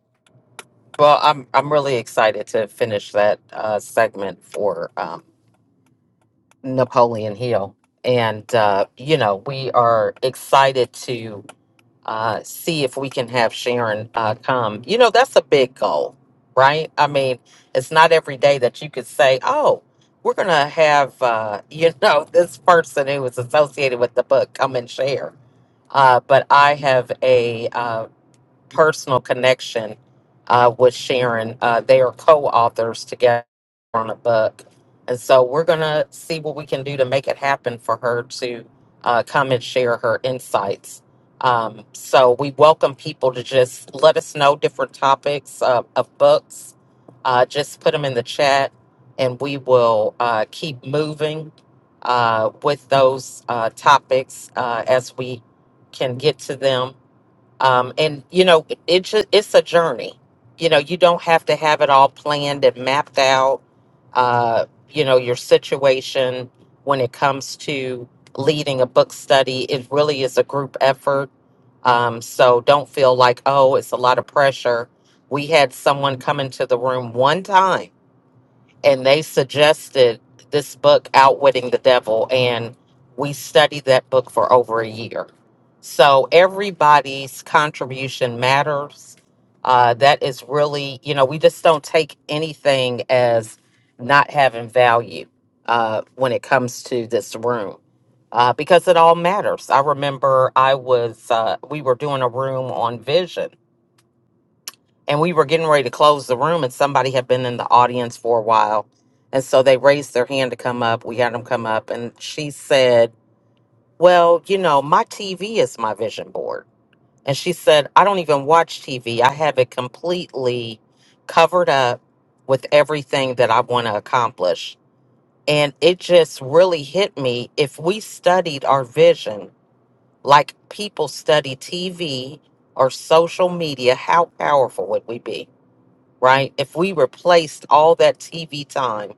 Well, I'm I'm really excited to finish that uh, segment for um, Napoleon Hill, and uh, you know we are excited to. uh, see if we can have Sharon uh, come. You know, that's a big goal, right? I mean, it's not every day that you could say, oh, we're going to have, uh, you [laughs] know, this person who is associated with the book come and share. Uh, but I have a uh, personal connection uh, with Sharon. Uh, they are co-authors together on a book, and so we're gonna see what we can do to make it happen for her to uh, come and share her insights. Um, so we welcome people to just let us know different topics uh, of books. Uh, just put them in the chat, and we will uh, keep moving uh, with those uh, topics uh, as we can get to them um, and you know it, it ju- it's a journey you know you don't have to have it all planned and mapped out uh, you know your situation when it comes to leading a book study it really is a group effort um, so don't feel like oh it's a lot of pressure we had someone come into the room one time and they suggested this book, Outwitting the Devil, and we studied that book for over a year. So everybody's contribution matters. Uh, that is really, you know, we just don't take anything as not having value uh, when it comes to this room. Uh, because it all matters. I remember I was, uh, we were doing a room on vision and we were getting ready to close the room and somebody had been in the audience for a while and so they raised their hand to come up we had them come up and she said well you know my tv is my vision board and she said i don't even watch tv i have it completely covered up with everything that i want to accomplish and it just really hit me if we studied our vision like people study tv or social media how powerful would we be right? If we replaced all that TV time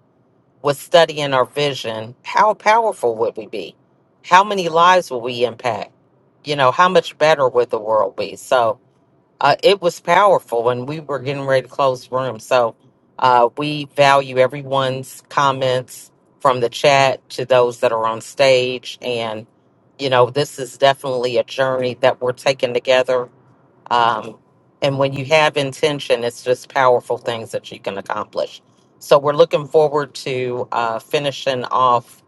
with studying our vision, how powerful would we be? How many lives would we impact? You know, how much better would the world be? So uh, it was powerful, when we were getting ready to close the room. So uh, we value everyone's comments from the chat to those that are on stage. And, you know, this is definitely a journey that we're taking together um, and when you have intention, it's just powerful things that you can accomplish. So we're looking forward to uh, finishing off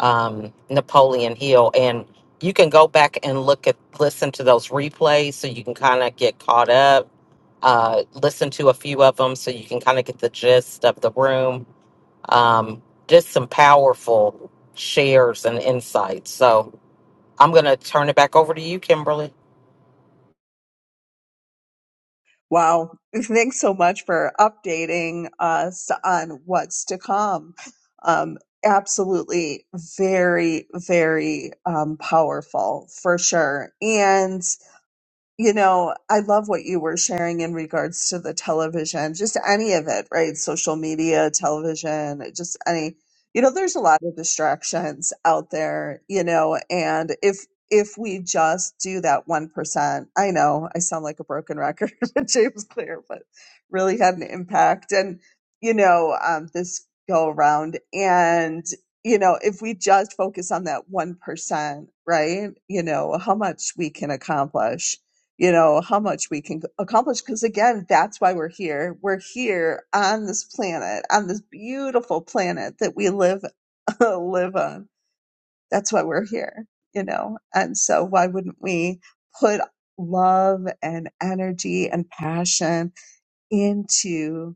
um, Napoleon Hill, and you can go back and look at listen to those replays, so you can kind of get caught up. Uh, listen to a few of them, so you can kind of get the gist of the room. Um, just some powerful shares and insights. So I'm going to turn it back over to you, Kimberly.
Wow. [laughs] Thanks so much for updating us on what's to come. Um, absolutely very very um, powerful for sure and you know, I love what you were sharing in regards to the television, just any of it, right? Social media, television, just any, you know, there's a lot of distractions out there, you know, and if, if we just do that 1%, I know I sound like a broken record [laughs] with James Clear, but really had an impact. And, you know, um, this go around and, you know, if we just focus on that 1%, right, you know, how much we can accomplish you know how much we can accomplish because again that's why we're here we're here on this planet on this beautiful planet that we live [laughs] live on that's why we're here you know and so why wouldn't we put love and energy and passion into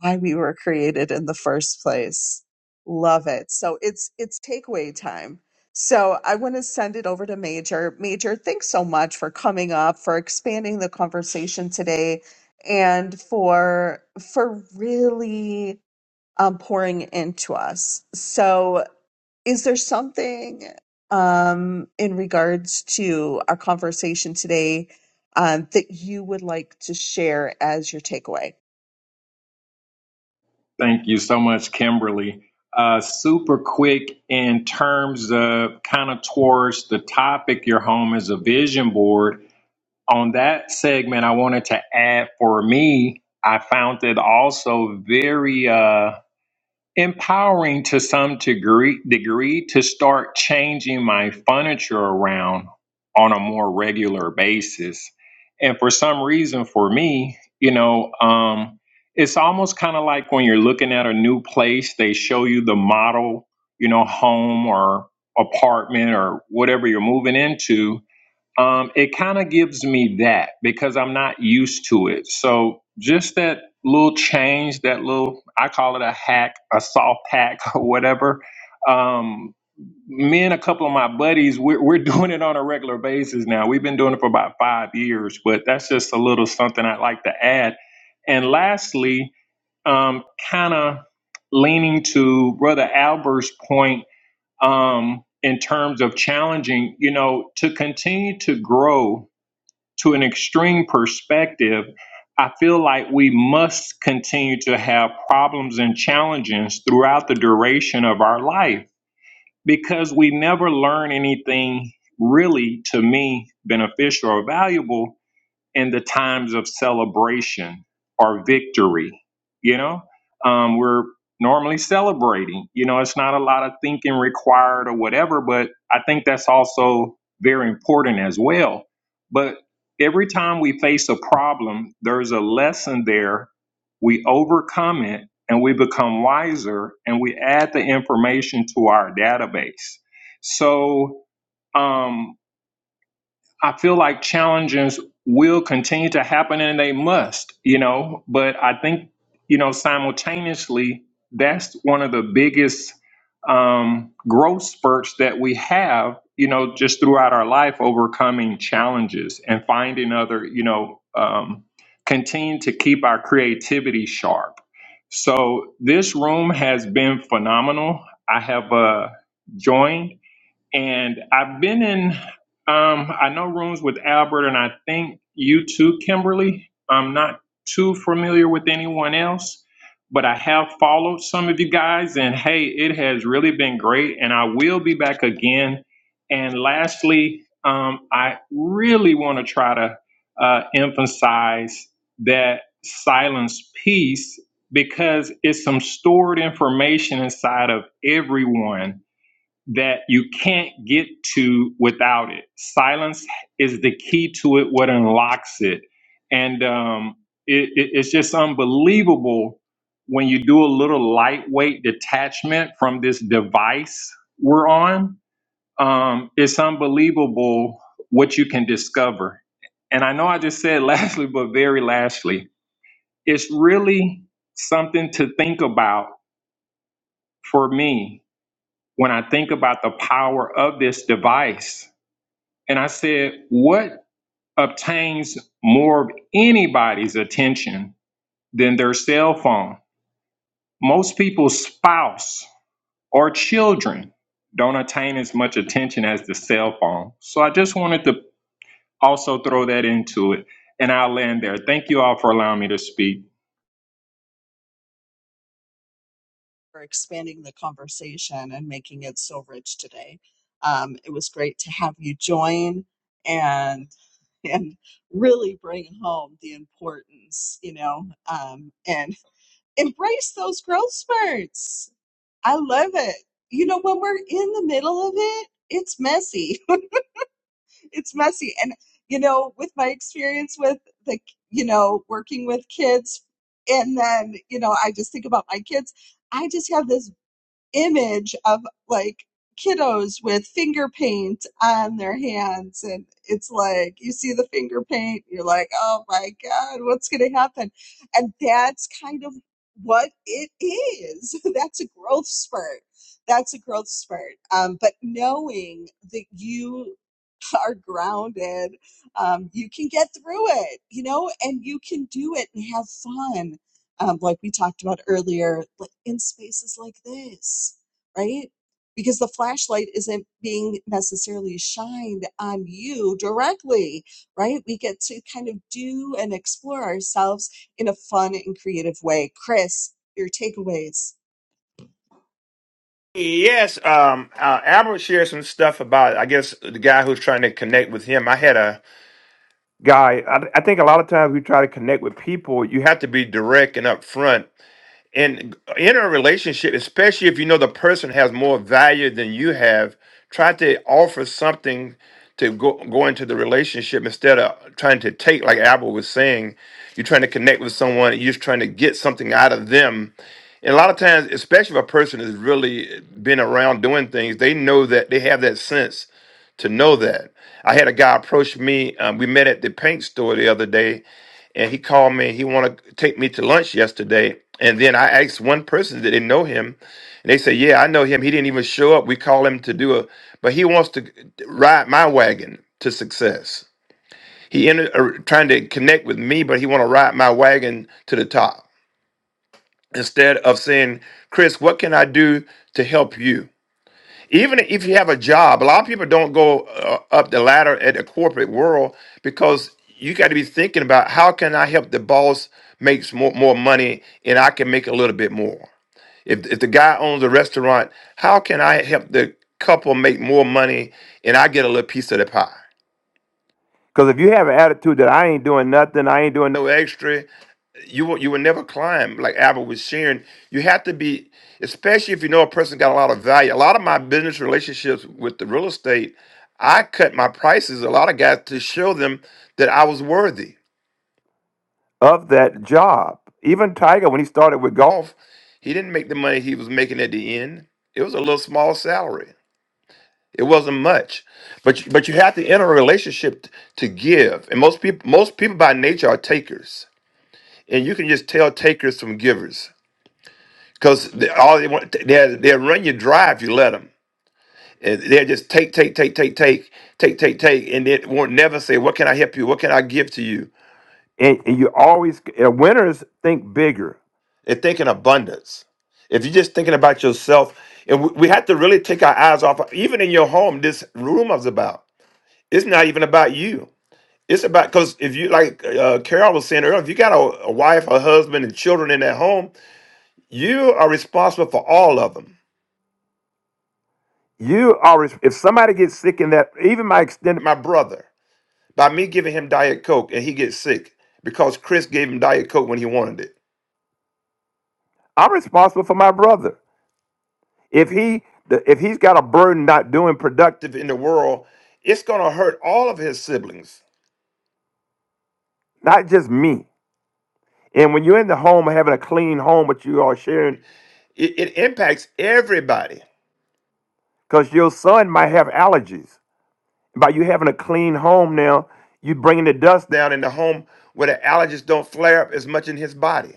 why we were created in the first place. Love it. So it's it's takeaway time. So I want to send it over to Major. Major, thanks so much for coming up, for expanding the conversation today, and for for really um, pouring into us. So is there something um, in regards to our conversation today um, that you would like to share as your takeaway?
Thank you so much, Kimberly. Uh, super quick in terms of kind of towards the topic, your home is a vision board. on that segment, I wanted to add for me, I found it also very uh, empowering to some degree, degree to start changing my furniture around on a more regular basis. And for some reason, for me, you know, um, it's almost kind of like when you're looking at a new place, they show you the model, you know, home or apartment or whatever you're moving into um, it kind of gives me that because I'm not used to it. So just that little change, that little, I call it a hack, a soft hack, [laughs] or whatever. Um, me and a couple of my buddies, we're, we're [laughs] doing it on a regular basis now. We've been doing it for about five years, but that's just a little something I'd like to add. And lastly, um, kind of leaning to Brother Albert's point um, in terms of challenging, you know, to continue to grow to an extreme perspective, I feel like we must continue to have problems and challenges throughout the duration of our life because we never learn anything really to me beneficial or valuable in the times of celebration or victory. You know, um, we're normally celebrating. You know, it's not a lot of thinking required or whatever, but I think that's also very important as well. But every time we face a problem, there's a lesson there. We overcome it and we become wiser and we add the information to our database. So, um, I feel like challenges will continue to happen and they must, you know, but I think, you know, simultaneously, that's one of the biggest um, growth spurts that we have, you know, just throughout our life, overcoming challenges and finding other, you know, um, continue to keep our creativity sharp. So this room has been phenomenal. I have uh, joined and I've been in, um, I know rooms with Albert, and I think you too, Kimberly. I'm not too familiar with anyone else, but I have followed some of you guys, and hey, it has really been great, and I will be back again. And lastly, um, I really want to try to uh, emphasize that silence piece because it's some stored information inside of everyone that you can't get to without it. Silence is the key to it, what unlocks it. And um, it, it- it's just unbelievable when you do a little lightweight detachment from this device we're on. Um, it's unbelievable what you can discover. And I know I just said [laughs] lastly, but very lastly, it's really something to think about for me when I think about the power of this device, and I said, what obtains more of anybody's attention than their cell phone? Most people's spouse or children don't attain as much attention as the cell phone. So I just wanted to also throw that into it, and I'll land there. Thank you all for allowing me to speak.
for expanding the conversation and making it so rich today. Um, it was great to have you join and [laughs] and really bring home the importance, you know, um, and embrace those growth spurts. I love it. You know, when we're in the middle of it, it's messy. [laughs] it's messy, and you know, with my experience with the, you know, working with kids, and then you know, I just think about my kids. I just have this image of like kiddos with finger paint on their hands and it's like you see the finger paint you're like oh my god what's going to happen and that's kind of what it is [laughs] that's a growth spurt that's a growth spurt um, but knowing that you are grounded um, you can get through it you know and you can do it and have fun um, like we talked about earlier, like in spaces like this, right? Because the flashlight isn't being necessarily shined on you directly, right? We get to kind of do and explore ourselves in a fun and creative way. Chris, your takeaways.
Yes, um, uh, Albert shared some stuff about, I guess, the guy who's trying to connect with him. I had a guy, I, I think a lot of times we try to connect with people, you have to be direct and upfront and in a relationship, especially if you know the person has more value than you have, try to offer something to go, go into the relationship instead of trying to take, like Albert was saying, you're trying to connect with someone, you're just trying to get something out of them. And a lot of times, especially if a person has really been around doing things, they know that they have that sense to know that. I had a guy approach me. Um, we met at the paint store the other day, and he called me. He wanted to take me to lunch yesterday. And then I asked one person, did they know him? And they said, yeah, I know him. He didn't even show up. We called him to do a, but he wants to ride my wagon to success. He ended uh, trying to connect with me, but he want to ride my wagon to the top instead of saying, Chris, what can I do to help you? even if you have a job, a lot of people don't go uh, up the ladder at the corporate world because you got to be thinking about how can I help the boss makes more, more money and I can make a little bit more. If, if the guy owns a restaurant, how can I help the couple make more money and I get a little piece of the pie? Because if you have an attitude that I ain't doing nothing, I ain't doing no No extra you will you will never climb like Albert was sharing. You have to be, especially if you know a person got a lot of value. A lot of my business relationships with the real estate, I cut my prices a lot of guys to show them that I was worthy of that job. Even Tiger, when he started with golf, he didn't make the money he was making at the end. It was a little small salary. It wasn't much, but you- but you have to enter a relationship t- to give. And most people most people by nature are takers, and you can just tell takers from givers because they, all they want they they'll run you dry if you let them. And they'll just take, take, take, take, take, take, take, take, and they won't never say, "What can I help you? What can I give to you?" And, and you always uh, winners think bigger. They think in abundance. If you're just thinking about yourself, and we, we have to really take our eyes off, even in your home, this room is about. It's not even about you. It's about, because if you, like uh, Carol was saying earlier, if you got a, a wife, a husband, and children in that home, you are responsible for all of them You are if somebody gets sick in that, even my extended my brother, by me giving him Diet Coke and he gets sick because Chris gave him Diet Coke when he wanted it. I'm responsible for my brother. If he the- if he's got a burden not doing productive in the world, it's gonna hurt all of his siblings, not just me. And when you're in the home and having a clean home, but you are sharing, it, it impacts everybody. Because your son might have allergies. by you having a clean home now, you bringing the dust down in the home where the allergies don't flare up as much in his body.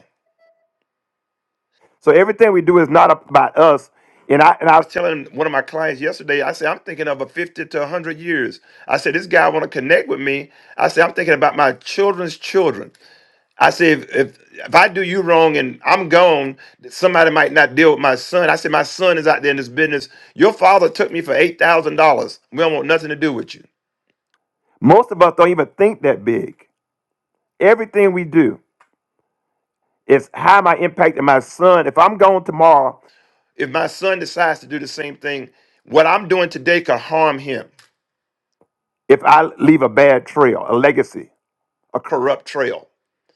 So everything we do is not about us. And I and I was telling one of my clients yesterday, I said, I'm thinking of a 50 to 100 years. I said, this guy want to connect with me. I said, I'm thinking about my children's children. I said, if, if, if I do you wrong and I'm gone, somebody might not deal with my son. I said, my son is out there in this business. Your father took me for $8,000. We don't want nothing to do with you. Most of us don't even think that big. Everything we do is how am I impacting my son? If I'm gone tomorrow, if my son decides to do the same thing, what I'm doing today could harm him. If I leave a bad trail, a legacy, a corrupt trail,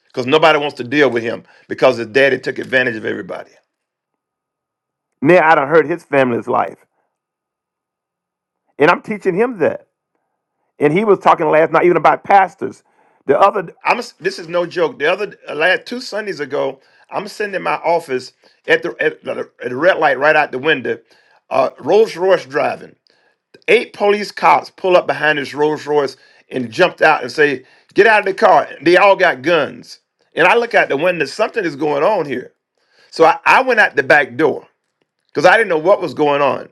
because nobody wants to deal with him because his daddy took advantage of everybody. Now I done hurt his family's life. And I'm teaching him that. And he was talking last night even about pastors. The other, I'm this is no joke. The other uh, last two Sundays ago, I'm sitting in my office at the at the, at the red light right out the window. Uh, Rolls Royce driving. Eight police cops pull up behind this Rolls Royce and jumped out and say, "Get out of the car!" They all got guns. And I look out the window. Something is going on here. So I, I went out the back door because I didn't know what was going on.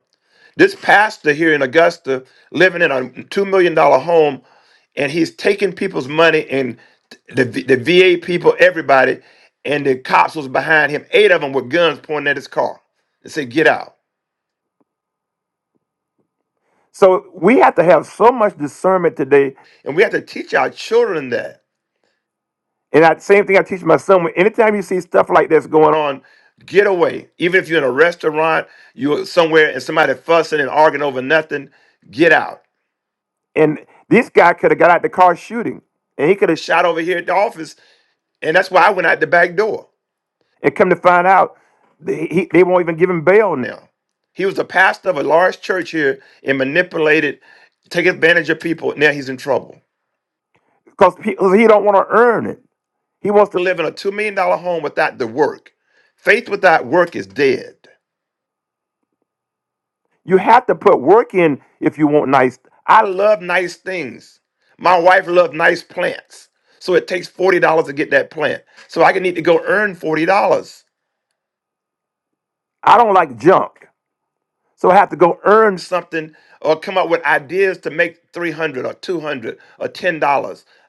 This pastor here in Augusta, living in a $2 million dollar home, and he's taking people's money and the, the VA people, everybody, and the cops was behind him. Eight of them with guns pointing at his car and said, Get out. So we have to have so much discernment today, and we have to teach our children that. And that same thing I teach my son. When anytime you see stuff like this going on, get away. Even if you're in a restaurant, you're somewhere, and somebody fussing and arguing over nothing, get out. And this guy could have got out the car shooting, and he could have shot over here at the office. And that's why I went out the back door. And come to find out, they, he, they won't even give him bail now. He was the pastor of a large church here and manipulated, take advantage of people. Now he's in trouble because he he don't want to earn it. He wants to live in a two million dollar home without the work. Faith without work is dead. You have to put work in if you want nice. I love nice things. My wife loves nice plants. So it takes $40 to get that plant. So I can need to go earn $40. I don't like junk. So I have to go earn something or come up with ideas to make 300 or 200 or $10.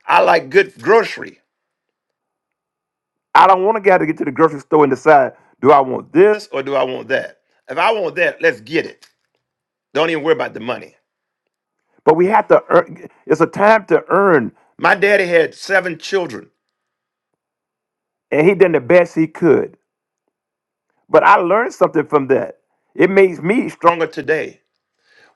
I like good grocery. I don't want to have to get to the grocery store and decide, do I want this or do I want that? If I want that, let's get it. Don't even worry about the money. But we have to earn. It's a time to earn, My daddy had seven children. and he done the best he could. But I learned something from that. It makes me Stronger today.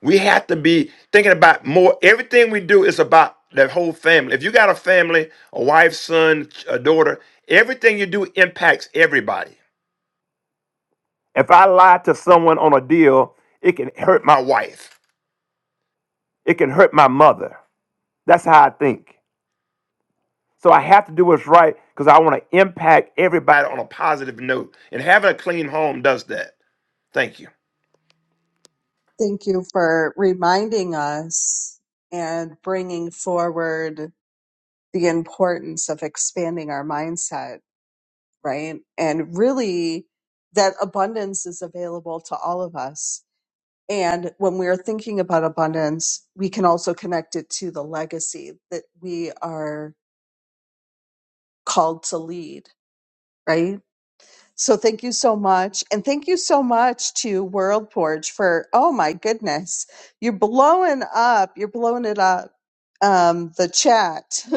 We have to be thinking about more. Everything we do is about that whole family. If you got a family, a wife, son, a daughter, everything you do impacts everybody. If I lie to someone on a deal, it can hurt My wife. it can hurt my mother. That's how I think. So I have to do what's right because I want to impact everybody on a positive note. And having a clean home does that. Thank you.
Thank you for reminding us and bringing forward the importance of expanding our mindset, right? And really, that abundance is available to all of us. And when we're thinking about abundance, we can also connect it to the legacy that we are called to lead, right? So thank you so much. And thank you so much to World Forge for, oh my goodness, you're blowing up. You're blowing it up. Um, the chat. [laughs]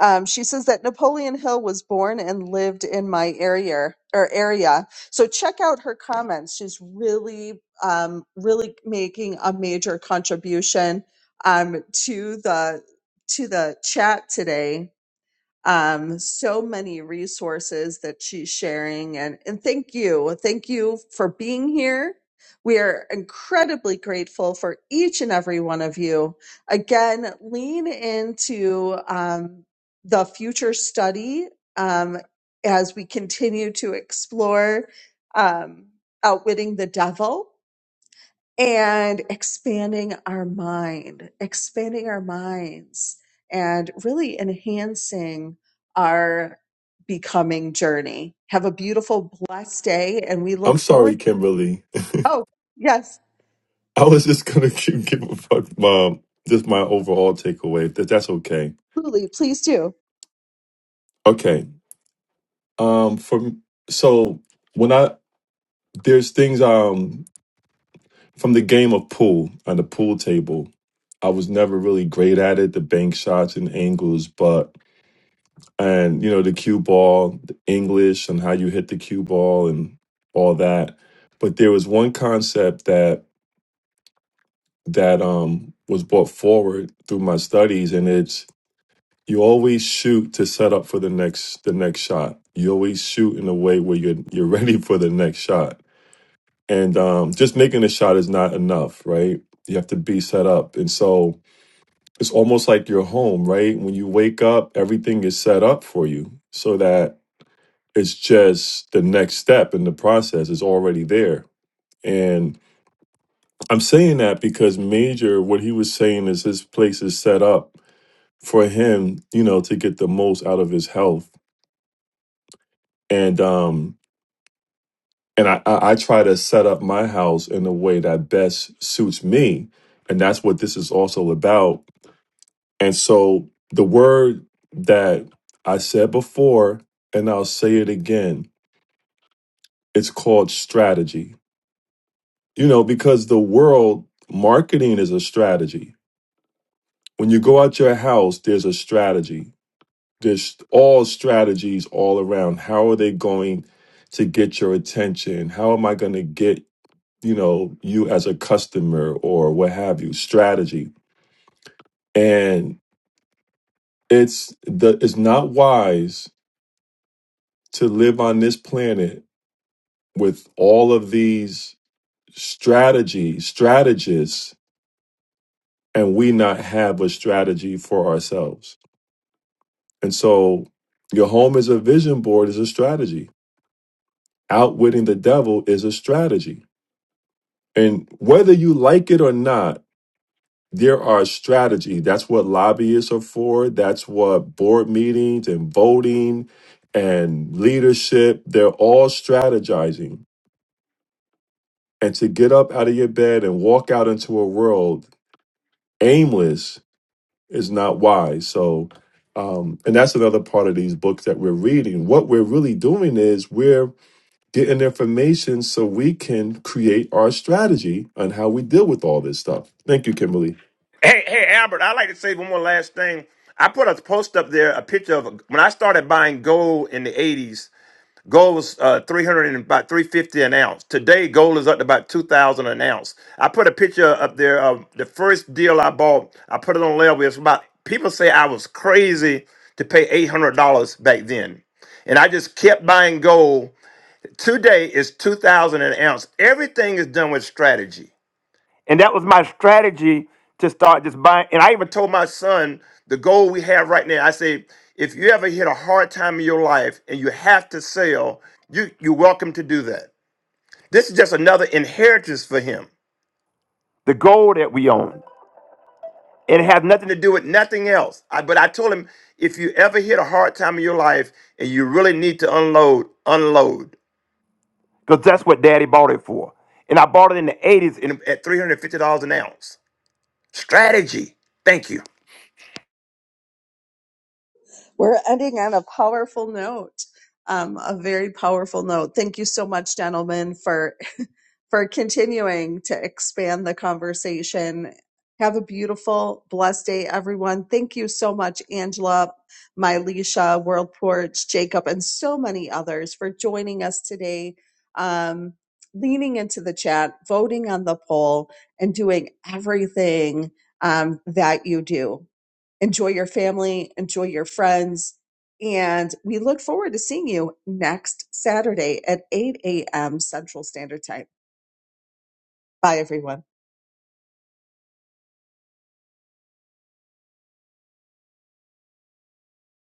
um, she says that Napoleon Hill was born and lived in my area or area. So check out her comments. She's really, um, really making a major contribution um, to the to the chat today um, so many resources that she's sharing. And, and thank you. Thank you for being here. We are incredibly grateful for each and every one of you. Again, lean into um, the future study um, as we continue to explore um, outwitting the devil and expanding our mind, expanding our minds, and really enhancing our becoming journey. Have a beautiful, blessed day, and we
I'm
look forward.
sorry, Kimberly.
Oh, yes,
[laughs] I was just gonna [laughs] give a fuck, mom. Just my overall takeaway. That that's okay.
absolutely. Please do.
Okay. Um. From so when I there's things um from the game of pool on the pool table. I was never really great at it, the bank shots and angles, but and you know the cue ball, the English, and how you hit the cue ball, and all that. But there was one concept that that um, was brought forward through my studies, and it's you always shoot to set up for the next the next shot. You always shoot in a way where you're you're [laughs] ready for the next shot, and um, just making a shot is not enough, right? You have to be set up, and so it's almost like your home, right? When you wake up, everything is set up for you so that It's just the next step in the process is already there. And I'm saying that because Major, what he was saying is his place is set up for him, you know, to get the most out of his health. And um and I, I, I try to set up my house in a way that best suits me. And that's what this is also about. And so the word that I said before, and I'll say it again, it's called strategy you know, because the world marketing is a strategy. When you go out your house, there's a strategy. There's all strategies all around. How are they going to get your attention? How am I going to get, you know, you as a customer or what have you? Strategy. And it's the it's not wise to live on this planet with all of these strategies, strategists, and we not have a strategy for ourselves And so your home is a vision board, is a strategy. Outwitting the devil is a strategy. And whether you like it or not, there are strategy. That's what lobbyists are for. That's what board meetings and voting and leadership, they're all strategizing. And to get up out of your bed and walk out into a world aimless is not wise. So um, and that's another part of these books that we're reading. What we're really doing is we're getting information so we can create our strategy on how we deal with all this stuff. Thank you, Kimberly.
Hey, hey, Albert, I'd like to say one more last thing. I put a post up there, a picture of when I started buying gold in the 80s, gold was uh, 300 and about 350 an ounce. Today, gold is up to about 2,000 an ounce. I put a picture up there of the first deal I bought. I put it on Level. It's about, people say I was crazy to pay $800 back then. And I just kept buying gold Today is 2000 an ounce. Everything is done with strategy. And that was my strategy to start just buying. And I even told my son the goal we have right now. I say, if you ever hit a hard time in your life and you have to sell, you, you're welcome to do that. This is just another inheritance for him. The gold that we own. And it has nothing to do with nothing else. I, but I told him, if you ever hit a hard time in your life and you really need to unload, unload. because that's what daddy bought it for. And I bought it in the 80s in, at $350 an ounce. Strategy. Thank you.
We're ending on a powerful note, um, a very powerful note. Thank you so much, gentlemen, for for continuing to expand the conversation. Have a beautiful, blessed day, everyone. Thank you so much, Angela, Mylisha, World Porch, Jacob, and so many others for joining us today, um, leaning into the chat, voting on the poll, and doing everything um, that you do. Enjoy your family, enjoy your friends, and we look forward to seeing you next Saturday at 8 a.m. Central Standard Time. Bye, everyone.